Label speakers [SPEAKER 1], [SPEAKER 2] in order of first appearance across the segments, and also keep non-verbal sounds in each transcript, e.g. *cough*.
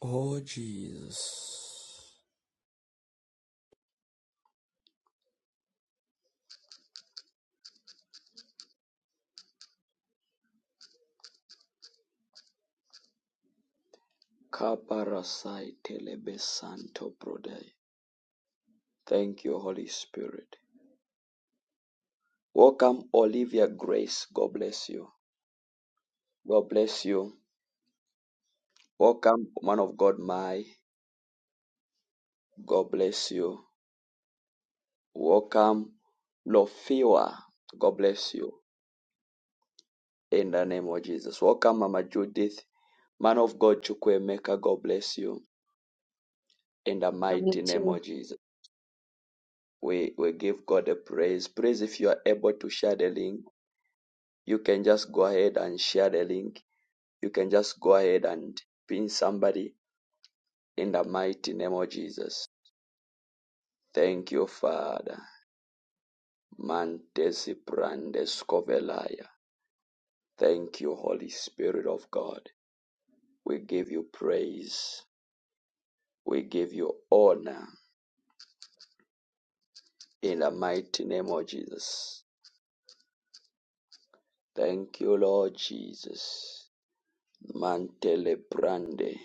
[SPEAKER 1] Oh, Jesus. Kaparasai telebesanto prodai. Thank you, Holy Spirit. Welcome, Olivia Grace. God bless you. God bless you. Welcome, man of God, my. God bless you. Welcome, Lofiwa. God bless you. In the name of Jesus. Welcome, Mama Judith. Man of God, Chukwemeka. God bless you. In the
[SPEAKER 2] Love you
[SPEAKER 1] mighty name
[SPEAKER 2] too.
[SPEAKER 1] of Jesus. We, we give God a praise. Praise if you are able to share the link you can just go ahead and share the link. You can just go ahead and pin somebody in the mighty name of Jesus. Thank you, Father. Mantesi brandes kovelaya. Thank you, Holy Spirit of God. We give you praise. We give you honor in the mighty name of Jesus. Thank you, Lord Jesus. Mantele brande,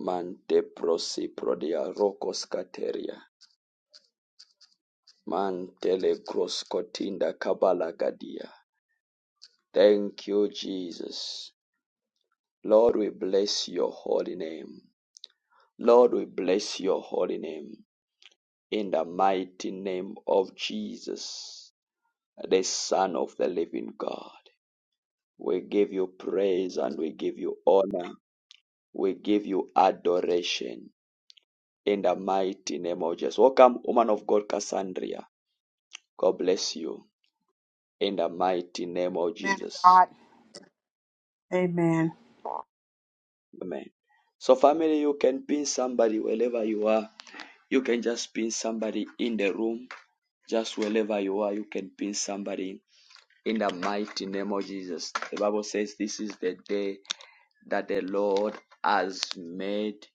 [SPEAKER 1] mante prosi prodia rokos kateria. Mantele Groskotinda Kabala Gadia. Thank you, Jesus. Lord, we bless your holy name. Lord, we bless your holy name. In the mighty name of Jesus, the Son of the living God. We give you praise and we give you honor. We give you adoration. In the mighty name of Jesus. Welcome, woman of God, Cassandra. God bless you. In the mighty name of
[SPEAKER 3] Man of
[SPEAKER 1] Jesus.
[SPEAKER 3] God. Amen.
[SPEAKER 1] Amen. So, family, you can pin somebody wherever you are. You can just pin somebody in the room, just wherever you are. You can pin somebody in the mighty name of Jesus. The Bible says, This is the day that the Lord has made,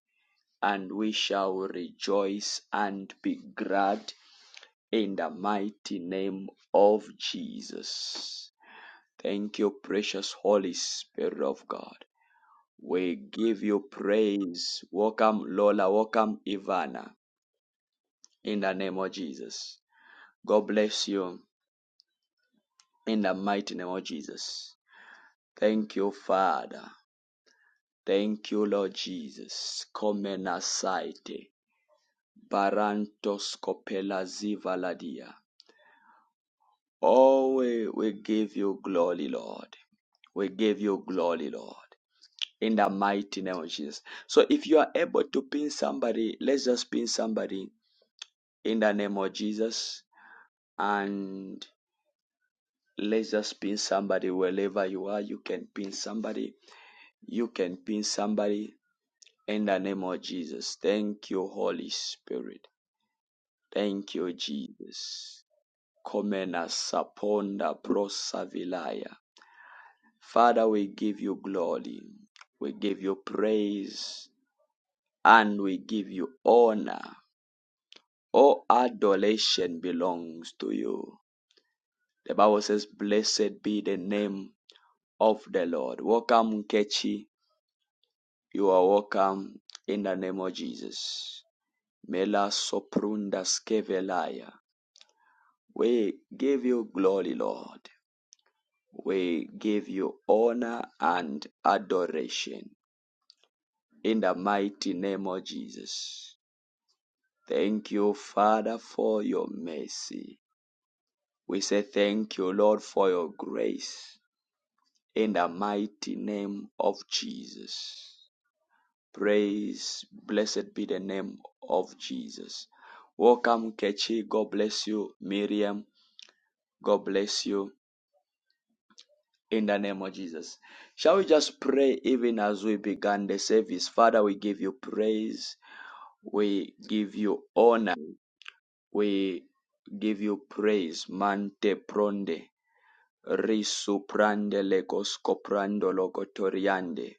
[SPEAKER 1] and we shall rejoice and be glad in the mighty name of Jesus. Thank you, precious Holy Spirit of God. We give you praise. Welcome, Lola. Welcome, Ivana. In the name of Jesus. God bless you in the mighty name of Jesus. Thank you, Father. Thank you, Lord Jesus. Komena saite. Barantos kopela zivaladia. Oh, we, we give you glory, Lord. We give you glory, Lord. In the mighty name of Jesus. So if you are able to pin somebody, let's just pin somebody in the name of Jesus. And let's just pin somebody wherever you are. You can pin somebody. You can pin somebody in the name of Jesus. Thank you, Holy Spirit. Thank you, Jesus. Komena saponda prosavilaya. Father, we give you glory. We give you praise. And we give you honor. All adoration belongs to you. The Bible says, Blessed be the name of the Lord. Welcome, Nkechi. You are welcome in the name of Jesus. Mela soprunda skevelaya. We give you glory, Lord. We give you honor and adoration in the mighty name of Jesus. Thank you, Father, for your mercy. We say thank you, Lord, for your grace in the mighty name of Jesus. Praise, blessed be the name of Jesus. Welcome, Kechi. God bless you. Miriam, God bless you. In the name of Jesus. Shall we just pray even as we began the service? Father, we give you praise. We give you honor. We give you praise. Mante pronde. Risu prande legos coprando logotoriande.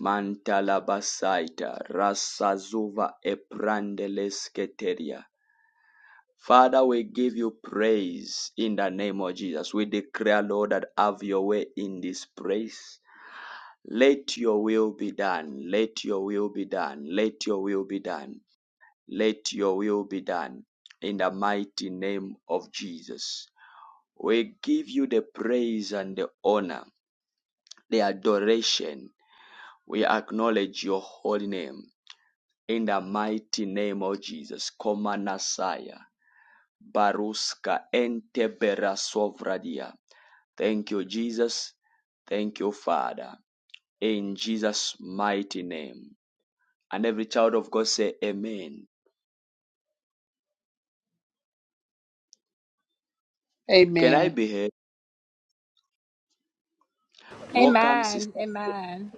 [SPEAKER 1] Mantalabasaita Rasazuva Eprandeleskateria. Father, we give you praise in the name of Jesus. We declare, Lord, that have your way in this place. Let your will be done. Let your will be done. Let your will be done. Let your will be done in the mighty name of Jesus. We give you the praise and the honor, the adoration. We acknowledge your holy name. In the mighty name of Jesus, Komanasaya, Baruska Entebera Sovradia. Thank you, Jesus. Thank you, Father. In Jesus' mighty name. And every child of God say, Amen. Can I
[SPEAKER 3] Amen.
[SPEAKER 1] be heard? Welcome,
[SPEAKER 4] Amen.
[SPEAKER 1] sister.
[SPEAKER 4] Amen.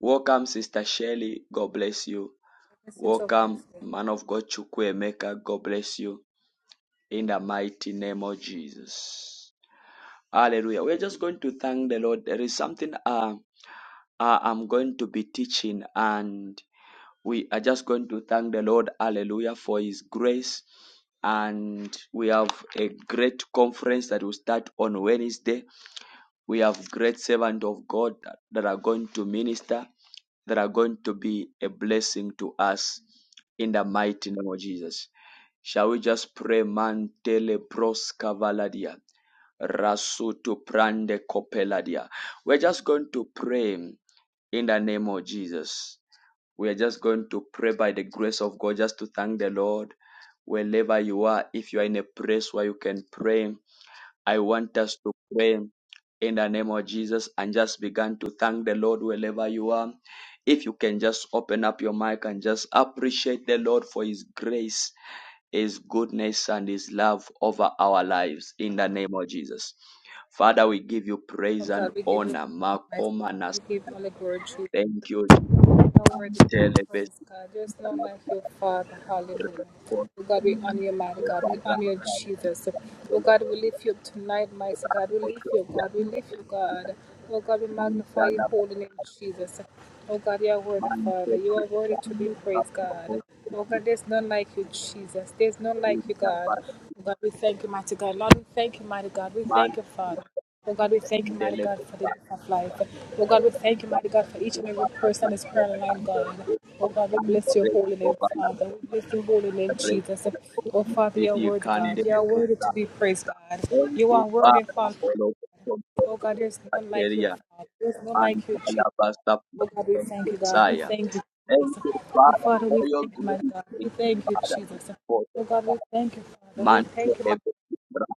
[SPEAKER 1] Welcome, sister Shelley. God bless you.
[SPEAKER 4] Yes, it's so
[SPEAKER 1] Welcome,
[SPEAKER 4] perfect.
[SPEAKER 1] man of God Chukwemeka. God bless you. In the mighty name of Jesus. Hallelujah. We're just going to thank the Lord. There is something. uh, uh, I'm going to be teaching and we are just going to thank the Lord, hallelujah, for his grace. And we have a great conference that will start on Wednesday. We have great servants of God that, that are going to minister, that are going to be a blessing to us in the mighty name of Jesus. Shall we just pray mantele pros cavaladia? Rasutu prande kopeladia. We're just going to pray in the name of Jesus. We are just going to pray by the grace of God just to thank the Lord wherever you are. If you are in a place where you can pray, I want us to pray in the name of Jesus and just begin to thank the Lord wherever you are. If you can just open up your mic and just appreciate the Lord for His grace, His goodness, and His love over our lives in the name of Jesus. Father, we give you
[SPEAKER 4] Oh
[SPEAKER 1] praise and
[SPEAKER 4] God, we give you
[SPEAKER 1] honor.
[SPEAKER 4] honor, my
[SPEAKER 1] Makoma
[SPEAKER 4] God.
[SPEAKER 1] nas-
[SPEAKER 4] We give you all the glory, Jesus.
[SPEAKER 1] Thank you, Jesus.
[SPEAKER 4] How worthy to Thank be
[SPEAKER 1] Dele
[SPEAKER 4] praised,
[SPEAKER 1] bestia
[SPEAKER 4] God. There's none
[SPEAKER 1] la
[SPEAKER 4] like your Father. Hallelujah. Oh
[SPEAKER 1] resposta
[SPEAKER 4] God, we honor you, mighty
[SPEAKER 1] de
[SPEAKER 4] God. We
[SPEAKER 1] barra
[SPEAKER 4] honor you, Jesus. Oh
[SPEAKER 1] dele
[SPEAKER 4] God, we
[SPEAKER 1] bestia
[SPEAKER 4] lift you up tonight, mighty God. We
[SPEAKER 1] o
[SPEAKER 4] lift you, God. We lift you, God. Oh God, we
[SPEAKER 1] ya ya
[SPEAKER 4] magnify your
[SPEAKER 1] la
[SPEAKER 4] holy name, Jesus. Oh God, you are worthy,
[SPEAKER 1] man se
[SPEAKER 4] Father. You are worthy
[SPEAKER 1] ya
[SPEAKER 4] to be
[SPEAKER 1] me
[SPEAKER 4] praised,
[SPEAKER 1] capo o
[SPEAKER 4] God.
[SPEAKER 1] se
[SPEAKER 4] Oh God, there's none like you, Jesus. There's none like you,
[SPEAKER 1] ya
[SPEAKER 4] God.
[SPEAKER 1] para
[SPEAKER 4] Oh God, we thank you, mighty God. Lord, we thank you, mighty God. We
[SPEAKER 1] man
[SPEAKER 4] thank you, Father. Oh God, we thank you, mighty
[SPEAKER 1] dele
[SPEAKER 4] God, for the
[SPEAKER 1] bestia
[SPEAKER 4] gift of life. Oh God, we thank you, mighty God, for each
[SPEAKER 1] que
[SPEAKER 4] and
[SPEAKER 1] va
[SPEAKER 4] every
[SPEAKER 1] a
[SPEAKER 4] person that's
[SPEAKER 1] cantar
[SPEAKER 4] prayer line,
[SPEAKER 1] tanto
[SPEAKER 4] God.
[SPEAKER 1] que
[SPEAKER 4] Oh God, we
[SPEAKER 1] tanto
[SPEAKER 4] bless your
[SPEAKER 1] rey
[SPEAKER 4] holy
[SPEAKER 1] o
[SPEAKER 4] name,
[SPEAKER 1] para la
[SPEAKER 4] Father. We bless your holy name,
[SPEAKER 1] rey
[SPEAKER 4] Jesus.
[SPEAKER 1] o
[SPEAKER 4] Oh Father, you are
[SPEAKER 1] didi
[SPEAKER 4] worthy, God. You are
[SPEAKER 1] candele
[SPEAKER 4] worthy
[SPEAKER 1] bestia
[SPEAKER 4] to be praised, God. You
[SPEAKER 1] o
[SPEAKER 4] are worthy of
[SPEAKER 1] para
[SPEAKER 4] all praise.
[SPEAKER 1] lo que
[SPEAKER 4] Oh God, there's none like you,
[SPEAKER 1] son
[SPEAKER 4] Father. There's none
[SPEAKER 1] and
[SPEAKER 4] like you, Jesus.
[SPEAKER 1] alabaster
[SPEAKER 4] Oh God, we
[SPEAKER 1] from
[SPEAKER 4] thank you, God. We
[SPEAKER 1] Messiah.
[SPEAKER 4] thank you,
[SPEAKER 1] Thank
[SPEAKER 4] Jesus.
[SPEAKER 1] you,
[SPEAKER 4] Oh
[SPEAKER 1] Father,
[SPEAKER 4] Father,
[SPEAKER 1] for
[SPEAKER 4] we
[SPEAKER 1] your
[SPEAKER 4] thank you, mighty
[SPEAKER 1] grace.
[SPEAKER 4] God. We
[SPEAKER 1] Thank you,
[SPEAKER 4] thank you,
[SPEAKER 1] Father,
[SPEAKER 4] Jesus.
[SPEAKER 1] for the
[SPEAKER 4] Oh God, we thank you, Father. We
[SPEAKER 1] man for
[SPEAKER 4] thank you, mighty
[SPEAKER 1] every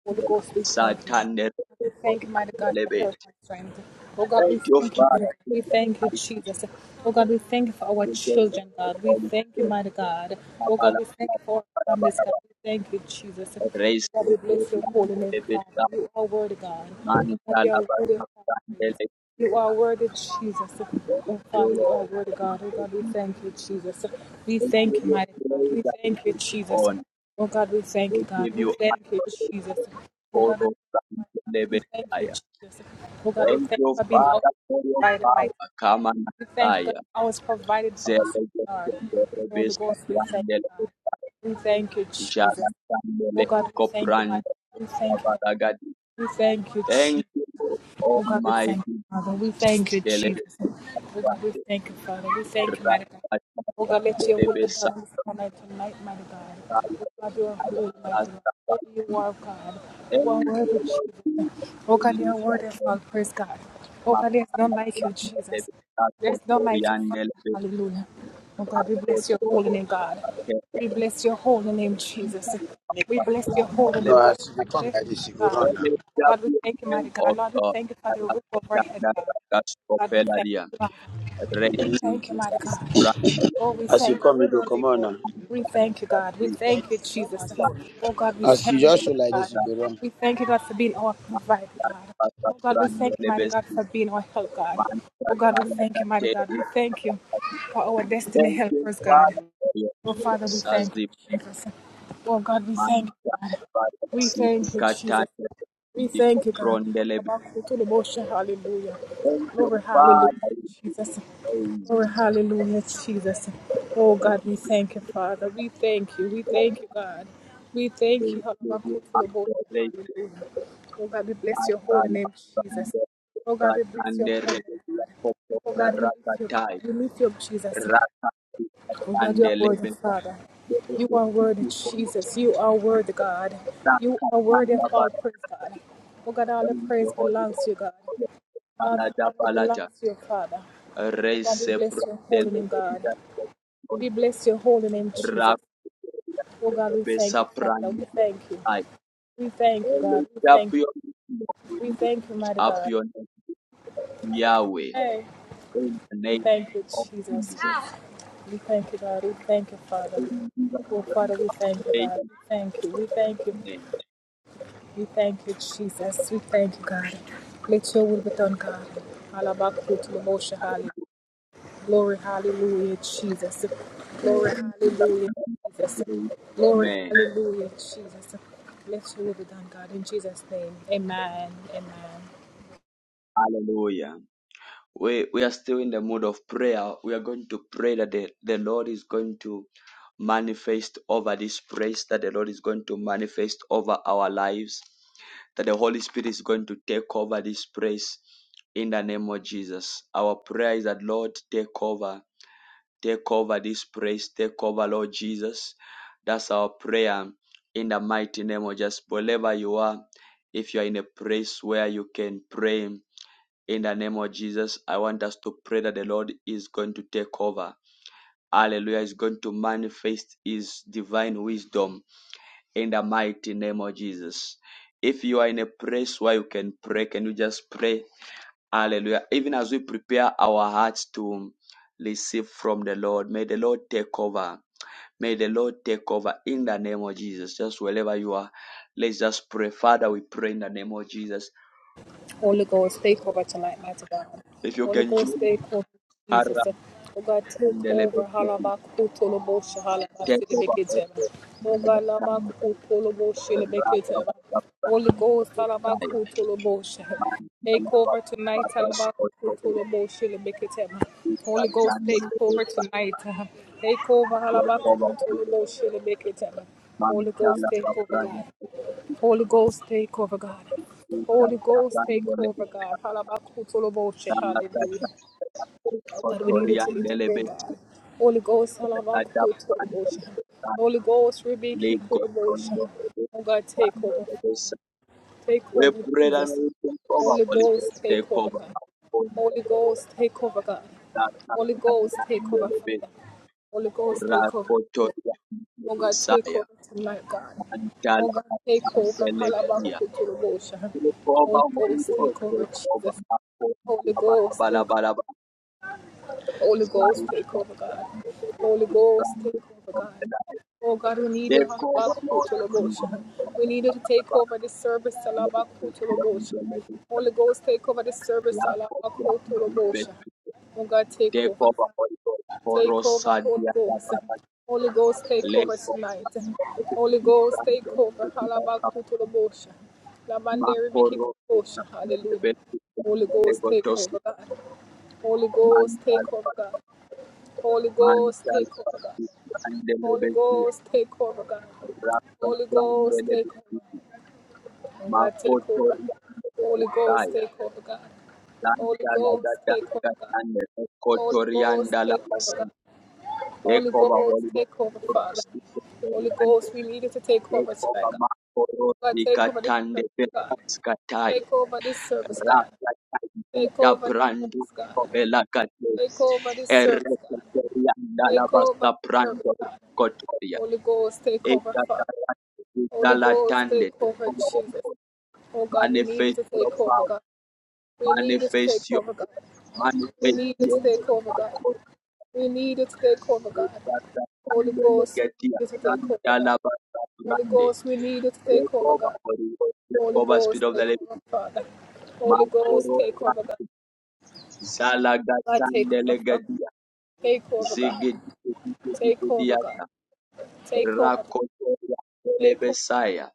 [SPEAKER 4] Holy Ghost, we thank you.
[SPEAKER 1] Satan never
[SPEAKER 4] We
[SPEAKER 1] for
[SPEAKER 4] thank you, mighty God,
[SPEAKER 1] the
[SPEAKER 4] for
[SPEAKER 1] elevate.
[SPEAKER 4] health and strength. Oh God,
[SPEAKER 1] Thank
[SPEAKER 4] we
[SPEAKER 1] you,
[SPEAKER 4] thank you, mighty
[SPEAKER 1] Father,
[SPEAKER 4] God.
[SPEAKER 1] for
[SPEAKER 4] We
[SPEAKER 1] your
[SPEAKER 4] thank you,
[SPEAKER 1] mighty
[SPEAKER 4] Jesus. Oh God, we thank you for our
[SPEAKER 1] for your
[SPEAKER 4] children, God. We
[SPEAKER 1] Holy
[SPEAKER 4] thank you,
[SPEAKER 1] Spirit.
[SPEAKER 4] mighty God. Oh God,
[SPEAKER 1] Kabbalah,
[SPEAKER 4] we thank you for our
[SPEAKER 1] Kabbalah,
[SPEAKER 4] families, God.
[SPEAKER 1] Kabbalah.
[SPEAKER 4] We thank you, Jesus. Oh
[SPEAKER 1] Raise
[SPEAKER 4] God,
[SPEAKER 1] the
[SPEAKER 4] we
[SPEAKER 1] Lord
[SPEAKER 4] bless your
[SPEAKER 1] and
[SPEAKER 4] holy name,
[SPEAKER 1] elevate
[SPEAKER 4] Father.
[SPEAKER 1] the
[SPEAKER 4] You are worthy, God. Oh
[SPEAKER 1] man
[SPEAKER 4] God, you are worthy,
[SPEAKER 1] alabaster and
[SPEAKER 4] Father.
[SPEAKER 1] elevate.
[SPEAKER 4] You are worthy, Jesus.
[SPEAKER 1] Thank
[SPEAKER 4] Oh,
[SPEAKER 1] you,
[SPEAKER 4] Father, you
[SPEAKER 1] Lord.
[SPEAKER 4] are worthy,
[SPEAKER 1] Thank
[SPEAKER 4] God. Oh,
[SPEAKER 1] you,
[SPEAKER 4] God, we
[SPEAKER 1] Jesus.
[SPEAKER 4] thank you, Jesus. We
[SPEAKER 1] Thank
[SPEAKER 4] thank
[SPEAKER 1] you,
[SPEAKER 4] you,
[SPEAKER 1] your
[SPEAKER 4] mighty God.
[SPEAKER 1] praise
[SPEAKER 4] We
[SPEAKER 1] that we
[SPEAKER 4] thank you,
[SPEAKER 1] give you
[SPEAKER 4] Jesus.
[SPEAKER 1] on.
[SPEAKER 4] Oh, God, we thank
[SPEAKER 1] We
[SPEAKER 4] you, God.
[SPEAKER 1] give
[SPEAKER 4] We
[SPEAKER 1] you
[SPEAKER 4] thank you, Jesus.
[SPEAKER 1] adoration
[SPEAKER 4] Oh,
[SPEAKER 1] for
[SPEAKER 4] God, we thank
[SPEAKER 1] all
[SPEAKER 4] you,
[SPEAKER 1] time to
[SPEAKER 4] mighty God.
[SPEAKER 1] live
[SPEAKER 4] We
[SPEAKER 1] in
[SPEAKER 4] thank you,
[SPEAKER 1] fire.
[SPEAKER 4] Jesus. Oh, God, we
[SPEAKER 1] Thank
[SPEAKER 4] thank
[SPEAKER 1] you,
[SPEAKER 4] you for being our
[SPEAKER 1] Father, for your
[SPEAKER 4] provider, mighty God.
[SPEAKER 1] power. Come and
[SPEAKER 4] We thank you, God,
[SPEAKER 1] fire.
[SPEAKER 4] for always provided for us,
[SPEAKER 1] Zele
[SPEAKER 4] God.
[SPEAKER 1] zele
[SPEAKER 4] Holy
[SPEAKER 1] rebesa
[SPEAKER 4] Ghost, we thank you,
[SPEAKER 1] yandele
[SPEAKER 4] God. We thank you,
[SPEAKER 1] jala
[SPEAKER 4] Jesus. Oh,
[SPEAKER 1] yandele
[SPEAKER 4] God, we thank you, mighty
[SPEAKER 1] kopranda
[SPEAKER 4] God. We thank you, God.
[SPEAKER 1] kabaragadi.
[SPEAKER 4] We thank you, Jesus.
[SPEAKER 1] Thank you, Lord
[SPEAKER 4] Oh God, we thank you,
[SPEAKER 1] Almighty.
[SPEAKER 4] Father. We thank you,
[SPEAKER 1] Zele
[SPEAKER 4] Jesus.
[SPEAKER 1] zele
[SPEAKER 4] Oh God, we thank you, Father. We thank you, mighty God.
[SPEAKER 1] rapa
[SPEAKER 4] Oh God, let your
[SPEAKER 1] yandele
[SPEAKER 4] will be
[SPEAKER 1] besa
[SPEAKER 4] done in this life tonight, mighty God. Oh
[SPEAKER 1] yandele
[SPEAKER 4] God, you are holy, mighty God. Oh, you are God. You are
[SPEAKER 1] Thank you,
[SPEAKER 4] worthy,
[SPEAKER 1] Lord Jesus.
[SPEAKER 4] Jesus. Oh
[SPEAKER 1] We
[SPEAKER 4] God, you are
[SPEAKER 1] lift up
[SPEAKER 4] worthy of
[SPEAKER 1] your
[SPEAKER 4] all praise, God. Oh God, there's none
[SPEAKER 1] Makala
[SPEAKER 4] like you,
[SPEAKER 1] kuranda
[SPEAKER 4] Jesus.
[SPEAKER 1] debi kato
[SPEAKER 4] There's none like you,
[SPEAKER 1] torian
[SPEAKER 4] Father.
[SPEAKER 1] delebe
[SPEAKER 4] Hallelujah. Oh God, we
[SPEAKER 1] kato
[SPEAKER 4] bless your holy
[SPEAKER 1] toko
[SPEAKER 4] name, God.
[SPEAKER 1] kate
[SPEAKER 4] We bless your holy name, Jesus.
[SPEAKER 1] lakari
[SPEAKER 4] We bless your
[SPEAKER 1] kakuan
[SPEAKER 4] holy
[SPEAKER 5] No,
[SPEAKER 4] name,
[SPEAKER 1] delebe.
[SPEAKER 4] God.
[SPEAKER 5] as you dey come
[SPEAKER 4] Bless
[SPEAKER 5] like this, you go
[SPEAKER 4] God.
[SPEAKER 5] run now.
[SPEAKER 1] Wele
[SPEAKER 4] Oh God, we
[SPEAKER 1] jabu
[SPEAKER 4] thank you,
[SPEAKER 1] name
[SPEAKER 4] mighty God.
[SPEAKER 1] of
[SPEAKER 4] Lord, we
[SPEAKER 1] God.
[SPEAKER 4] thank you for the roof overhead,
[SPEAKER 1] Alakatanda
[SPEAKER 4] God.
[SPEAKER 1] rakas
[SPEAKER 4] God, we
[SPEAKER 1] kopela
[SPEAKER 4] thank
[SPEAKER 1] dia.
[SPEAKER 4] you, Father. We
[SPEAKER 1] Reiki
[SPEAKER 4] thank you,
[SPEAKER 1] juga
[SPEAKER 4] mighty God.
[SPEAKER 1] branda
[SPEAKER 4] Oh,
[SPEAKER 1] lebe
[SPEAKER 4] we
[SPEAKER 5] As you
[SPEAKER 4] thank
[SPEAKER 5] come, you go
[SPEAKER 4] you, Jesus.
[SPEAKER 5] come on now.
[SPEAKER 4] We thank you, God. We
[SPEAKER 1] kati.
[SPEAKER 4] thank you, Jesus. Oh God, we
[SPEAKER 5] As
[SPEAKER 4] thank
[SPEAKER 5] you
[SPEAKER 4] you,
[SPEAKER 5] just
[SPEAKER 4] mighty
[SPEAKER 5] show like
[SPEAKER 4] God.
[SPEAKER 5] this, you go run.
[SPEAKER 4] We thank you, God, for being our provider, God. Oh God, we
[SPEAKER 1] Thank
[SPEAKER 4] thank you, mighty God, for being our help, God. Oh God, we thank you, mighty God. We thank you for our destiny
[SPEAKER 1] you,
[SPEAKER 4] helpers, God.
[SPEAKER 1] Father, for your
[SPEAKER 4] Oh Father, we
[SPEAKER 1] grace. as
[SPEAKER 4] thank
[SPEAKER 1] the
[SPEAKER 4] you, Jesus. Oh, God, we thank
[SPEAKER 1] Man,
[SPEAKER 4] you, God.
[SPEAKER 1] Father,
[SPEAKER 4] We
[SPEAKER 1] see the
[SPEAKER 4] thank you,
[SPEAKER 1] Katan,
[SPEAKER 4] Jesus. We
[SPEAKER 1] the
[SPEAKER 4] thank you, God.
[SPEAKER 1] Rondele.
[SPEAKER 4] Hallelujah.
[SPEAKER 1] Thank you,
[SPEAKER 4] Glory, hallelujah,
[SPEAKER 1] Father. We give you
[SPEAKER 4] Jesus.
[SPEAKER 1] praise.
[SPEAKER 4] Glory, hallelujah, Jesus. Oh,
[SPEAKER 1] Thank
[SPEAKER 4] God, we
[SPEAKER 1] you,
[SPEAKER 4] thank you, Father. We thank you. We
[SPEAKER 1] Lord.
[SPEAKER 4] thank you, God. We thank you.
[SPEAKER 1] Thank you, we acknowledge you.
[SPEAKER 4] Hallelujah. Oh, God, we bless
[SPEAKER 1] My
[SPEAKER 4] your holy
[SPEAKER 1] God,
[SPEAKER 4] name, Jesus.
[SPEAKER 1] Father,
[SPEAKER 4] Oh, God,
[SPEAKER 1] that
[SPEAKER 4] we bless
[SPEAKER 1] and
[SPEAKER 4] your
[SPEAKER 1] the
[SPEAKER 4] holy name,
[SPEAKER 1] rebellion
[SPEAKER 4] God.
[SPEAKER 1] of
[SPEAKER 4] Oh,
[SPEAKER 1] the
[SPEAKER 4] God, we lift you, God.
[SPEAKER 1] Rakatai,
[SPEAKER 4] We lift you up, Jesus.
[SPEAKER 1] Rakatai,
[SPEAKER 4] Oh God,
[SPEAKER 1] and
[SPEAKER 4] you are
[SPEAKER 1] the
[SPEAKER 4] worthy,
[SPEAKER 1] Lebel,
[SPEAKER 4] Father.
[SPEAKER 1] the
[SPEAKER 4] You are worthy,
[SPEAKER 1] Rakatai, for us.
[SPEAKER 4] Jesus. You are worthy, God. You are worthy of
[SPEAKER 1] Rakatai,
[SPEAKER 4] all praise, God. Oh God, all the
[SPEAKER 1] Thank
[SPEAKER 4] praise
[SPEAKER 1] you, Holy
[SPEAKER 4] belongs to you, God.
[SPEAKER 1] Ghost.
[SPEAKER 4] All the honor
[SPEAKER 1] Canada,
[SPEAKER 4] belongs to you, Father. Oh God, we
[SPEAKER 1] Rese
[SPEAKER 4] bless your holy
[SPEAKER 1] prendele
[SPEAKER 4] name, God. We bless your holy name, Jesus.
[SPEAKER 1] rapide
[SPEAKER 4] Oh God, we thank you, Father. We thank you.
[SPEAKER 1] I
[SPEAKER 4] We thank you, God. We
[SPEAKER 1] lift up
[SPEAKER 4] thank
[SPEAKER 1] your name, we
[SPEAKER 4] you. We thank you,
[SPEAKER 1] lift
[SPEAKER 4] mighty
[SPEAKER 1] up
[SPEAKER 4] God.
[SPEAKER 1] your name, Yahweh,
[SPEAKER 4] Hey,
[SPEAKER 1] in the
[SPEAKER 4] we
[SPEAKER 1] name
[SPEAKER 4] thank you,
[SPEAKER 1] of
[SPEAKER 4] Jesus.
[SPEAKER 1] Jesus.
[SPEAKER 4] We thank you, God. We thank you, Father.
[SPEAKER 1] In Jesus'
[SPEAKER 4] Oh,
[SPEAKER 1] name,
[SPEAKER 4] Father, we thank you,
[SPEAKER 1] we pray
[SPEAKER 4] God.
[SPEAKER 1] and
[SPEAKER 4] We thank you. We thank
[SPEAKER 1] in
[SPEAKER 4] you.
[SPEAKER 1] the name.
[SPEAKER 4] We thank you, Jesus. We thank you, God. Let your will be done, God. Alabakutlobosha, hallelujah. Glory, hallelujah, Jesus. Glory,
[SPEAKER 1] In Jesus'
[SPEAKER 4] hallelujah, Jesus. Glory,
[SPEAKER 1] Amen.
[SPEAKER 4] hallelujah, Jesus. Let your will be done, God. In Jesus' name, amen. Amen.
[SPEAKER 1] Hallelujah. We, we are still in the mood of prayer. We are going to pray that the, the Lord is going to manifest over this place, that the Lord is going to manifest over our lives, that the Holy Spirit is going to take over this place in the name of Jesus. Our prayer is that, Lord, take over, take over this place, take over, Lord Jesus. That's our prayer in the mighty name of Jesus. Wherever you are, if you are in a place where you can pray in the name of Jesus, I want us to pray that the Lord is going to take over Hallelujah is going to manifest his divine wisdom in the mighty name of Jesus. If you are in a place where you can pray, can you just pray? Hallelujah. Even as we prepare our hearts to receive from the Lord, may the Lord take over. May the Lord take over in the name of Jesus. Just wherever you are, let's just pray. Father, we pray in the name of Jesus.
[SPEAKER 4] Holy Ghost, take over tonight, mighty God.
[SPEAKER 1] If you
[SPEAKER 4] Holy
[SPEAKER 1] can
[SPEAKER 4] Ghost,
[SPEAKER 1] join,
[SPEAKER 4] take over, Jesus. Oh God, take over. Halabakutolobosha,
[SPEAKER 1] take
[SPEAKER 4] halabasilibekiteba. Oh God,
[SPEAKER 1] over.
[SPEAKER 4] labakutolobosha,
[SPEAKER 1] We pray
[SPEAKER 4] libekiteba. Holy Ghost, halabakutolobosha. Take over tonight, halabakutolobosha, libekiteba. Holy Ghost, take over tonight. Take over, halabakutolobosha, libekiteba. Holy Ghost, take over, God. Holy Ghost, take over, God. Holy Ghost, take over, God. Halabakutoloboshe, Hallelujah. Oh God, we needed to intervene, God. Holy Ghost, halabakutoloboshe. Holy Ghost, Rebeki Koloboshe. Oh God, take over. Take over,
[SPEAKER 1] that may
[SPEAKER 4] Jesus.
[SPEAKER 1] we take over,
[SPEAKER 4] Holy
[SPEAKER 1] Holy Ghost,
[SPEAKER 4] Ghost,
[SPEAKER 1] take
[SPEAKER 4] take over,
[SPEAKER 1] over
[SPEAKER 4] God.
[SPEAKER 1] my phone,
[SPEAKER 4] Holy Ghost, take over, God. Holy Ghost, take over,
[SPEAKER 1] that
[SPEAKER 4] Father. Holy Ghost, take over. Jesus.
[SPEAKER 1] Rakotoria
[SPEAKER 4] Oh God, take over
[SPEAKER 1] Messiah,
[SPEAKER 4] tonight, God. Oh
[SPEAKER 1] Mandala
[SPEAKER 4] God, take over.
[SPEAKER 1] Mandelebia.
[SPEAKER 4] Halabakuturubosha.
[SPEAKER 1] Take
[SPEAKER 4] Holy
[SPEAKER 1] over, Holy
[SPEAKER 4] Ghost,
[SPEAKER 1] Ghost,
[SPEAKER 4] take over,
[SPEAKER 1] take over.
[SPEAKER 4] Jesus. Holy Ghost, take
[SPEAKER 1] Makobalabalabalaba,
[SPEAKER 4] over. Holy Ghost,
[SPEAKER 1] Zaya,
[SPEAKER 4] take over, God. Holy Ghost,
[SPEAKER 1] Brand
[SPEAKER 4] take
[SPEAKER 1] of
[SPEAKER 4] over, God.
[SPEAKER 1] the night.
[SPEAKER 4] Oh God, we need you.
[SPEAKER 1] Take over, Lord. Jesus.
[SPEAKER 4] Halabakuturubosha. We need you to take over the service. Halabakuturubosha. Holy Ghost, take over the service. Halabakuturubosha. Oh God, take
[SPEAKER 1] Take over,
[SPEAKER 4] over.
[SPEAKER 1] Holy Ghost.
[SPEAKER 4] Take over, Holy
[SPEAKER 1] Korosadia,
[SPEAKER 4] Ghost. Holy Ghost, take over
[SPEAKER 1] Leko,
[SPEAKER 4] tonight. Holy Ghost, take over. Halabakutulabosha.
[SPEAKER 1] Makoro
[SPEAKER 4] Lamanderibikikobosha. Hallelujah.
[SPEAKER 1] Betu
[SPEAKER 4] Holy Ghost, take
[SPEAKER 1] Legotosi
[SPEAKER 4] over, God. Holy Ghost,
[SPEAKER 1] Mantal
[SPEAKER 4] take over, God. Holy Ghost,
[SPEAKER 1] Mantal
[SPEAKER 4] take over, God.
[SPEAKER 1] Grande
[SPEAKER 4] Holy
[SPEAKER 1] Lebetia
[SPEAKER 4] Ghost, take over, God.
[SPEAKER 1] Rasta
[SPEAKER 4] Holy
[SPEAKER 1] Grande
[SPEAKER 4] Ghost, take over.
[SPEAKER 1] Lebetiti
[SPEAKER 4] Oh, God, take over.
[SPEAKER 1] Makotoria
[SPEAKER 4] Holy Ghost,
[SPEAKER 1] Lebetaya
[SPEAKER 4] take over, God. Holy
[SPEAKER 1] Lanta
[SPEAKER 4] Ghost,
[SPEAKER 1] Lagata
[SPEAKER 4] take over, God.
[SPEAKER 1] Lagatane
[SPEAKER 4] Holy Ghost,
[SPEAKER 1] Kotorianda
[SPEAKER 4] take over,
[SPEAKER 1] Lagasi
[SPEAKER 4] God. Holy
[SPEAKER 1] Ekova
[SPEAKER 4] Ghost,
[SPEAKER 1] Holido
[SPEAKER 4] take over, Father. Holy
[SPEAKER 1] Kotoriande
[SPEAKER 4] Ghost, we need you to take over tonight,
[SPEAKER 1] Ekova
[SPEAKER 4] God.
[SPEAKER 1] Makoro
[SPEAKER 4] God, take over this
[SPEAKER 1] Likatande
[SPEAKER 4] service, God.
[SPEAKER 1] Pekaskataya
[SPEAKER 4] Take over this service,
[SPEAKER 1] Rasta
[SPEAKER 4] God. Take over this
[SPEAKER 1] Dabrandu
[SPEAKER 4] service, God.
[SPEAKER 1] Kovela
[SPEAKER 4] Take over this service, God. Take over
[SPEAKER 1] Erekeriandalabasa
[SPEAKER 4] this service,
[SPEAKER 1] prando
[SPEAKER 4] God.
[SPEAKER 1] kotoria.
[SPEAKER 4] Holy Ghost, take over, Father.
[SPEAKER 1] Ekatarande
[SPEAKER 4] Holy Ghost,
[SPEAKER 1] izalatande.
[SPEAKER 4] take over, Jesus. Oh God, we need you
[SPEAKER 1] Manifest
[SPEAKER 4] to
[SPEAKER 1] your
[SPEAKER 4] take over,
[SPEAKER 1] power.
[SPEAKER 4] God. We need you to take
[SPEAKER 1] Manifest your
[SPEAKER 4] over, God. We
[SPEAKER 1] manifest
[SPEAKER 4] need you to
[SPEAKER 1] your
[SPEAKER 4] take
[SPEAKER 1] miracle.
[SPEAKER 4] over, God. We need you to take over, God. Holy
[SPEAKER 1] Ekatarande
[SPEAKER 4] Ghost, we need
[SPEAKER 1] legetia.
[SPEAKER 4] you to take over, God.
[SPEAKER 1] Randalabasa
[SPEAKER 4] Holy
[SPEAKER 1] prande.
[SPEAKER 4] Ghost, we need you to take
[SPEAKER 1] Take
[SPEAKER 4] over,
[SPEAKER 1] over,
[SPEAKER 4] God.
[SPEAKER 1] Holy Ghost. Take
[SPEAKER 4] Holy Ghost,
[SPEAKER 1] Spirit of
[SPEAKER 4] take
[SPEAKER 1] the
[SPEAKER 4] over,
[SPEAKER 1] Living.
[SPEAKER 4] Father. Holy Ghost,
[SPEAKER 1] Makoro
[SPEAKER 4] take over, God. God, take
[SPEAKER 1] Zalagatande
[SPEAKER 4] over, Father.
[SPEAKER 1] legedia.
[SPEAKER 4] Take over, God.
[SPEAKER 1] Zigidi
[SPEAKER 4] Take over, God. Take over, God.
[SPEAKER 1] Rakotoria
[SPEAKER 4] Take over,
[SPEAKER 1] Lebesaya.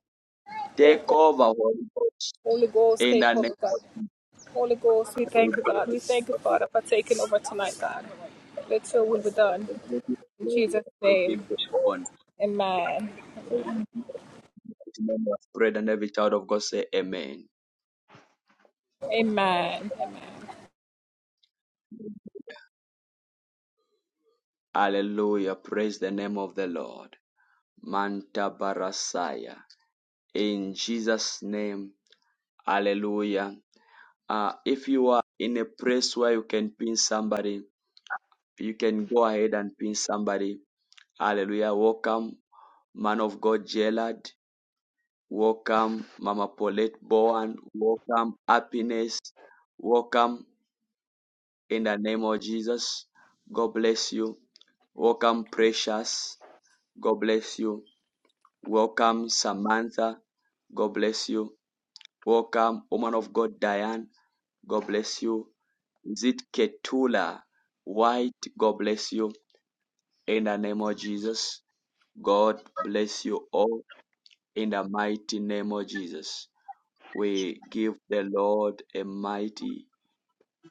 [SPEAKER 4] take
[SPEAKER 1] Take
[SPEAKER 4] over,
[SPEAKER 1] over,
[SPEAKER 4] Father.
[SPEAKER 1] Holy Ghost,
[SPEAKER 4] Holy Ghost,
[SPEAKER 1] in the
[SPEAKER 4] take over,
[SPEAKER 1] name
[SPEAKER 4] God.
[SPEAKER 1] of Jesus.
[SPEAKER 4] Holy Ghost, we
[SPEAKER 1] We
[SPEAKER 4] thank you,
[SPEAKER 1] give
[SPEAKER 4] God. We thank you,
[SPEAKER 1] you
[SPEAKER 4] Father, for taking over tonight, God. Let your will be done.
[SPEAKER 1] praise, we give you
[SPEAKER 4] In
[SPEAKER 1] glory,
[SPEAKER 4] Jesus'
[SPEAKER 1] we give
[SPEAKER 4] name,
[SPEAKER 1] you honor.
[SPEAKER 4] amen.
[SPEAKER 1] In the name of prayer and every child of God say amen.
[SPEAKER 4] Amen.
[SPEAKER 1] Hallelujah. Praise the name of the Lord. Manta Barasaya. In Jesus' name. Hallelujah. Uh, if you are in a place where you can pin somebody, you can go ahead and pin somebody. Hallelujah. Welcome. Man of God Gerald, welcome. Mama Paulette Bowen, welcome. Happiness, welcome in the name of Jesus. God bless you. Welcome, Precious. God bless you. Welcome, Samantha. God bless you. Welcome, woman of God Diane. God bless you. Is it Ketula White? God bless you. In the name of Jesus. God bless you all in the mighty name of Jesus. We give the Lord a mighty,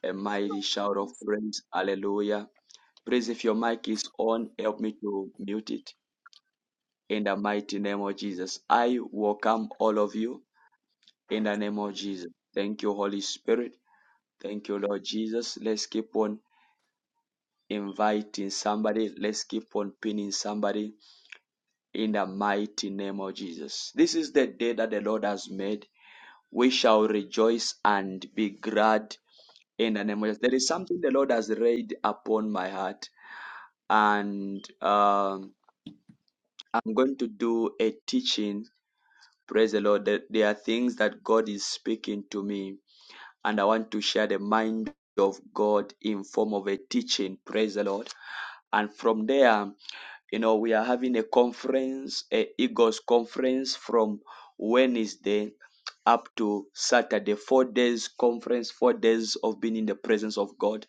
[SPEAKER 1] a mighty shout of praise. Hallelujah. Praise if your mic is on, help me to mute it in the mighty name of Jesus. I welcome all of you in the name of Jesus. Thank you, Holy Spirit. Thank you, Lord Jesus. Let's keep on inviting somebody. Let's keep on pinning somebody in the mighty name of Jesus. This is the day that the Lord has made. We shall rejoice and be glad in the name of Jesus. There is something the Lord has laid upon my heart, and um, I'm going to do a teaching. Praise the Lord. There, there are things that God is speaking to me, and I want to share the mind of God in form of a teaching. Praise the Lord. And from there, you know, we are having a conference, a Eagles conference from Wednesday up to Saturday, four days conference, four days of being in the presence of God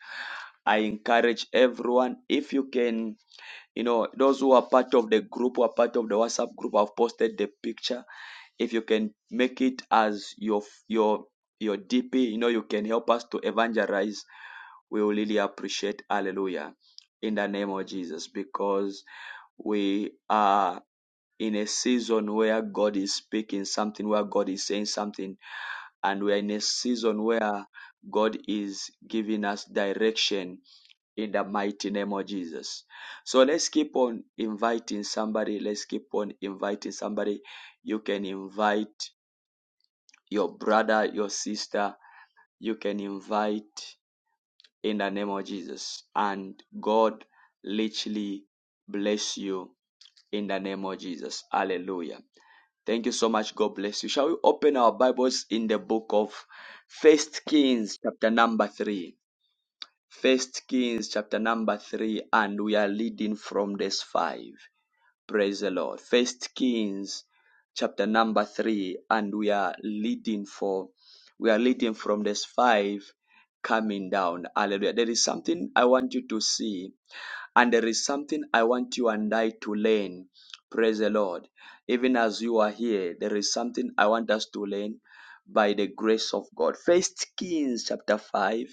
[SPEAKER 1] I encourage everyone if you can, you know, those who are part of the group, who are part of the WhatsApp group, I've posted the picture. If you can make it as your your your DP, you know, you can help us to evangelize. We will really appreciate. Hallelujah. In the name of Jesus, because we are in a season where God is speaking something, where God is saying something, and we are in a season where God is giving us direction in the mighty name of Jesus. So let's keep on inviting somebody. Let's keep on inviting somebody. You can invite your brother, your sister. You can invite in the name of Jesus. And God literally bless you in the name of Jesus. Hallelujah. Thank you so much. God bless you. Shall we open our Bibles in the book of First Kings, chapter number three? First Kings chapter number three, and we are reading from verse five. Praise the Lord. First Kings chapter number three, and we are reading for we are reading from verse five coming down. Hallelujah. There is something I want you to see, and there is something I want you and I to learn. Praise the Lord. Even as you are here, there is something I want us to learn by the grace of God. First Kings chapter five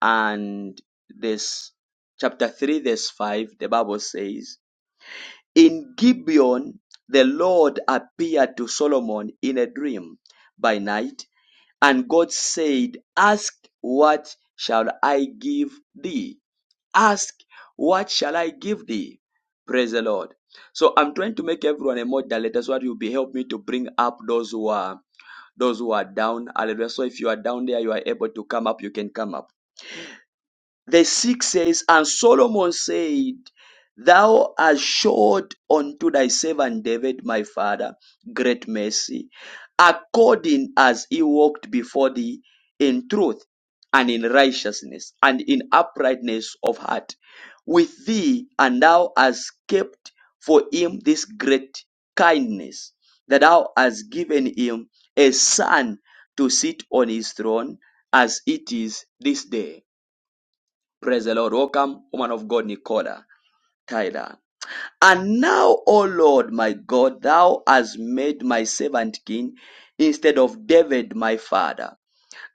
[SPEAKER 1] and this chapter 3 verse 5 the bible says in gibeon the lord appeared to solomon in a dream by night and god said ask what shall i give thee ask what shall i give thee praise the lord so i'm trying to make everyone a moderator that's what you'll be helping me to bring up those who are those who are down hallelujah so if you are down there you are able to come up you can come up the six says, And Solomon said, Thou hast showed unto thy servant David, my father, great mercy, according as he walked before thee in truth and in righteousness and in uprightness of heart with thee, and thou hast kept for him this great kindness, that thou hast given him a son to sit on his throne as it is this day. Praise the Lord. Welcome, woman of God, Nicola Tyler. And now, O Lord, my God, thou hast made my servant king instead of David, my father.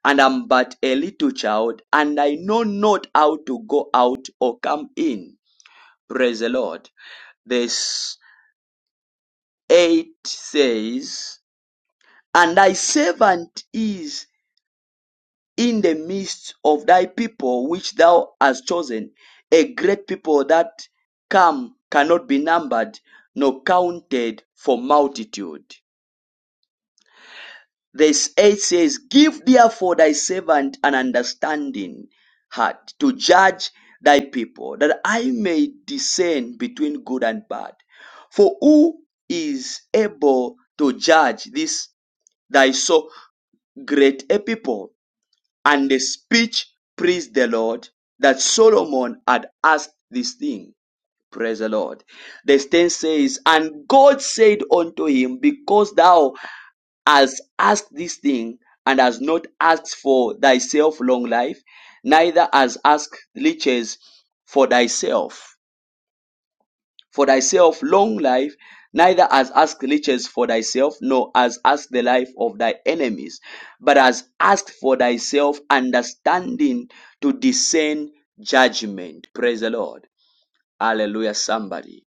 [SPEAKER 1] And I'm but a little child, and I know not how to go out or come in. Praise the Lord. Verse 8 says, And thy servant is in the midst of thy people which thou hast chosen, a great people that come cannot be numbered nor counted for multitude. Verse 8 says, Give therefore thy servant an understanding heart to judge thy people, that I may discern between good and bad. For who is able to judge this thy so great a people? And the speech praised the Lord that Solomon had asked this thing. Praise the Lord. Verse 10 says, And God said unto him, Because thou hast asked this thing, and hast not asked for thyself long life, neither hast asked riches for thyself for thyself long life, neither has asked riches for thyself, nor has asked the life of thy enemies, but has asked for thyself understanding to discern judgment. Praise the Lord. Hallelujah, somebody.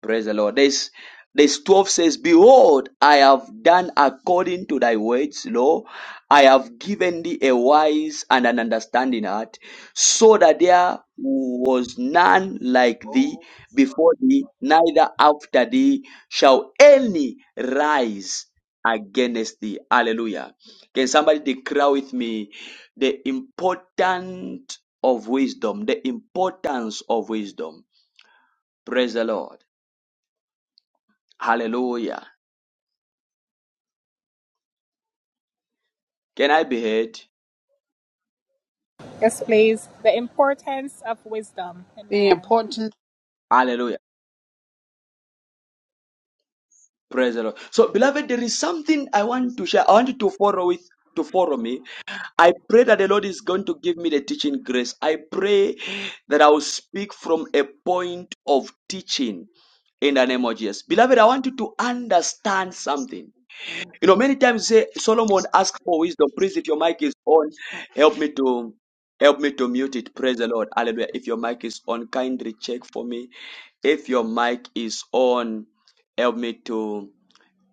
[SPEAKER 1] Praise the Lord. This this 12 says, Behold, I have done according to thy words, Lord. I have given thee a wise and an understanding heart, so
[SPEAKER 6] Oh,
[SPEAKER 1] that there was none like thee
[SPEAKER 6] son
[SPEAKER 1] before
[SPEAKER 6] of a
[SPEAKER 1] thee, neither after
[SPEAKER 6] bitch.
[SPEAKER 1] thee shall any
[SPEAKER 6] Okay.
[SPEAKER 1] rise against thee. Hallelujah. Can somebody declare with me the importance of wisdom? The importance of wisdom. Praise the Lord. Hallelujah. Can I be heard?
[SPEAKER 4] Yes, please. The importance of wisdom.
[SPEAKER 3] The
[SPEAKER 4] Amen.
[SPEAKER 3] importance.
[SPEAKER 1] Hallelujah. Praise the Lord. So, beloved, there is something I want to share. I want you to follow with to follow me. I pray that the Lord is going to give me the teaching grace. I pray that I will speak from a point of teaching in the name of Jesus. Beloved, I want you to understand something. You know, many times you say Solomon asked for wisdom. Please, if your mic is on, help me to help me to mute it. Praise the Lord. Hallelujah. If your mic is on, kindly check for me. If your mic is on, help me to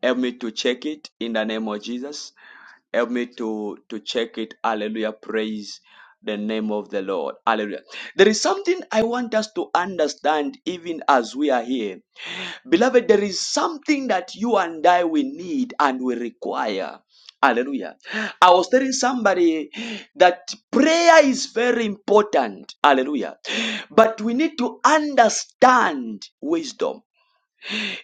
[SPEAKER 1] help me to check it in the name of Jesus. Help me to to check it. Hallelujah. Praise the name of the Lord. Hallelujah. There is something I want us to understand even as we are here. Beloved, there is something that you and I will need and will require. Hallelujah. I was telling somebody that prayer is very important. Hallelujah. But we need to understand wisdom.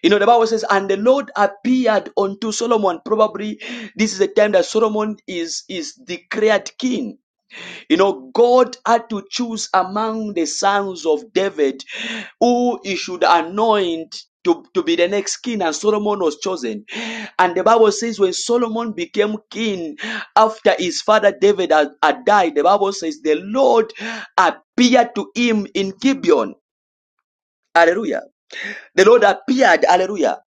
[SPEAKER 1] You know, the Bible says, and the Lord appeared unto Solomon. Probably this is the time that Solomon is, is declared king. You know, God had to choose among the sons of David who he should anoint to, to be the next king, and Solomon was chosen. And the Bible says, when Solomon became king after his father David had, had died, the Bible says, the Lord appeared to him in Gibeon. Hallelujah. The Lord appeared, hallelujah.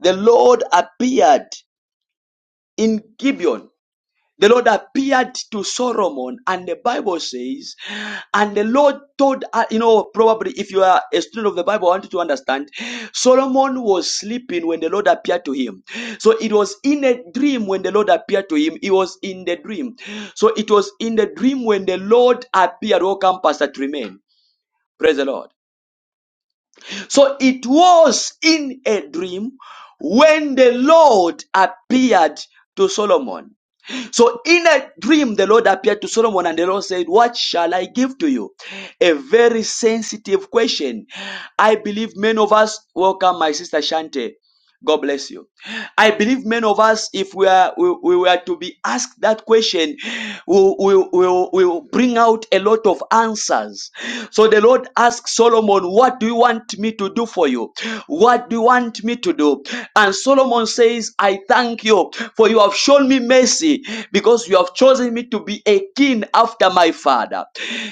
[SPEAKER 1] The Lord appeared in Gibeon. The Lord appeared to Solomon, and the Bible says, and the Lord told, uh, you know, probably if you are a student of the Bible, I want you to understand, Solomon was sleeping when the Lord appeared to him. So it was in a dream when the Lord appeared to him. It was in the dream. So it was in the dream when the Lord appeared. Welcome, Pastor Tremaine. Praise the Lord. So it was in a dream when the Lord appeared to Solomon. So in a dream, the Lord appeared to Solomon and the Lord said, What shall I give to you? A very sensitive question. I believe many of us, welcome my sister Shante. God bless you. I believe many of us, if we are we, we were to be asked that question, will will we will we'll, we'll bring out a lot of answers. So the Lord asked Solomon, "What do you want me to do for you? What do you want me to do?" And Solomon says, "I thank you for you have shown me mercy because you have chosen me to be a king after my father.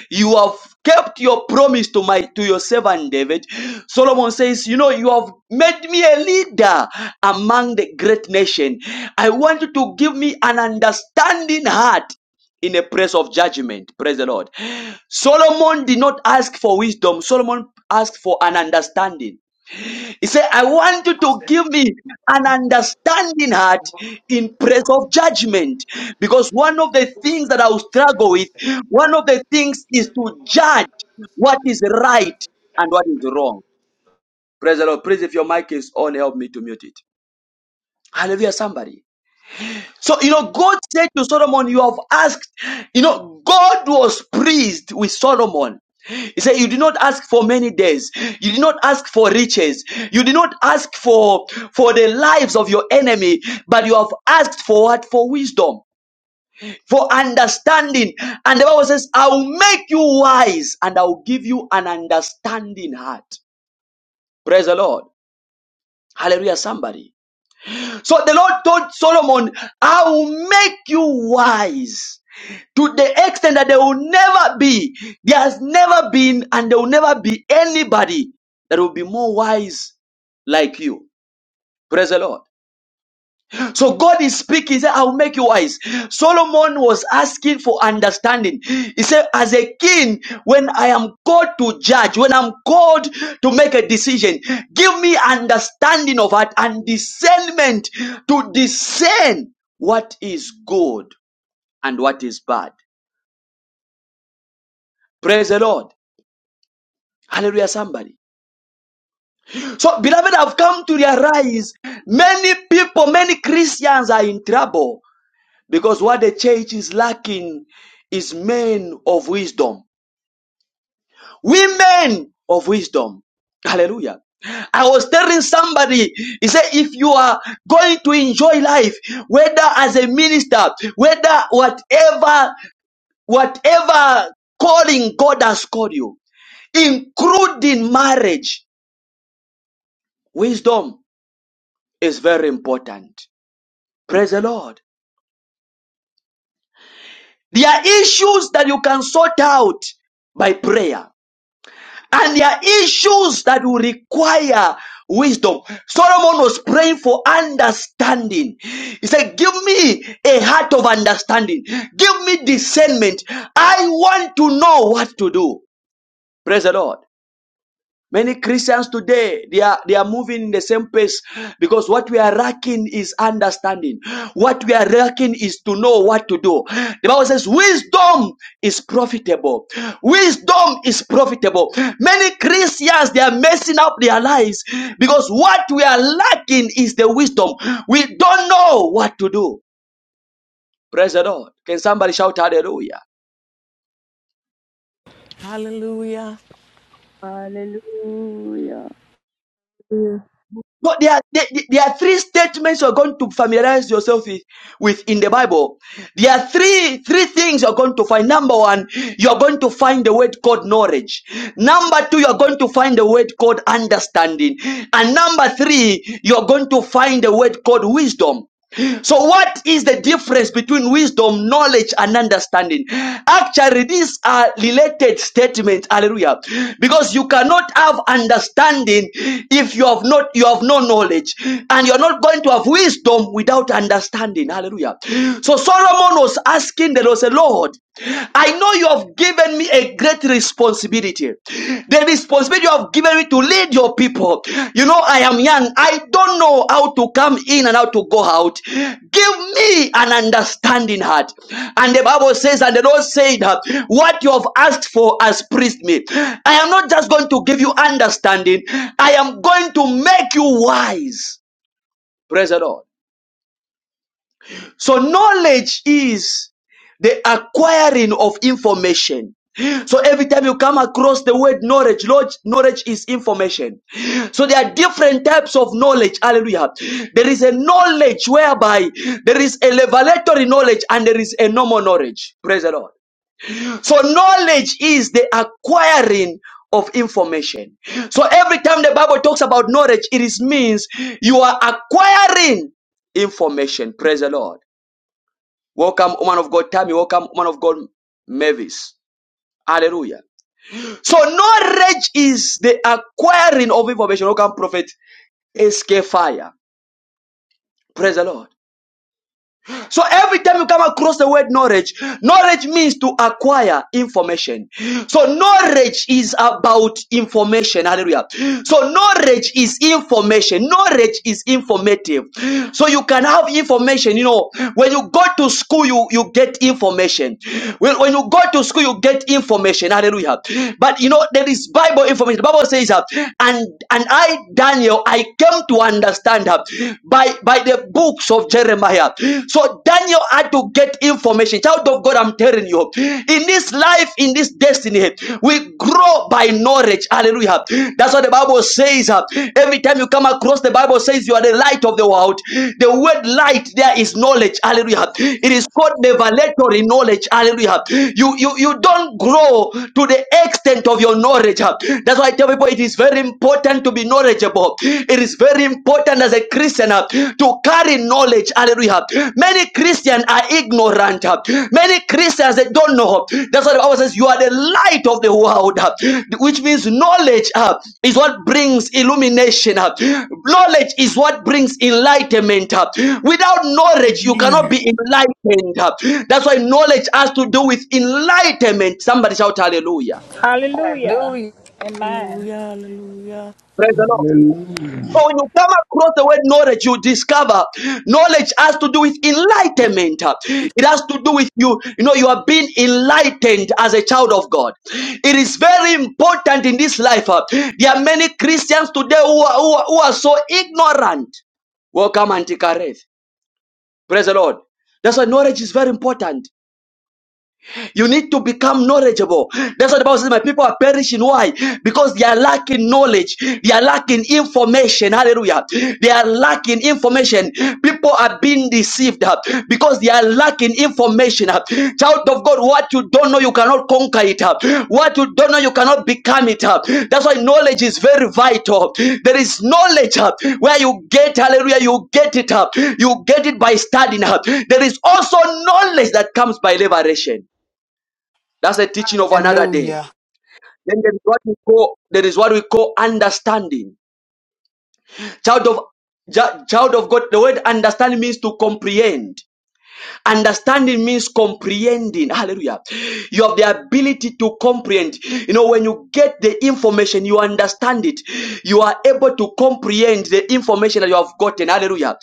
[SPEAKER 1] You have kept your promise to my to your servant David. Solomon says, you know, you have made me a leader among the great nation. I want you to give me an understanding heart in a place of judgment. Praise the Lord. Solomon did not ask for wisdom. Solomon asked for an understanding. He said, I want you
[SPEAKER 7] I
[SPEAKER 1] to
[SPEAKER 7] stay.
[SPEAKER 1] give me an understanding heart
[SPEAKER 7] What?
[SPEAKER 1] in place of judgment. Because one of the
[SPEAKER 7] What
[SPEAKER 1] things
[SPEAKER 7] do
[SPEAKER 1] that I
[SPEAKER 7] you
[SPEAKER 1] will
[SPEAKER 7] expect
[SPEAKER 1] struggle
[SPEAKER 7] me to
[SPEAKER 1] with,
[SPEAKER 7] stay? So
[SPEAKER 1] one of
[SPEAKER 7] then,
[SPEAKER 1] the things is
[SPEAKER 7] if I'm
[SPEAKER 1] to
[SPEAKER 7] going to
[SPEAKER 1] judge
[SPEAKER 7] come, this is
[SPEAKER 1] what
[SPEAKER 7] the
[SPEAKER 1] is
[SPEAKER 7] best hotel
[SPEAKER 1] right and what
[SPEAKER 7] for
[SPEAKER 1] is
[SPEAKER 7] you.
[SPEAKER 1] wrong. Praise the Lord. Please, if your mic is on, help me to mute it. Hallelujah, somebody. So, you know, God said to Solomon, You have asked, you know, God was pleased with Solomon. He said, You did not ask for many days. You did not ask for riches. You did not ask for, for the lives of your enemy, but you have asked for what? For wisdom, for understanding. And the Bible says, I will make you wise and I will give you an understanding heart. Praise the Lord. Hallelujah, somebody. So the Lord told Solomon, I will make you wise to the extent that there will never be, there has never been, and there will never be anybody that will be more wise like you. Praise the Lord. So God is speaking. He said, I will make you wise. Solomon was asking for understanding. He said, as a king, when I am called to judge, when I'm called to make a decision, give me understanding of heart and discernment to discern what is good and what is bad. Praise the Lord. Hallelujah, somebody. So, beloved, I've come to realize many people, many Christians are in trouble Because what the church is lacking is men of wisdom, women of wisdom. Hallelujah. I was telling somebody, he said, if you are going to enjoy life, whether as a minister, whether whatever, whatever calling God has called you, including marriage, wisdom is very important. Praise the Lord. There are issues that you can sort out by prayer. And there are issues that will require wisdom. Solomon was praying for understanding. He said, Give me a heart of understanding. Give me discernment. I want to know what to do. Praise the Lord. Many Christians today, they are, they are moving in the same pace because what we are lacking is understanding. What we are lacking is to know what to do. The Bible says wisdom is profitable. Wisdom is profitable. Many Christians, they are messing up their lives because what we are lacking is the wisdom. We don't know what to do. Praise the Lord. Can somebody shout hallelujah?
[SPEAKER 8] Hallelujah.
[SPEAKER 9] Hallelujah.
[SPEAKER 1] So there are, there, there are three statements you're going to familiarize yourself with, with in the Bible. There are three three things you're going to find. Number one, you're going to find the word called knowledge. Number two, you're going to find the word called understanding. And number three, you're going to find the word called wisdom. So, what is the difference between wisdom, knowledge, and understanding? Actually, these are related statements. Hallelujah. Because you cannot have understanding if you have not you have no knowledge, and you're not going to have wisdom without understanding. Hallelujah. So Solomon was asking the Lord, say, Lord. I know you have given me a great responsibility. The responsibility you have given me to lead your people. You know, I am young. I don't know how to come in and how to go out. Give me an understanding heart. And the Bible says, and the Lord said, What you have asked for has pleased me. I am not just going to give you understanding, I am going to make you wise. Praise the Lord. So knowledge is the acquiring of information. So every time you come across the word knowledge, Lord, knowledge is information. So there are different types of knowledge. Hallelujah. There is a knowledge whereby there is a revelatory knowledge and there is a normal knowledge. Praise the Lord. So knowledge is the acquiring of information. So every time the Bible talks about knowledge, it is means you are acquiring information. Praise the Lord. Welcome, woman of God, Tammy. Welcome, woman of God, Mavis. Hallelujah. So knowledge is the acquiring of information. Welcome, prophet SK Fire. Praise the Lord. So every time you come across the word knowledge, knowledge means to acquire information. So knowledge is about information. Hallelujah. So knowledge is information. Knowledge is informative. So you can have information. You know, when you go to school, you, you get information. When, when you go to school, you get information. Hallelujah. But you know, there is Bible information. The Bible says, uh, and and I, Daniel, I came to understand her by by the books of Jeremiah. So Daniel had to get information. Child of God, I'm telling you, in this life, in this destiny, we grow by knowledge. Hallelujah. That's what the Bible says. uh, Every time you come across, the Bible says you are the light of the world. The word light there is knowledge. Hallelujah. It is called revelatory knowledge. Hallelujah. You you you don't grow to the extent of your knowledge. uh. That's why I tell people it is very important important to be knowledgeable. It is very important as a Christian uh, to carry knowledge. Hallelujah. Many Christians are ignorant. uh, Many Christians they don't know. That's what the Bible says. You are the light of the world, uh, which means knowledge uh, is what brings illumination. uh. Knowledge is what brings enlightenment. uh. Without knowledge, you cannot
[SPEAKER 3] Amen.
[SPEAKER 1] be enlightened. uh. That's why knowledge has to do with enlightenment. Somebody shout hallelujah.
[SPEAKER 4] Hallelujah.
[SPEAKER 3] Hallelujah.
[SPEAKER 4] Amen.
[SPEAKER 8] Hallelujah. Hallelujah.
[SPEAKER 1] Praise the Lord.
[SPEAKER 10] Hallelujah.
[SPEAKER 1] So when you come across the word knowledge, you discover knowledge has to do with enlightenment. It has to do with you, you know, you are being enlightened as a child of God. It is very important in this life. uh, There are many Christians today who are, who are, who are so ignorant. Welcome, Auntie Kareth. Praise the Lord. That's why knowledge is very important. You need to become knowledgeable. That's what the Bible says. My people are perishing. Why? Because they are lacking knowledge. They are lacking information. Hallelujah. They are lacking information. People are being deceived uh, because they are lacking information. uh. Child of God, what you don't know, you cannot conquer it. uh. What you don't know, you cannot become it. uh. That's why knowledge is very vital. There is knowledge uh, where you get, hallelujah, you get it up. You get it by studying up. There is also knowledge that comes by liberation. That's the teaching of another day.
[SPEAKER 3] Hallelujah.
[SPEAKER 1] Then there is what we call there is what we call understanding. Child of chi- child of God. The word understanding means to comprehend. Understanding means comprehending. Hallelujah. You have the ability to comprehend. You know, when you get the information, you understand it. You are able to comprehend the information that you have gotten. Hallelujah.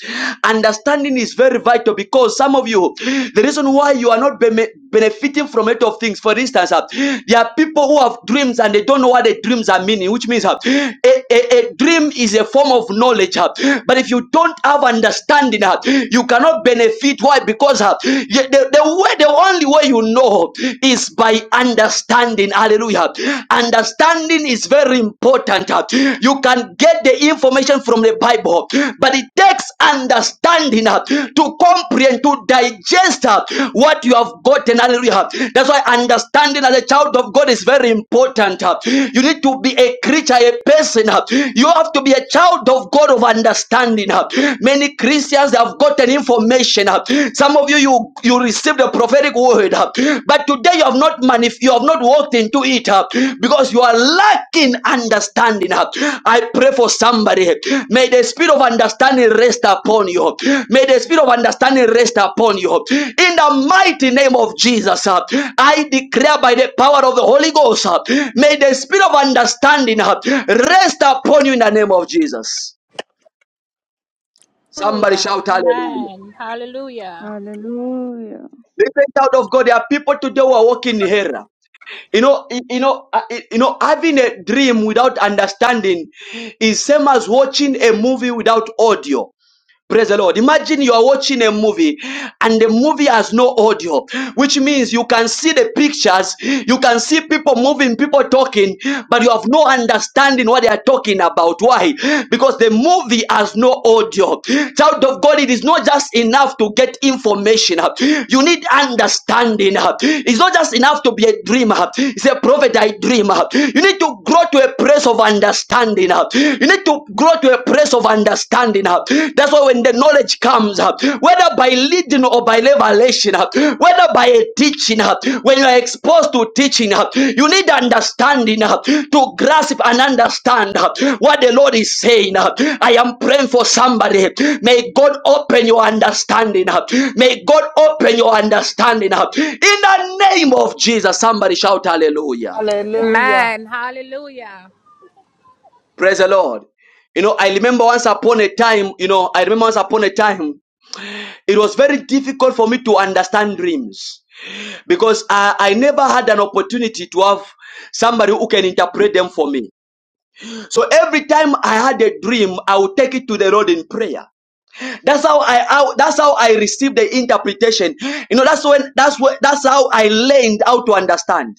[SPEAKER 1] Understanding is very vital because some of you, the reason why you are not be- benefiting from a lot of things. For instance, uh, there are people who have dreams and they don't know what the dreams are meaning, which means uh, a, a, a dream is a form of knowledge. uh, but if you don't have understanding, uh, you cannot benefit. Why? Because uh, the, the, way, the only way you know is by understanding. Hallelujah. Understanding is very important. uh, you can get the information information from the Bible, but it takes understanding uh, to comprehend, to digest uh, what you have gotten. Hallelujah. That's why understanding as a child of God is very important. uh. You need to be a creature, a person. uh. You have to be a child of God of understanding. uh. Many Christians have gotten information. uh. Some of you, you, you received a prophetic word. uh but today you have not manif- you have not walked into it uh, because you are lacking understanding uh. i pray for somebody may the spirit of understanding rest upon you may the spirit of understanding rest upon you in the mighty name of jesus uh, i declare by the power of the holy ghost uh, may the spirit of understanding uh, rest upon you in the name of jesus somebody
[SPEAKER 4] Hallelujah.
[SPEAKER 1] shout hallelujah
[SPEAKER 4] Amen. Hallelujah.
[SPEAKER 9] Hallelujah.
[SPEAKER 1] Listen, out of God, there are people today who are walking in error. You know, y- you know, uh, y- you know, having a dream without understanding is same as watching a movie without audio. Praise the Lord. Imagine you are watching a movie and the movie has no audio, which means you can see the pictures, you can see people moving, people talking, but you have no understanding what they are talking about. Why? Because the movie has no audio. Child of God, it is not just enough to get information. You need understanding. It's not just enough to be a dreamer. It's a prophet, I dreamer. You need to grow to a place of understanding uh, You need to grow to a place of understanding. uh. That's why when the knowledge comes, uh, whether by leading or by revelation, uh, whether by a teaching, uh, when you are exposed to teaching, uh, you need understanding uh, to grasp and understand uh, what the Lord is saying. uh. I am praying for somebody. May God open your understanding. uh. May God open your understanding. uh. In the name of Jesus, somebody shout hallelujah.
[SPEAKER 3] Hallelujah.
[SPEAKER 4] Amen. Hallelujah.
[SPEAKER 1] Praise the Lord. You know, I remember once upon a time, you know, I remember once upon a time, it was very difficult for me to understand dreams because I, I never had an opportunity to have somebody who can interpret them for me. So every time I had a dream, I would take it to the Lord in prayer. That's how I how, that's how I received the interpretation. You know, that's when that's when that's how I learned how to understand.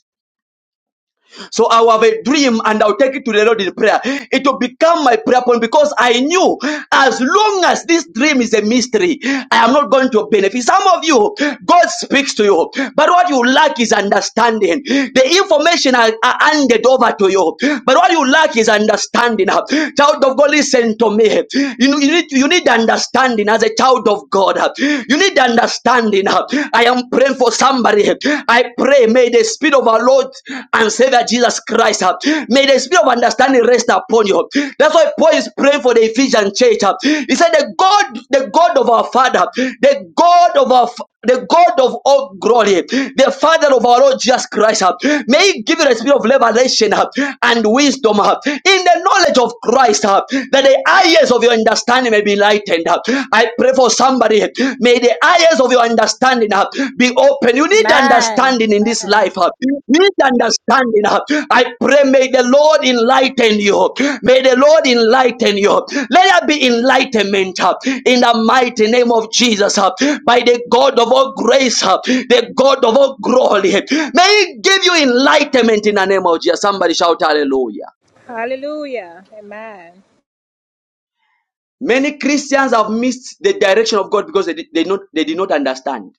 [SPEAKER 1] So I will have a dream and I'll take it to the Lord in prayer. It will become my prayer point because I knew as long as this dream is a mystery, I am not going to benefit. Some of you, God speaks to you, but what you lack is understanding. The information are, are handed over to you, but what you lack is understanding. Child of God, listen to me. You, you, need, you need understanding as a child of God. You need understanding. I am am praying for somebody. I pray, may the Spirit of our Lord and Savior Jesus Christ, uh, may the Spirit of understanding rest upon you. That's why Paul is praying for the Ephesian church. uh. He said, The God, the God of our Father, the God of our the God of all glory, the Father of our Lord Jesus Christ, uh, may He give you the spirit of revelation uh, and wisdom uh, in the knowledge of Christ, uh, that the eyes of your understanding may be be lightened. I pray for somebody. May the eyes of your understanding uh, be open. You need
[SPEAKER 4] Amen.
[SPEAKER 1] understanding in this
[SPEAKER 4] Amen.
[SPEAKER 1] life. uh. You need understanding. uh. I pray, may the Lord enlighten you. May the Lord enlighten you. Let there be enlightenment uh, in the mighty name of Jesus. uh, By the God of all grace, uh, the God of all glory. May He give you enlightenment in the name of Jesus. Somebody shout hallelujah.
[SPEAKER 4] Hallelujah. Amen.
[SPEAKER 1] Many Christians have missed the direction of God because they did, they, not, they did not understand.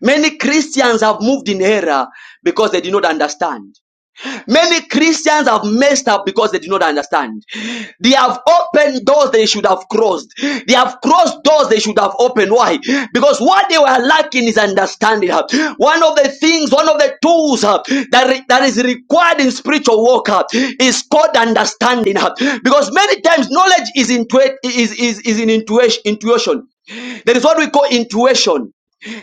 [SPEAKER 1] Many Christians have moved in error because they did not understand. Many Christians have messed up because they did not understand. They have opened doors they should have crossed. They have crossed doors they should have opened. Why? Because what they were lacking is understanding. One of the things, one of the tools uh, that, that is required in spiritual walk uh, is called understanding. uh, Because many times knowledge is, intu- is, is, is in intuition. intuition. That is what we call intuition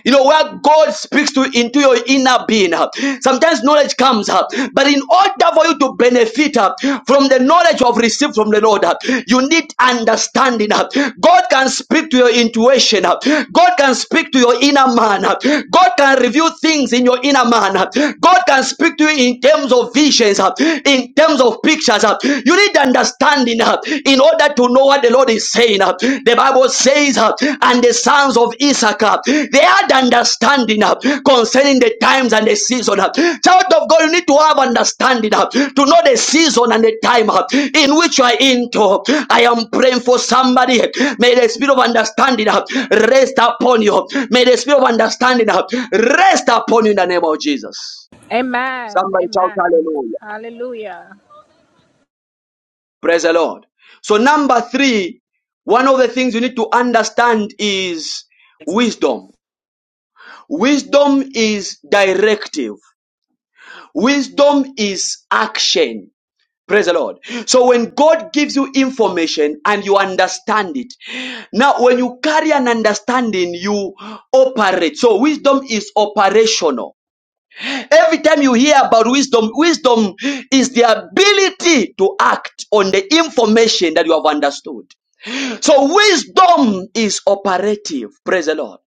[SPEAKER 1] you know where god speaks to into your inner being uh, sometimes knowledge comes up but in order for you to benefit uh, from the knowledge you have received from the lord uh, you need understanding uh. god can speak to your intuition uh. god can speak to your inner man uh. god can reveal things in your inner man uh. god can speak to you in terms of visions uh, in terms of pictures uh. you need understanding uh in order to know what the Lord is saying. uh, The Bible says, uh, and the sons of Issachar, they had understanding uh, concerning the times and the season. uh. Child of God, you need to have understanding uh, to know the season and the time uh, in which you are into. I am praying for somebody. May the spirit of understanding uh, rest upon you. May the spirit of understanding uh, rest upon you in the name of Jesus.
[SPEAKER 4] Amen.
[SPEAKER 1] Somebody shout
[SPEAKER 4] Amen.
[SPEAKER 1] hallelujah.
[SPEAKER 4] Hallelujah.
[SPEAKER 1] Praise the Lord. So, number three, one of the things you need to understand is wisdom. Wisdom is directive, wisdom is action. Praise the Lord. So, when God gives you information and you understand it, now when you carry an understanding, you operate. So, wisdom is operational. Every time you hear about wisdom, wisdom is the ability to act on the information that you have understood. So wisdom is operative. Praise the Lord.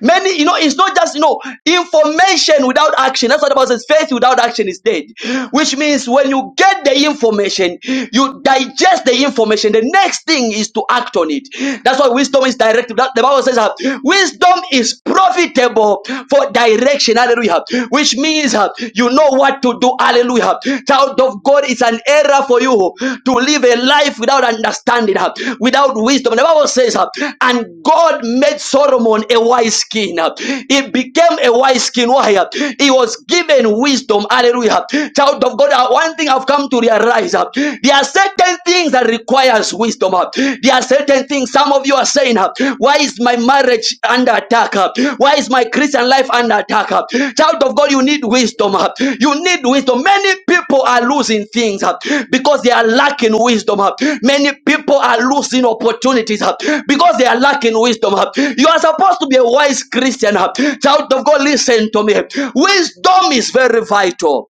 [SPEAKER 1] Many, you know, it's not just, you know, information without action. That's what the Bible says. Faith without action is dead. Which means when you get the information, you digest the information. The next thing is to act on it. That's why wisdom is directive. That, the Bible says that wisdom is profitable for direction. Hallelujah. Which means uh, you know what to do. Hallelujah. Child of God, it's an error for you to live a life without understanding, uh, without wisdom. The Bible says, uh, and God made Solomon a wise king. uh, He became a wise king. Why? uh, He was given wisdom. Hallelujah. Child of God, uh, one thing I've come to realize, uh, there are certain things that requires wisdom. uh, There are certain things some of you are saying, uh, why is my marriage under attack? Why is my Christian life under attack? Child of God, you need wisdom. You need wisdom. Many people are losing things because they are lacking wisdom. Many people are losing opportunities because they are lacking wisdom. You are supposed to be a wise Christian. Child of God, listen to me. Wisdom is very vital.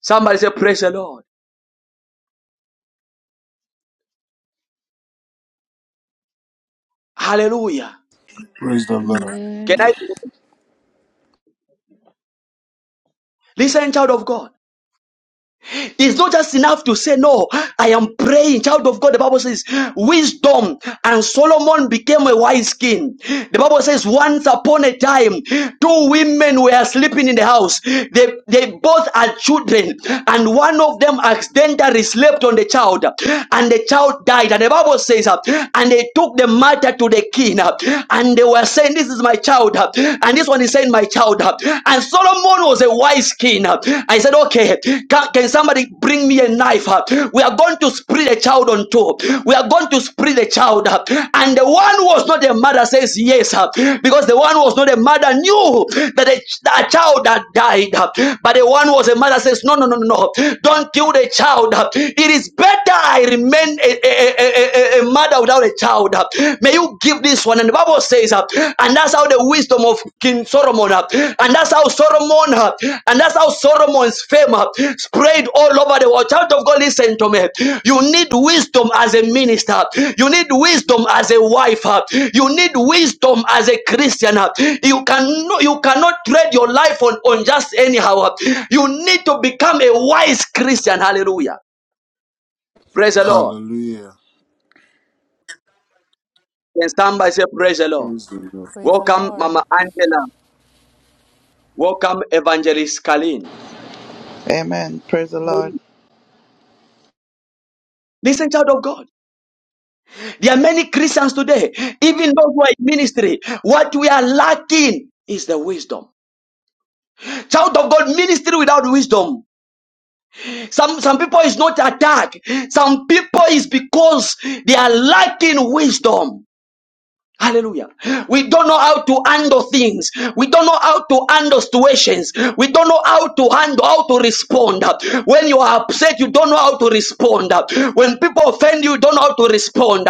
[SPEAKER 1] Somebody say, Praise the Lord. Hallelujah.
[SPEAKER 11] Praise the Lord.
[SPEAKER 1] Can
[SPEAKER 9] Amen.
[SPEAKER 1] I listen, child of God? It's not just enough to say, No, I am praying. Child of God, the Bible says, Wisdom and Solomon became a wise king. The Bible says, Once upon a time, two women were sleeping in the house. They, they both had children, and one of them accidentally slept on the child, and the child died. And the Bible says, uh, And they took the matter to the king, uh, and they were saying, This is my child, uh, and this one is saying, My child child. And Solomon was a wise king. I said, okay, can, can somebody bring me a knife? We are going to split the child on two. We are going to split the child. And the one who was not a mother says yes, because the one who was not a mother knew that a, that a child had died. But the one who was a mother says, no, no, no, no, no. don't kill the child. It is better I remain a, a, a a- a mother without a child May you give this one. And the Bible says, uh, and that's how the wisdom of King Solomon, uh, and that's how Solomon, uh, and that's how Solomon's fame uh, spread all over the world. Child of God, listen to me. You need wisdom as a minister. You need wisdom as a wife. uh, You need wisdom as a Christian. uh, You can no, you cannot trade your life on, on just anyhow. uh, You need to become a wise Christian. Hallelujah. Praise the Lord.
[SPEAKER 11] Hallelujah.
[SPEAKER 1] And stand by say praise the Lord.
[SPEAKER 11] Praise the Lord.
[SPEAKER 8] Praise the
[SPEAKER 1] Welcome,
[SPEAKER 8] Lord.
[SPEAKER 1] Mama Angela. Welcome, Evangelist Kalin.
[SPEAKER 12] Amen. Praise the Lord.
[SPEAKER 1] Listen, child of God. There are many Christians today, even those who are in ministry. What we are lacking is the wisdom. Child of God, ministry without wisdom. Some some people is not attack. Some people is because they are lacking wisdom. Hallelujah. We don't know how to handle things. We don't know how to handle situations. We don't know how to handle, how to respond. When you are upset, you don't know how to respond. When people offend you, you don't know how to respond.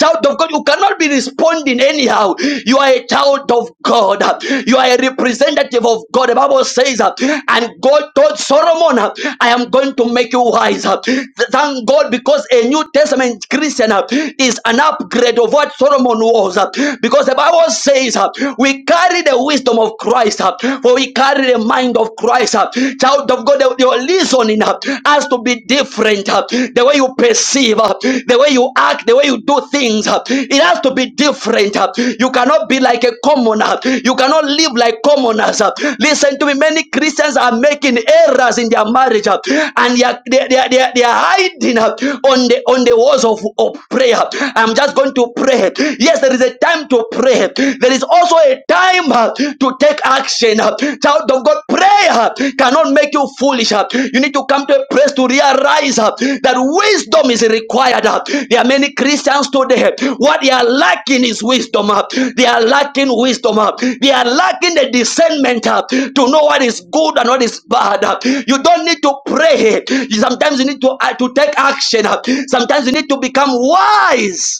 [SPEAKER 1] Child of God, you cannot be responding anyhow. You are a child of God. You are a representative of God. The Bible says, and God told Solomon, I am going to make you wise. Thank God because a New Testament Christian is an upgrade of what Solomon wisdom on us uh, because the Bible says uh, we carry the wisdom of Christ, uh, for we carry the mind of Christ. uh. Child of God, your listening uh, has to be different. uh. The way you perceive, uh, the way you act, the way you do things, uh, it has to be different. uh. You cannot be like a commoner. You cannot live like commoners. uh. Listen to me. Many Christians are making errors in their marriage, uh, and they are, they, are, they are they are hiding uh, on the on the walls of, of prayer. I'm just going to to pray. Yes, there is a time to pray. There is also a time uh, to take action. uh. Child of God, prayer uh, cannot make you foolish. uh. You need to come to a place to realize uh, that wisdom is required. uh. There are many Christians today. What they are lacking is wisdom. uh. They are lacking wisdom. uh. They are lacking the discernment uh, to know what is good and what is bad. uh. You don't need to pray. Sometimes you need to, uh, to take action. uh. Sometimes you need to become wise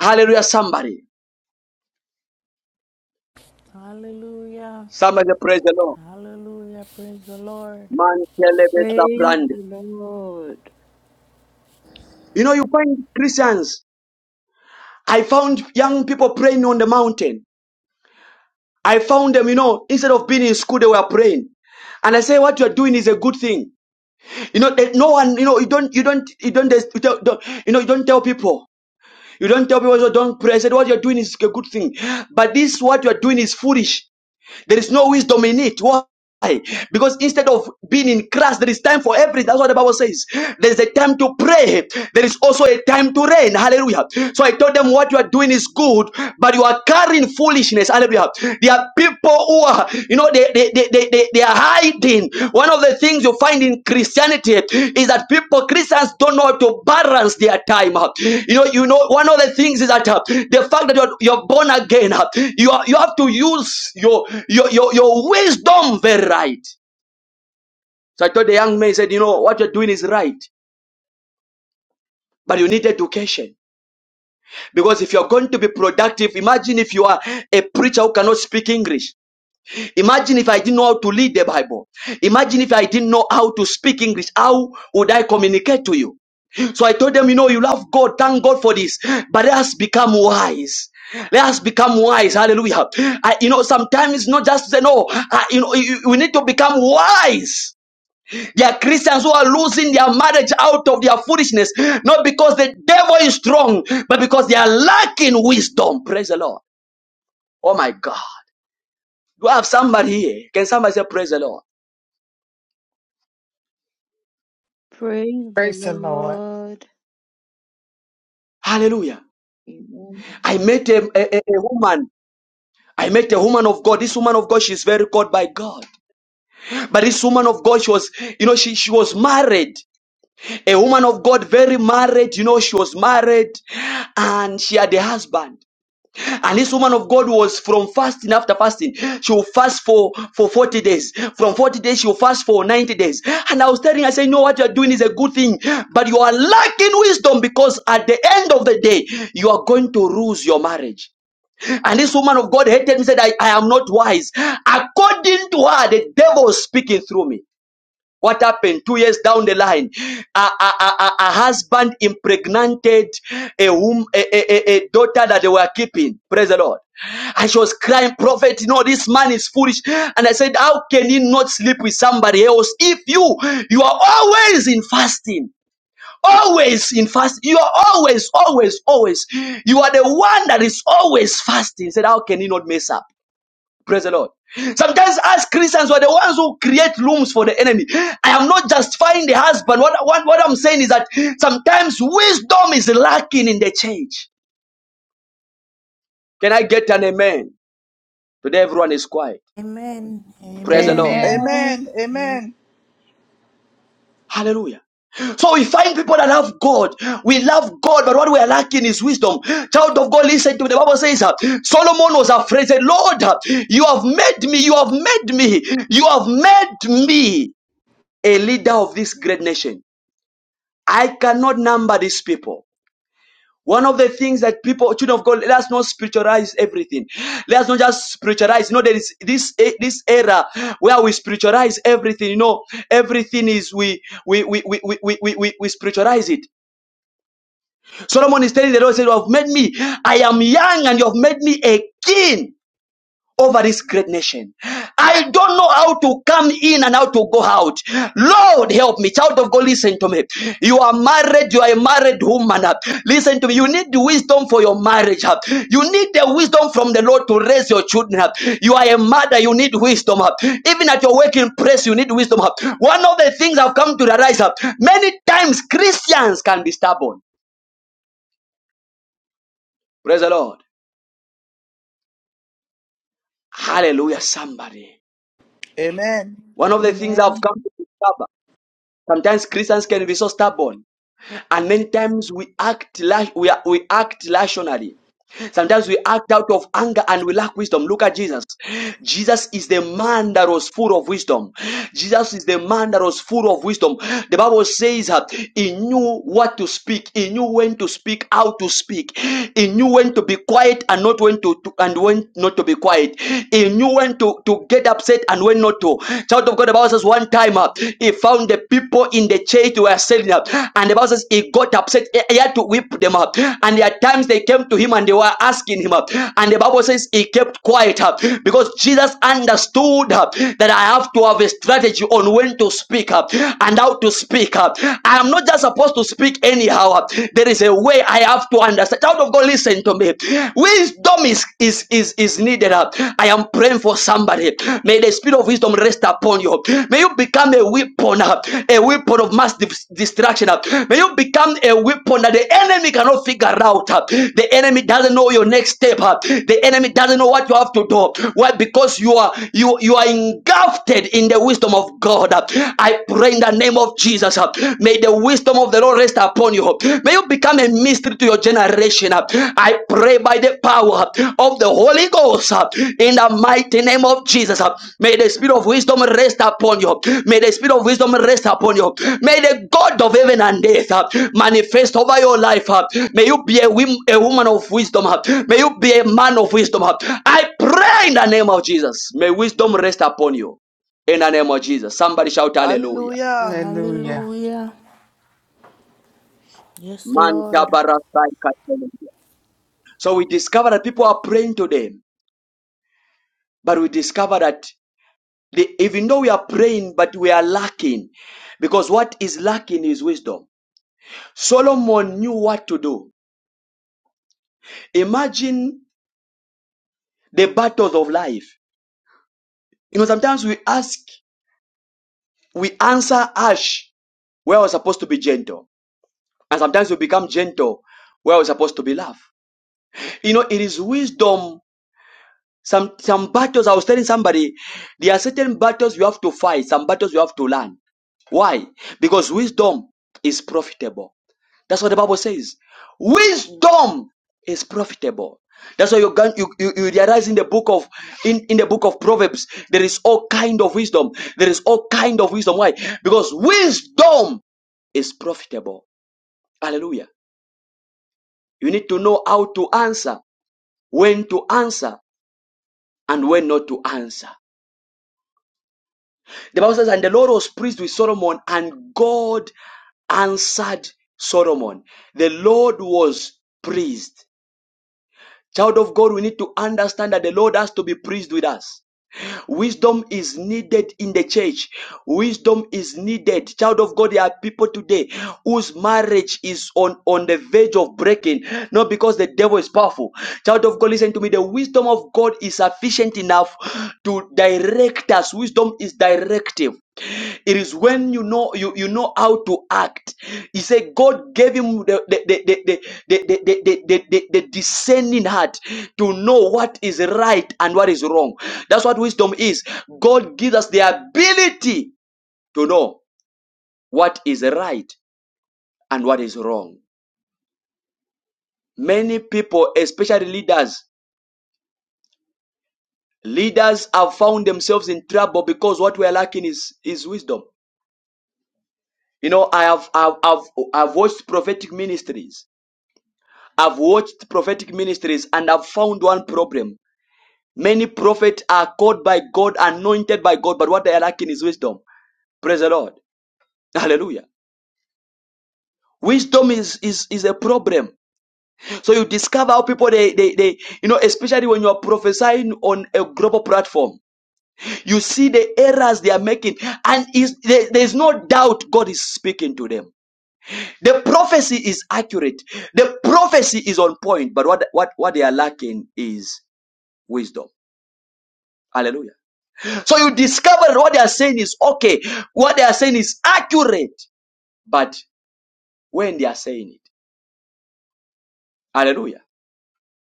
[SPEAKER 1] Hallelujah, somebody.
[SPEAKER 8] Hallelujah.
[SPEAKER 1] Somebody praise the Lord.
[SPEAKER 8] Hallelujah. Praise the Lord.
[SPEAKER 1] Man, celebrate
[SPEAKER 9] Praise
[SPEAKER 1] brand.
[SPEAKER 9] the Lord.
[SPEAKER 1] You know, you find Christians. I found young people praying on the mountain. I found them, you know, instead of being in school, they were praying. And I say, what you are doing is a good thing. You know, that no one, you know, you don't, you don't, you don't, you don't, don't- you know, you don't tell people. You don't tell people, so don't pray. I said, what you're doing is a good thing. But this, what you're doing is foolish. There is no wisdom in it. Why? Because instead of being in Christ, there is time for everything. That's what the Bible says. There is a time to pray. There is also a time to reign. Hallelujah. So I told them what you are doing is good, but you are carrying foolishness. Hallelujah. There are people who are, you know, they they they they, they, they are hiding. One of the things you find in Christianity is that people, Christians, don't know how to balance their time. uh. You know, you know, one of the things is that uh, the fact that you're, you're born again, uh, you are, you have to use your your your, your wisdom very right. So I told the young man, he said, you know, what you're doing is right, but you need education. Because if you're going to be productive, imagine if you are a preacher who cannot speak English. Imagine if I didn't know how to read the Bible. Imagine if I didn't know how to speak English. How would I communicate to you? So I told them, you know, you love God. Thank God for this. But let us become wise. Let us become wise. Hallelujah. I, you know, sometimes it's not just to say, no, I, you know, you, we need to become wise. There are Christians who are losing their marriage out of their foolishness, not because the devil is strong, but because they are lacking wisdom. Praise the Lord. Oh my God. Do I have somebody here? Can somebody say, praise the Lord?
[SPEAKER 9] Praise the
[SPEAKER 3] Praise the Lord.
[SPEAKER 9] Lord.
[SPEAKER 1] Hallelujah.
[SPEAKER 9] Amen.
[SPEAKER 1] I met a, a, a woman. I met a woman of God. This woman of God, she's very called by God. But this woman of God, she was, you know, she, she was married. A woman of God, very married, you know, she was married and she had a husband. And this woman of God was from fasting after fasting. She will fast for, for 40 days. From 40 days, she will fast for 90 days. And I was telling her, I said, you know what you're doing is a good thing, but you are lacking wisdom because at the end of the day, you are going to lose your marriage. And this woman of God hated me, said, I, I am not wise. According to her, the devil was speaking through me. What happened two years down the line? A, a, a, a a husband impregnated a, wom- a, a, a a daughter that they were keeping. Praise the Lord. And she was crying, Prophet, you know, this man is foolish. And I said, How can he not sleep with somebody else if you you are always in fasting? always in fast you are always always always you are the one that is always fasting said how can you not mess up praise the lord sometimes us christians were the ones who create rooms for the enemy i am not justifying the husband what, what, what i'm saying is that sometimes wisdom is lacking in the church can i get an amen today everyone is quiet
[SPEAKER 8] Amen.
[SPEAKER 1] praise the lord
[SPEAKER 8] Amen.
[SPEAKER 3] Amen.
[SPEAKER 9] Amen.
[SPEAKER 12] Amen.
[SPEAKER 8] Amen.
[SPEAKER 12] Amen.
[SPEAKER 1] Hallelujah. So we find people that love God. We love God, but what we are lacking is wisdom. Child of God, listen to me. The Bible says uh, Solomon was afraid. Said, Lord, uh, you have made me, you have made me, you have made me a leader of this great nation. I cannot number these people. One of the things that people, children of God, let us not spiritualize everything. Let us not just spiritualize. You know, there is this eh, this era where we spiritualize everything. You know, everything is we we we we we we, we, we we spiritualize it. Solomon is telling the Lord, he says, "You have made me. I am young, and you have made me a king." over this great nation. I don't know how to come in and how to go out. Lord, help me. Child of God, listen to me. You are married, you are a married woman. Listen to me. You need the wisdom for your marriage. You need the wisdom from the Lord to raise your children. You are a mother, you need wisdom. Even at your working place, you need wisdom. One of the things I've come to realize many times Christians can be stubborn. Praise the Lord. Hallelujah, somebody.
[SPEAKER 12] Amen.
[SPEAKER 1] One of the things
[SPEAKER 9] Amen.
[SPEAKER 1] I've come to discover. Sometimes Christians can be so stubborn, and many times we act la- we, are, we act rationally. Sometimes we act out of anger and we lack wisdom. Look at Jesus. Jesus is the man that was full of wisdom. Jesus is the man that was full of wisdom. The Bible says that he knew what to speak. He knew when to speak, how to speak. He knew when to be quiet and not when to, to- and when not to be quiet. He knew when to, to get upset and when not to. Child of God, the Bible says one time uh, he found the people in the church they were selling up. And the Bible says he got upset. He had to whip them up. And there are times they came to him and they were asking him up. And the Bible says he kept quiet up because Jesus understood up that I have to have a strategy on when to speak up and how to speak up. I am not just supposed to speak anyhow up. There is a way I have to understand. Child of God, listen to me. Wisdom is is is, is needed up. I am praying for somebody. May the spirit of wisdom rest upon you. May you become a weapon, uh, a weapon of mass distraction. uh. May you become a weapon that the enemy cannot figure out. uh. The enemy doesn't know your next step. uh. The enemy doesn't know what you have to do. Why? Because you are you you are engulfed in the wisdom of God. uh. I pray in the name of Jesus. uh, May the wisdom of the Lord rest upon you. May you become a mystery to your generation. I pray by the power of the Holy Ghost uh, in the mighty name of Jesus. uh, May the spirit of wisdom rest upon you. May the spirit of wisdom rest upon you. May the God of heaven and earth uh, manifest over your life. uh, May you be a, wim- a woman of wisdom. uh, May you be a man of wisdom. uh, I pray in the name of Jesus. May wisdom rest upon you. In the name of Jesus. Somebody shout hallelujah.
[SPEAKER 12] Hallelujah.
[SPEAKER 3] Hallelujah.
[SPEAKER 8] Hallelujah. Yes,
[SPEAKER 1] Manta
[SPEAKER 8] Lord.
[SPEAKER 1] So we discover that people are praying to them, but we discover that they, even though we are praying, but we are lacking. Because what is lacking is wisdom. Solomon knew what to do. Imagine the battles of life. You know, sometimes we ask, we answer harsh where we're supposed to be gentle. And sometimes we become gentle where we're supposed to be love. You know, it is wisdom. Some some battles, I was telling somebody, there are certain battles you have to fight, some battles you have to learn. Why? Because wisdom is profitable. That's what the Bible says. Wisdom is profitable. That's why you, can, you, you you realize in the book of in, in the book of Proverbs there is all kind of wisdom. There is all kind of wisdom. Why? Because wisdom is profitable. Hallelujah. You need to know how to answer, when to answer, and when not to answer. The Bible says, and the Lord was pleased with Solomon, and God answered Solomon. The Lord was pleased. Child of God, we need to understand that the Lord has to be pleased with us. Wisdom is needed in the church. Wisdom is needed. Child of God, there are people today whose marriage is on, on the verge of breaking, not because the devil is powerful. Child of God, listen to me. The wisdom of God is sufficient enough to direct us. Wisdom is directive. It is when you know you, you know how to act. He said God gave him the the the the the, the, the, the, the, the, the discerning heart to know what is right and what is wrong. That's what wisdom is. God gives us the ability to know what is right and what is wrong. Many people, especially leaders, leaders have found themselves in trouble because what we are lacking is is wisdom. You know, I have I've, I've, I've watched prophetic ministries I've watched prophetic ministries and I've found one problem. Many prophets are called by God, anointed by God, but what they are lacking is wisdom. Praise the Lord. *laughs* Hallelujah. Wisdom is, is, is a problem. So you discover how people they, they, they you know, especially when you are prophesying on a global platform, you see the errors they are making, and there's no doubt God is speaking to them. The prophecy is accurate, the prophecy is on point, but what what what they are lacking is wisdom. Hallelujah. So you discover what they are saying is okay. What they are saying is accurate. But when they are saying it, hallelujah,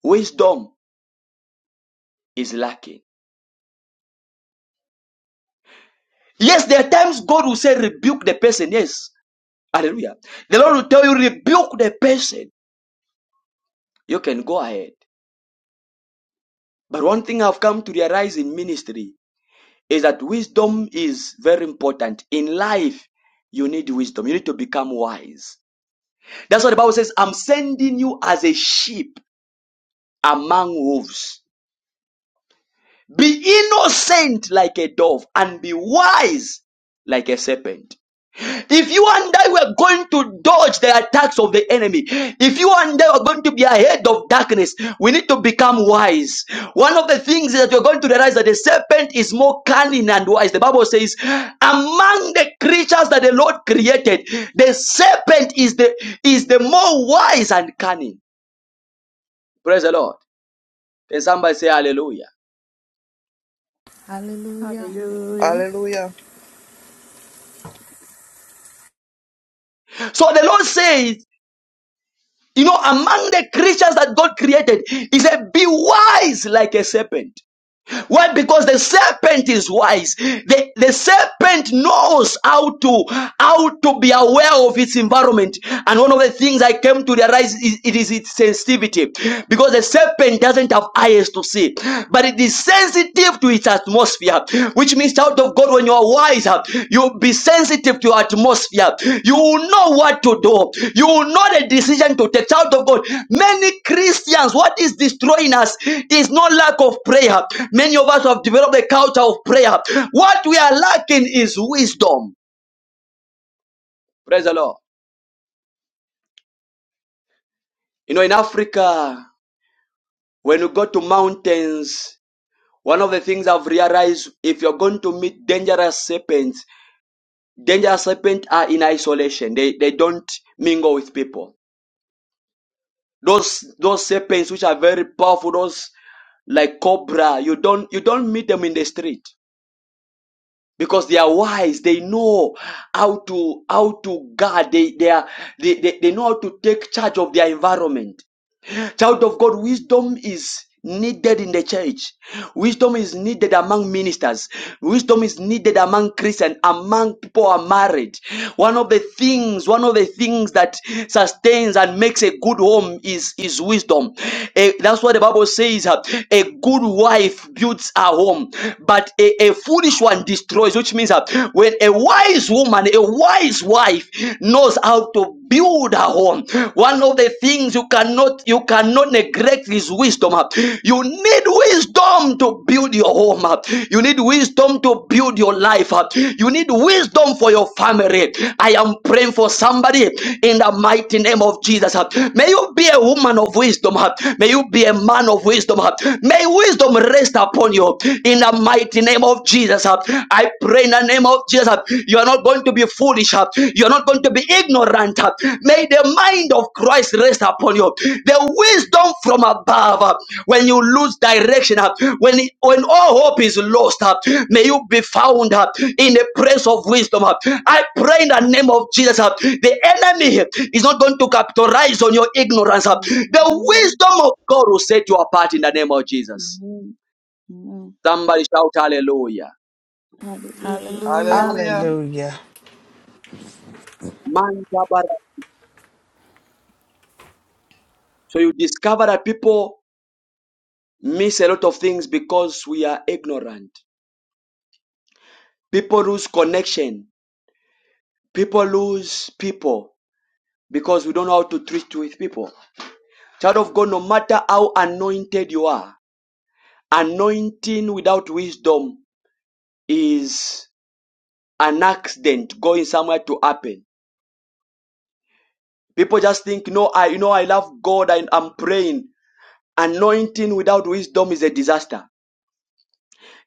[SPEAKER 1] wisdom is lacking. Yes, there are times God will say, rebuke the person. Yes, hallelujah. The Lord will tell you, rebuke the person. You can go ahead. But one thing I've come to realize in ministry is that wisdom is very important. In life, you need wisdom. You need to become wise. That's what the Bible says. I'm sending you as a sheep among wolves. Be innocent like a dove and be wise like a serpent. If you and I were going to dodge the attacks of the enemy, if you and I were going to be ahead of darkness, we need to become wise. One of the things that you're going to realize that the serpent is more cunning and wise. The Bible says, among the creatures that the Lord created, the serpent is the is the more wise and cunning. Praise the Lord. Can somebody say hallelujah?
[SPEAKER 8] Hallelujah.
[SPEAKER 9] Hallelujah.
[SPEAKER 12] Hallelujah.
[SPEAKER 1] So the Lord says You know, among the creatures that God created, He said, be wise like a serpent. Why? Because the serpent is wise. The, the serpent knows how to, how to be aware of its environment. And one of the things I came to realize is it is its sensitivity. Because the serpent doesn't have eyes to see, but it is sensitive to its atmosphere, which means child of God, when you are wise, uh, you'll be sensitive to atmosphere. You will know what to do. You will know the decision to take. Child of God, many Christians, what is destroying us is not lack of prayer. Many of us have developed a culture of prayer. What we are lacking is wisdom. Praise the Lord. You know, in Africa, when you go to mountains, one of the things I've realized if you're going to meet dangerous serpents, dangerous serpents are in isolation. They they don't mingle with people Those those serpents which are very powerful, those like cobra, you don't you don't meet them in the street because they are wise. They know how to how to guard. They they are they, they, they know how to take charge of their environment. Child of God, wisdom is needed in the church. Wisdom is needed among ministers. Wisdom is needed among Christians, among people who are married. One of the things, one of the things that sustains and makes a good home is, is wisdom. Eh, that's what the Bible says. uh, A good wife builds a home, but a, a foolish one destroys, which means that when a wise woman, a wise wife knows how to build a home one of the things you cannot you cannot neglect is wisdom you need wisdom to build your home you need wisdom to build your life you need wisdom for your family i am praying for somebody in the mighty name of jesus may you be a woman of wisdom may you be a man of wisdom may wisdom rest upon you in the mighty name of jesus i pray in the name of Jesus. You are not going to be foolish. You are not going to be ignorant. May the mind of Christ rest upon you. The wisdom from above. When you lose direction, when when all hope is lost, may you be found in the presence of wisdom. I pray in the name of Jesus. The enemy is not going to capitalize on your ignorance. The
[SPEAKER 9] Amen.
[SPEAKER 1] wisdom of God will set you apart in the name of Jesus.
[SPEAKER 9] Amen. Amen.
[SPEAKER 1] Somebody shout hallelujah.
[SPEAKER 8] Hallelujah.
[SPEAKER 12] Hallelujah.
[SPEAKER 9] Hallelujah.
[SPEAKER 3] Hallelujah.
[SPEAKER 1] So you discover that people miss a lot of things because we are ignorant. People lose connection. People lose people because we don't know how to treat with people. Child of God, no matter how anointed you are, anointing without wisdom is an accident going somewhere to happen. People just think, no, I, you know, I love God and I'm praying. Anointing without wisdom is a disaster.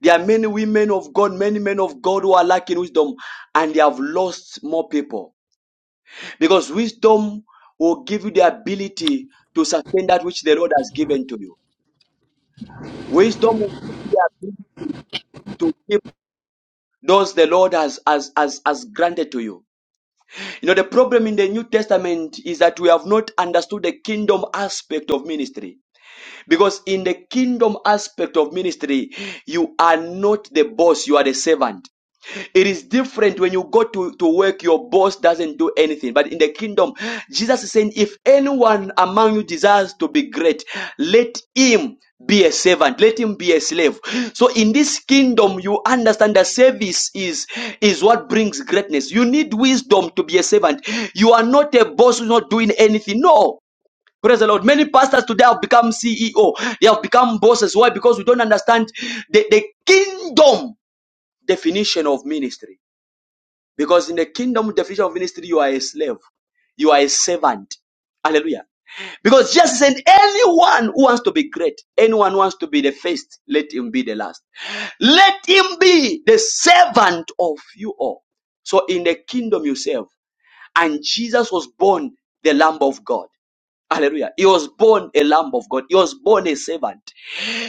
[SPEAKER 1] There are many women of God, many men of God who are lacking wisdom and they have lost more people. Because wisdom will give you the ability to sustain that which the Lord has given to you. Wisdom will give you the ability to give those the Lord has, has, has, has granted to you. You know, the problem in the New Testament is that we have not understood the kingdom aspect of ministry. Because in the kingdom aspect of ministry, you are not the boss, you are the servant. It is different when you go to, to work, your boss doesn't do anything. But in the kingdom, Jesus is saying, if anyone among you desires to be great, let him be a servant, let him be a slave. So in this kingdom, you understand that service is, is what brings greatness. You need wisdom to be a servant. You are not a boss who's not doing anything. No. Praise the Lord. Many pastors today have become CEO. They have become bosses. Why? Because we don't understand the, the kingdom definition of ministry. Because in the kingdom definition of ministry, you are a slave. You are a servant. Hallelujah. Because Jesus said, anyone who wants to be great, anyone who wants to be the first, let him be the last. Let him be the servant of you all. So in the kingdom you serve. And Jesus was born the Lamb of God. Hallelujah. He was born a Lamb of God. He was born a servant.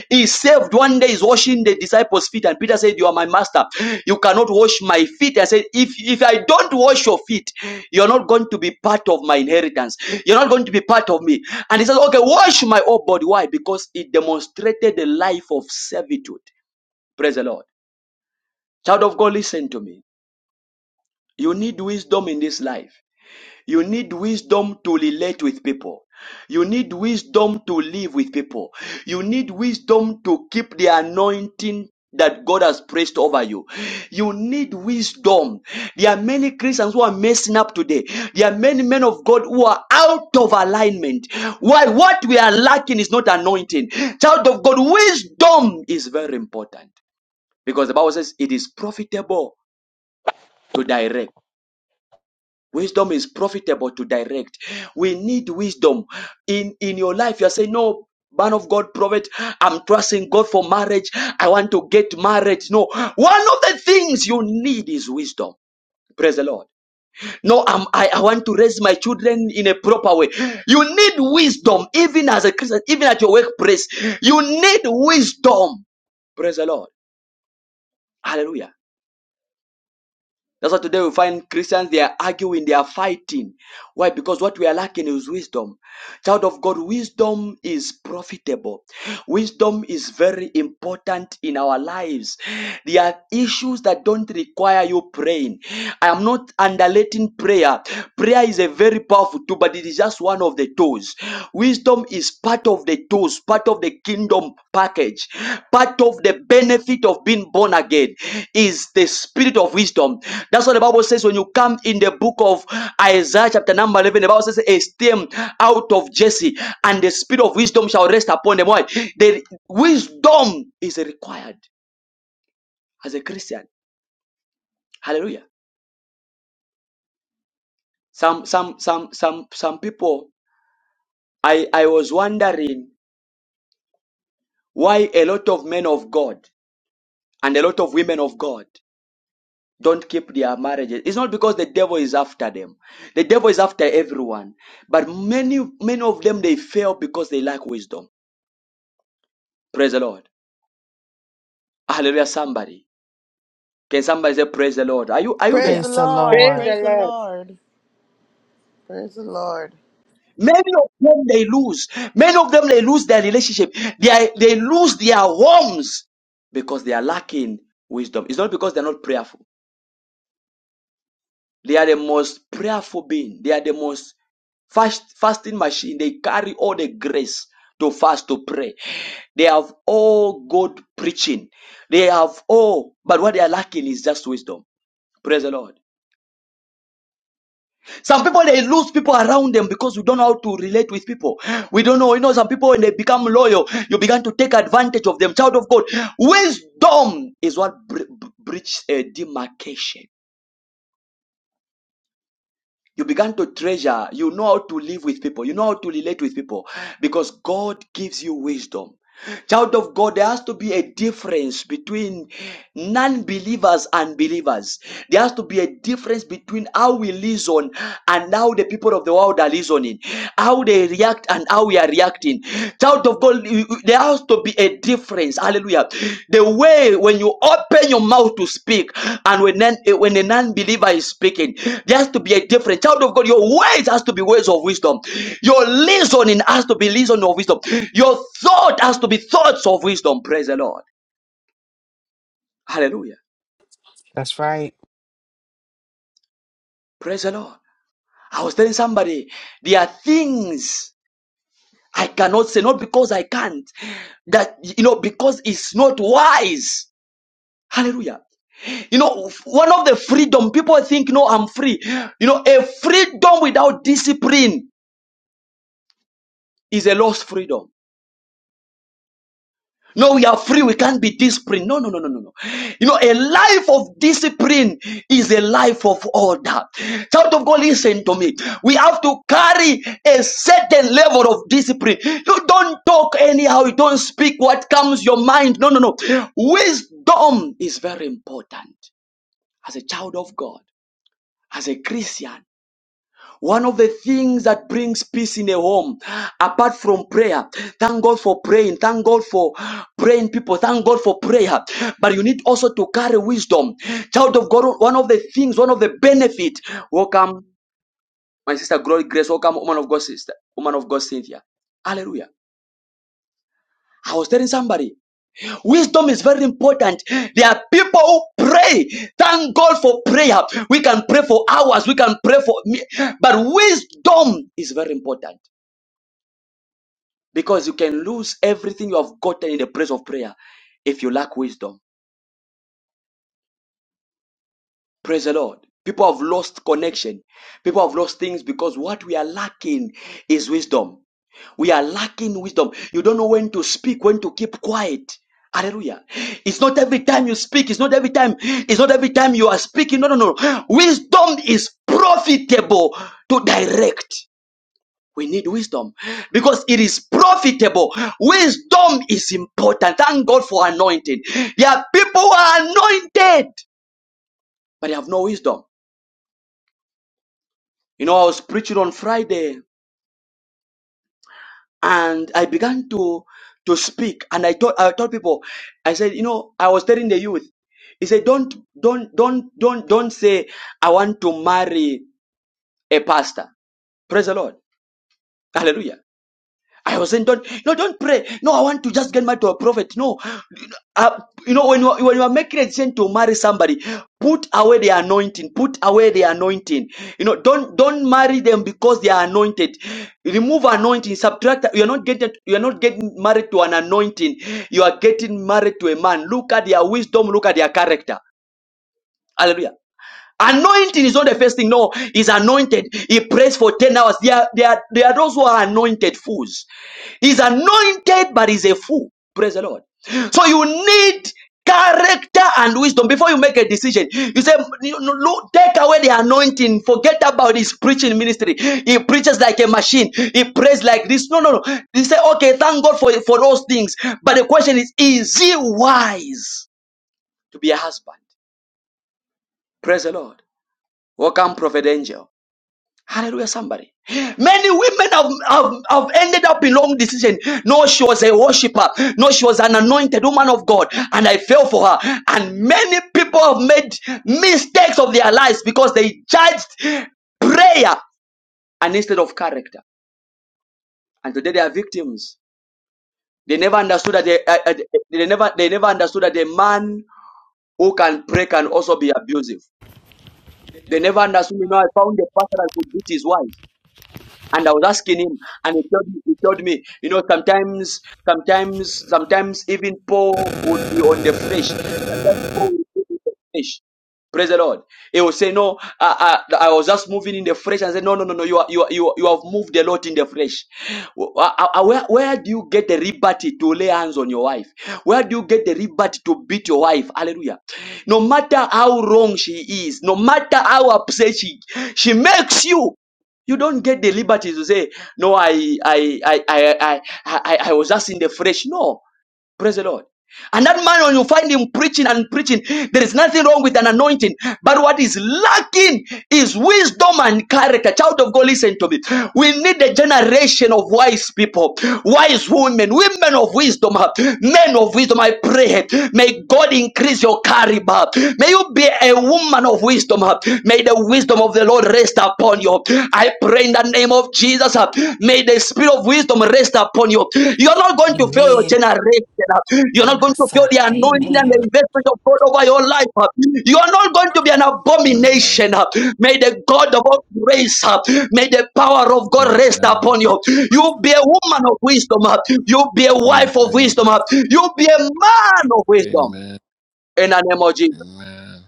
[SPEAKER 1] He saved one day, he's washing the disciples' feet, and Peter said, You are my master. You cannot wash my feet. I said, If if I don't wash your feet, you're not going to be part of my inheritance. You're not going to be part of me. And he says, Okay, wash my whole body. Why? Because it demonstrated the life of servitude. Praise the Lord. Child of God, listen to me. You need wisdom in this life. You need wisdom to relate with people. You need wisdom to live with people. You need wisdom to keep the anointing that God has placed over you. You need wisdom. There are many Christians who are messing up today. There are many men of God who are out of alignment. Why? What we are lacking is not anointing. Child of God, wisdom is very important because the Bible says it is profitable to direct. Wisdom is profitable to direct. We need wisdom in in your life. You're saying, no, man of God, prophet, I'm trusting God for marriage. I want to get married. No, one of the things you need is wisdom. Praise the Lord. No, I'm, I, I want to raise my children in a proper way. You need wisdom, even as a Christian, even at your workplace. You need wisdom. Praise the Lord. Hallelujah. That's why today we find Christians, they are arguing, they are fighting. Why? Because what we are lacking is wisdom. Child of God, wisdom is profitable. Wisdom is very important in our lives. There are issues that don't require you praying. I am not underrating prayer. Prayer is a very powerful tool, but it is just one of the tools. Wisdom is part of of the tools, part of the kingdom package, part of the benefit of being born again is the spirit of wisdom. That's what the Bible says when you come in the book of Isaiah, chapter number 11. The Bible says, A stem out of Jesse, and the spirit of wisdom shall rest upon them. Why? The wisdom is required as a Christian. Hallelujah. Some some some some some people I, I was wondering why a lot of men of God and a lot of women of God don't keep their marriages. It's not because the devil is after them. The devil is after everyone. But many, many of them, they fail because they lack wisdom. Praise the Lord. Hallelujah, somebody. Can somebody say, praise the Lord? Are you, are you
[SPEAKER 12] Praise
[SPEAKER 1] there?
[SPEAKER 12] the
[SPEAKER 3] Praise the
[SPEAKER 12] Lord.
[SPEAKER 13] Praise
[SPEAKER 3] Lord.
[SPEAKER 13] the
[SPEAKER 12] Praise the
[SPEAKER 13] Lord.
[SPEAKER 12] Lord. Praise the Lord.
[SPEAKER 1] Many of them, they lose. Many of them, they lose their relationship. They, are- they lose their homes because they are lacking wisdom. It's not because they're not prayerful. They are the most prayerful being. They are the most fast, fasting machine. They carry all the grace to fast to pray. They have all good preaching. They have all, but what they are lacking is just wisdom. Praise the Lord. Some people they lose people around them because we don't know how to relate with people. We don't know. You know, some people when they become loyal, you begin to take advantage of them. Child of God, wisdom is what breaches a demarcation. You began to treasure. You know how to live with people. You know how to relate with people because God gives you wisdom. Child of God, there has to be a difference between non believers and believers. There has to be a difference between how we reason and how the people of the world are reasoning, how they react and how we are reacting. Child of God, you- you- there has to be a difference. Hallelujah. The way when you open your mouth to speak and when an, eh, when a non-believer is speaking, there has to be a difference. Child of God, your words has to be words of wisdom. Your listening has to be listening of wisdom. Your thought has to be thoughts of wisdom. Praise the Lord. Hallelujah.
[SPEAKER 3] That's right.
[SPEAKER 1] Praise the Lord. I was telling somebody, there are things I cannot say, not because I can't, that, you know, because it's not wise. Hallelujah. You know, one of the freedom people think, no, I'm free. You know, a freedom without discipline is a lost freedom. No, we are free. We can't be disciplined. No, no, no, no, no, no. You know, a life of discipline is a life of order. Child of God, listen to me. We have to carry a certain level of discipline. You don't talk anyhow. You don't speak what comes your mind. No, no, no. Wisdom is very important as a child of God, as a Christian. One of the things that brings peace in a home, apart from prayer, thank God for praying, thank God for praying people, thank God for prayer. But you need also to carry wisdom. Child of God, one of the things, one of the benefit. Welcome, my sister Glory Grace. Welcome, woman of God, sister, woman of God, Cynthia. Hallelujah. I was telling somebody, wisdom is very important. There are people who pray. Thank God for prayer. We can pray for hours. We can pray for me. But wisdom is very important. Because you can lose everything you have gotten in the place of prayer if you lack wisdom. Praise the Lord. People have lost connection. People have lost things because what we are lacking is wisdom. We are lacking wisdom. You don't know when to speak, when to keep quiet. Hallelujah. It's not every time you speak. It's not every time. It's not every time you are speaking. No, no, no. Wisdom is profitable to direct. We need wisdom because it is profitable. Wisdom is important. Thank God for anointing. There are people who are anointed, but they have no wisdom. You know, I was preaching on Friday and I began to to speak and I told I told people, I said, you know, I was telling the youth, he said, Don't don't don't don't don't say I want to marry a pastor. Praise the Lord. Hallelujah. I was saying, don't, no, don't pray. No, I want to just get married to a prophet. No, uh, you know, when you, are, when you are making a decision to marry somebody, put away the anointing. Put away the anointing. You know, don't don't marry them because they are anointed. Remove anointing. Subtract. You are not getting. You are not getting married to an anointing. You are getting married to a man. Look at their wisdom. Look at their character. Hallelujah. Anointing is not the first thing. No, he's anointed. He prays for 10 hours. There are, there are, there are those who are anointed fools. He's anointed, but he's a fool. Praise the Lord. So you need character and wisdom before you make a decision. You say, you know, look, take away the anointing. Forget about his preaching ministry. He preaches like a machine. He prays like this. No, no, no. You say, okay, thank God for, for those things. But the question is, is he wise to be a husband? Praise the Lord. Welcome, Prophet Angel. Hallelujah, somebody. Many women have, have, have ended up in wrong decision. No, she was a worshiper. No, she was an anointed woman of God. And I fell for her. And many people have made mistakes of their lives because they judged prayer and instead of character. And today they are victims. They never understood that they, uh, uh, they never they never understood that a man who can pray can also be abusive. They never understood. You know, I found a pastor that could beat his wife. And I was asking him, and he told me, he told me you know, sometimes, sometimes, sometimes even Paul would be on the flesh. Sometimes Paul would be on the flesh. Praise the Lord. He will say, "No, I, I, I was just moving in the flesh." and say, "No, no, no, no. You are, you are, you, are- you have moved a lot in the flesh. Wh- I- I- Where, where do you get the liberty to lay hands on your wife? Where do you get the liberty to beat your wife? Hallelujah. No matter how wrong she is, no matter how upset she, she makes you. You don't get the liberty to say, no, I, I, I, I, I, I, I I was just in the flesh. No, praise the Lord. And that man, when you find him preaching and preaching, there is nothing wrong with an anointing. But what is lacking is wisdom and character. Child of God, listen to me. We need a generation of wise people, wise women, women of wisdom, men of wisdom. I pray. May God increase your caliber. May you be a woman of wisdom. May the wisdom of the Lord rest upon you. I pray in the name of Jesus. uh, May the spirit of wisdom rest upon you. You're not going to fail
[SPEAKER 11] Amen.
[SPEAKER 1] your
[SPEAKER 3] Amen.
[SPEAKER 1] generation. uh, You're
[SPEAKER 3] I'm
[SPEAKER 1] not going to fail the
[SPEAKER 3] outside.
[SPEAKER 1] anointing and the
[SPEAKER 3] Amen.
[SPEAKER 11] Amen.
[SPEAKER 1] investment of God over your life. uh, You are not going to be an
[SPEAKER 11] Amen.
[SPEAKER 1] abomination. uh, May the God of all grace, uh, may the power of God rest
[SPEAKER 11] Amen.
[SPEAKER 1] upon you. You will be a woman of wisdom. You'll be a wife of
[SPEAKER 11] Amen.
[SPEAKER 1] wisdom. You'll be a man of wisdom.
[SPEAKER 11] Amen.
[SPEAKER 1] In the name of Jesus.
[SPEAKER 11] Amen.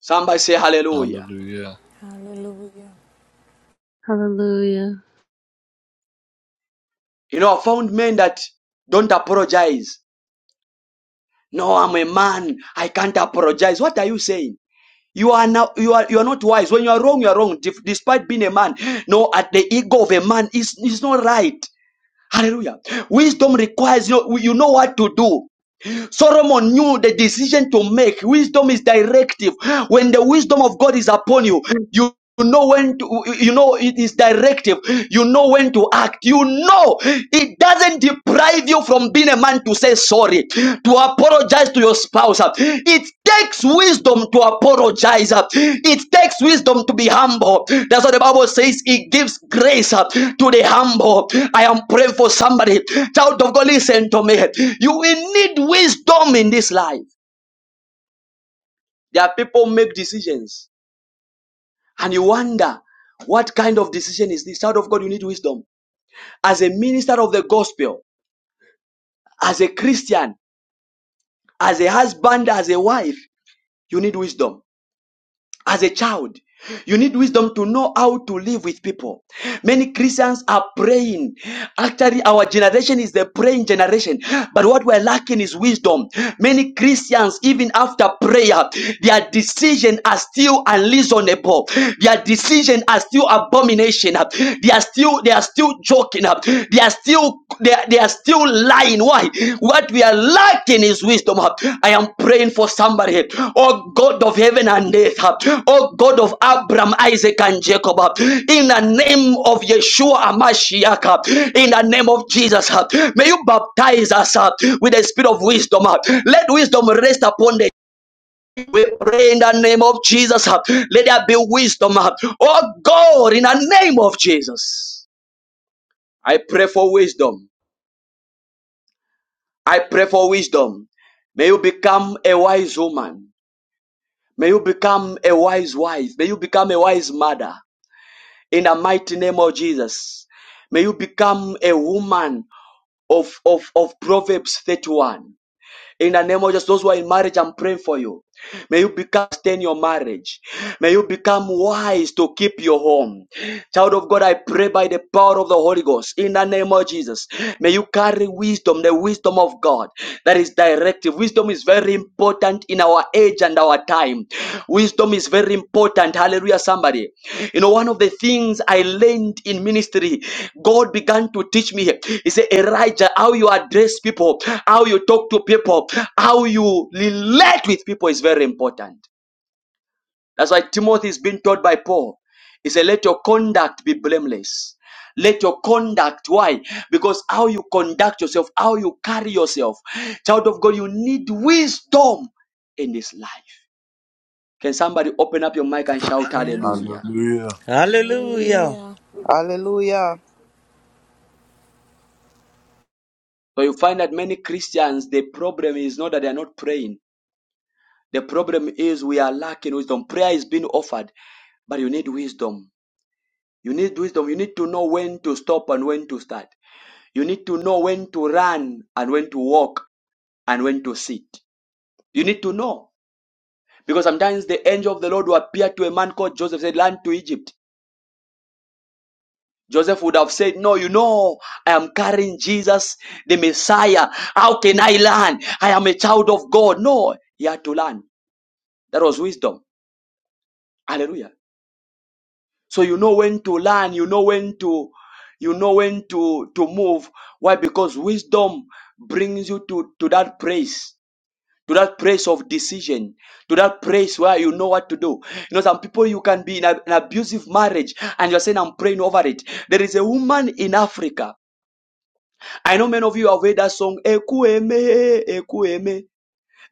[SPEAKER 1] Somebody say hallelujah.
[SPEAKER 11] Hallelujah.
[SPEAKER 8] Hallelujah.
[SPEAKER 14] Hallelujah.
[SPEAKER 1] You know, I found men that don't apologize No, I'm a man. I can't apologize. What are you saying? You are now you are you are not wise. When you are wrong, you are wrong. Def- Despite being a man, no, at the ego of a man is is not right. Hallelujah. Wisdom requires you know, you know what to do. Solomon knew the decision to make. Wisdom is directive. When the wisdom of God is upon you, you you know when to, you know it is directive. You know when to act. You know it doesn't deprive you from being a man to say sorry, to apologize to your spouse. It takes wisdom to apologize. It takes wisdom to be humble. That's what the Bible says. It gives grace to the humble. I am praying for somebody. Child of God, listen to me. You will need wisdom in this life. There are people who make decisions and you wonder what kind of decision is this? Child of God, you need wisdom. As a minister of the gospel, as a Christian, as a husband, as a wife, you need wisdom. as a child. You need wisdom to know how to live with people. Many Christians are praying. Actually, our generation is the praying generation. But what we're lacking is wisdom. Many Christians, even after prayer, their decisions are still unreasonable. Their decisions are still abomination. They are still they are still joking. They are still they are, they are still lying. Why? What we are lacking is wisdom. I am praying for somebody. Oh God of heaven and earth. Oh God of Abraham, Isaac, and Jacob. In the name of Yeshua Amashiach. In the name of Jesus. May you baptize us with the spirit of wisdom. Let wisdom rest upon the we pray in the name of Jesus. Let there be wisdom. Oh God, in the name of Jesus. I pray for wisdom. I pray for wisdom. May you become a wise woman. May you become a wise wife. May you become a wise mother. In the mighty name of Jesus. May you become a woman of, of, of Proverbs 31. In the name of Jesus, those who are in marriage, I'm praying for you. May you become stay in your marriage. May you become wise to keep your home. Child of God, I pray by the power of the Holy Ghost. In the name of Jesus, may you carry wisdom, the wisdom of God that is directive. Wisdom is very important in our age and our time. Wisdom is very important. Hallelujah, somebody. You know, one of the things I learned in ministry, God began to teach me. He said, Elijah, how you address people, how you talk to people, how you relate with people is very important. That's why Timothy is being taught by Paul. He said, Let your conduct be blameless. Let your conduct, why? Because how you conduct yourself, how you carry yourself, child of God, you need wisdom in this life. Can somebody open up your mic and shout hallelujah?
[SPEAKER 11] Hallelujah.
[SPEAKER 15] Hallelujah.
[SPEAKER 8] Hallelujah.
[SPEAKER 12] Hallelujah.
[SPEAKER 1] So you find that many Christians, the problem is not that they are not praying. The problem is we are lacking wisdom. Prayer is being offered, but you need wisdom. You need wisdom. You need to know when to stop and when to start. You need to know when to run and when to walk and when to sit. You need to know. Because sometimes the angel of the Lord will appear to a man called Joseph, said, Land to Egypt. Joseph would have said, No, you know, I am carrying Jesus, the Messiah. How can I learn? I am a child of God. No, he had to learn. That was wisdom. Hallelujah. So you know when to learn, you know when to you know when to to move. Why? Because wisdom brings you to, to that place, to that place of decision, to that place where you know what to do. You know, some people you can be in a- an abusive marriage and you're saying, I'm praying over it. There is a woman in Africa I know many of you have heard that song, Ekueme, Ekueme.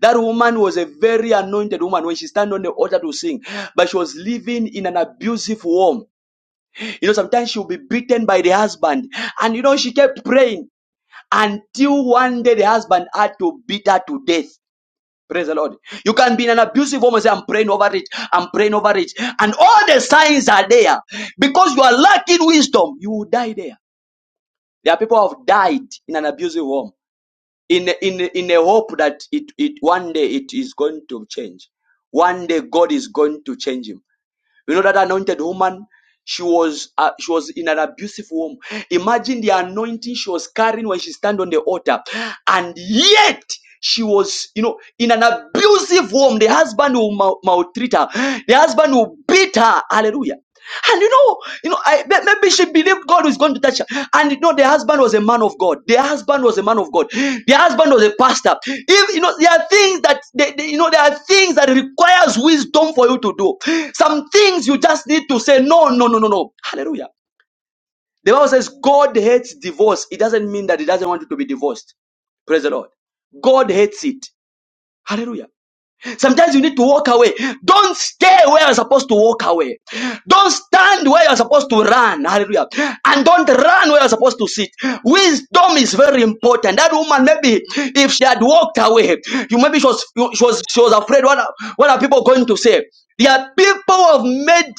[SPEAKER 1] That woman was a very anointed woman when she stand on the altar to sing, but she was living in an abusive home. You know, sometimes she'll be beaten by the husband. And you know, she kept praying until one day the husband had to beat her to death. Praise the Lord. You can be in an abusive home and say, I'm praying over it. I'm praying over it. And all the signs are there. Because you are lacking wisdom, you will die there. There are people who have died in an abusive home. in in in a hope that it it one day it is going to change one day god is going to change him you know that anointed woman she was uh, she was in an abusive womb imagine the anointing she was carrying when she stand on the altar and yet she was you know in an abusive womb the husband will mal- maltreat her the husband will beat her hallelujah and you know, you know, I, may- maybe she believed God was going to touch her. And you know, the husband was a man of God. The husband was a man of God. The husband was a pastor. If you know, there are things that they, they- you know, there are things that requires wisdom for you to do. Some things you just need to say no, no, no, no, no. Hallelujah. The Bible says God hates divorce. It doesn't mean that He doesn't want you to be divorced. Praise the Lord. God hates it. Hallelujah. Sometimes you need to walk away. Don't stay where you're supposed to walk away. Don't stand where you're supposed to run. Hallelujah. And don't run where you're supposed to sit. Wisdom is very important. That woman, maybe if she had walked away, you maybe she was she was she was afraid. What are, what are people going to say? There are people who have made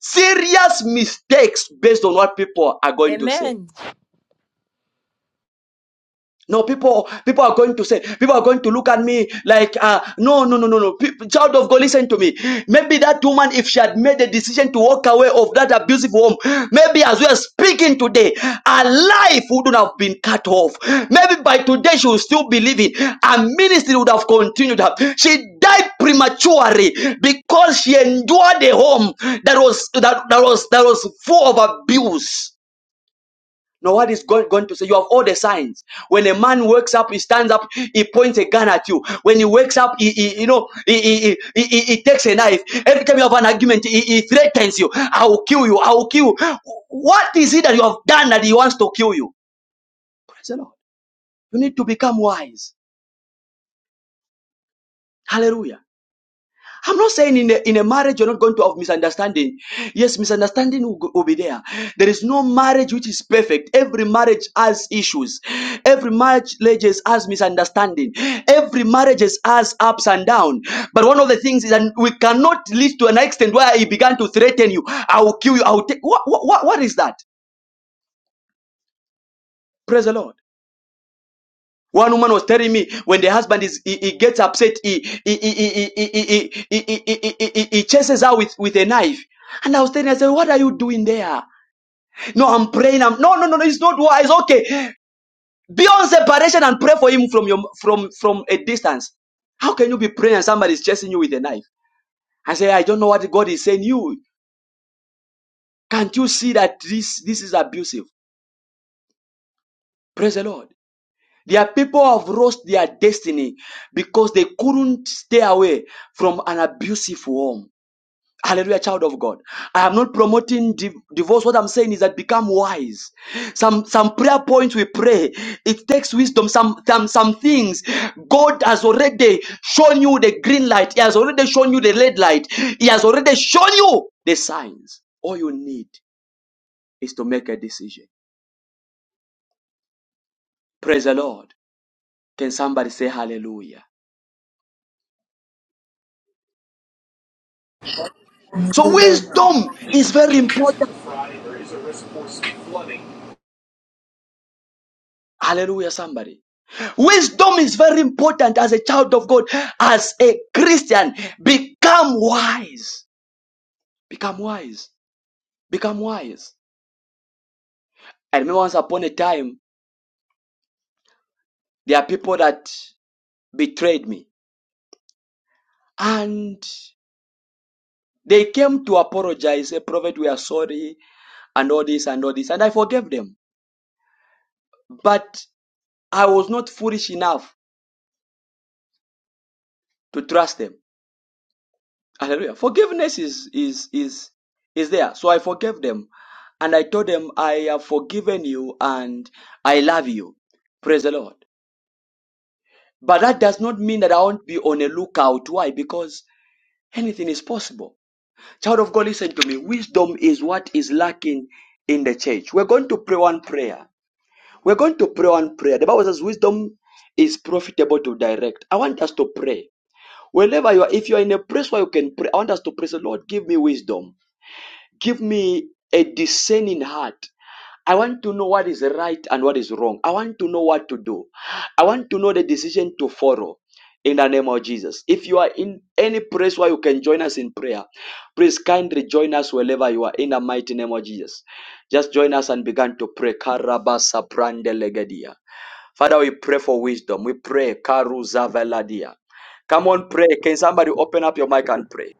[SPEAKER 1] serious mistakes based on what people are going to say.
[SPEAKER 16] Amen.
[SPEAKER 1] No, people, people are going to say, people are going to look at me like, uh, no, no, no, no, no. Pe- child of God, listen to me. Maybe that woman, if she had made a decision to walk away of that abusive home, maybe as we are speaking today, her life wouldn't have been cut off. Maybe by today she would still be living. Her ministry would have continued. She died prematurely because she endured a home that was that, that was that was full of abuse. No, what is God going to say? You have all the signs. When a man wakes up, he stands up, he points a gun at you. When he wakes up, he, he you know, he, he, he, he, he takes a knife. Every time you have an argument, he, he threatens you. I will kill you. I will kill you. What is it that you have done that he wants to kill you? Praise the Lord. You need to become wise. Hallelujah. I'm not saying in a, in a marriage you're not going to have misunderstanding. Yes, misunderstanding will, go- will be there. There is no marriage which is perfect. Every marriage has issues. Every marriage has misunderstanding. Every marriage has ups and downs. But one of the things is that we cannot lead to an extent where he began to threaten you. I will kill you. I will take. What, what, what is that? Praise the Lord. One woman was telling me when the husband is he, he gets upset, he he he he he he, he, he, he, he, he he chases her with, with a knife. And I was telling her, I said, What are you doing there? No, I'm praying. I'm no no no no, it's not wise. Okay. Be on separation and pray for him from your from from a distance. How can you be praying and somebody is chasing you with a knife? I say, I don't know what God is saying. You can't you see that this this is abusive? Praise the Lord. Their people have lost their destiny because they couldn't stay away from an abusive home. Hallelujah, child of God. I am not promoting div- divorce. What I'm saying is that become wise. Some some prayer points we pray. It takes wisdom. Some some some things God has already shown you the green light. He has already shown you the red light. He has already shown you the signs. All you need is to make a decision. Praise the Lord. Can somebody say hallelujah? So
[SPEAKER 12] Hallelujah.
[SPEAKER 1] wisdom is very important. Hallelujah, somebody. Wisdom is very important as a child of God, as a Christian. Become wise. Become wise. Become wise. I remember once upon a time, there are people that betrayed me. And they came to apologize, say, Prophet, we are sorry, and all this and all this. And I forgave them. But I was not foolish enough to trust them. Hallelujah. Forgiveness is is is is there. So I forgave them and I told them I have forgiven you and I love you. Praise the Lord. But that does not mean that I won't be on a lookout. Why? Because anything is possible. Child of God, listen to me. Wisdom is what is lacking in the church. We're going to pray one prayer. We're going to pray one prayer. The Bible says wisdom is profitable to direct. I want us to pray. Wherever you are, if you are in a place where you can pray, I want us to pray. Say, Lord, give me wisdom. Give me a discerning heart. I want to know what is right and what is wrong. I want to know what to do. I want to know the decision to follow in the name of Jesus. If you are in any place where you can join us in prayer, please kindly join us wherever you are in the mighty name of Jesus. Just join us and begin to pray. Karabasa prande legedia. Father, we pray for wisdom. We pray. Karuza veladia. Come on, pray. Can somebody open up your mic and pray?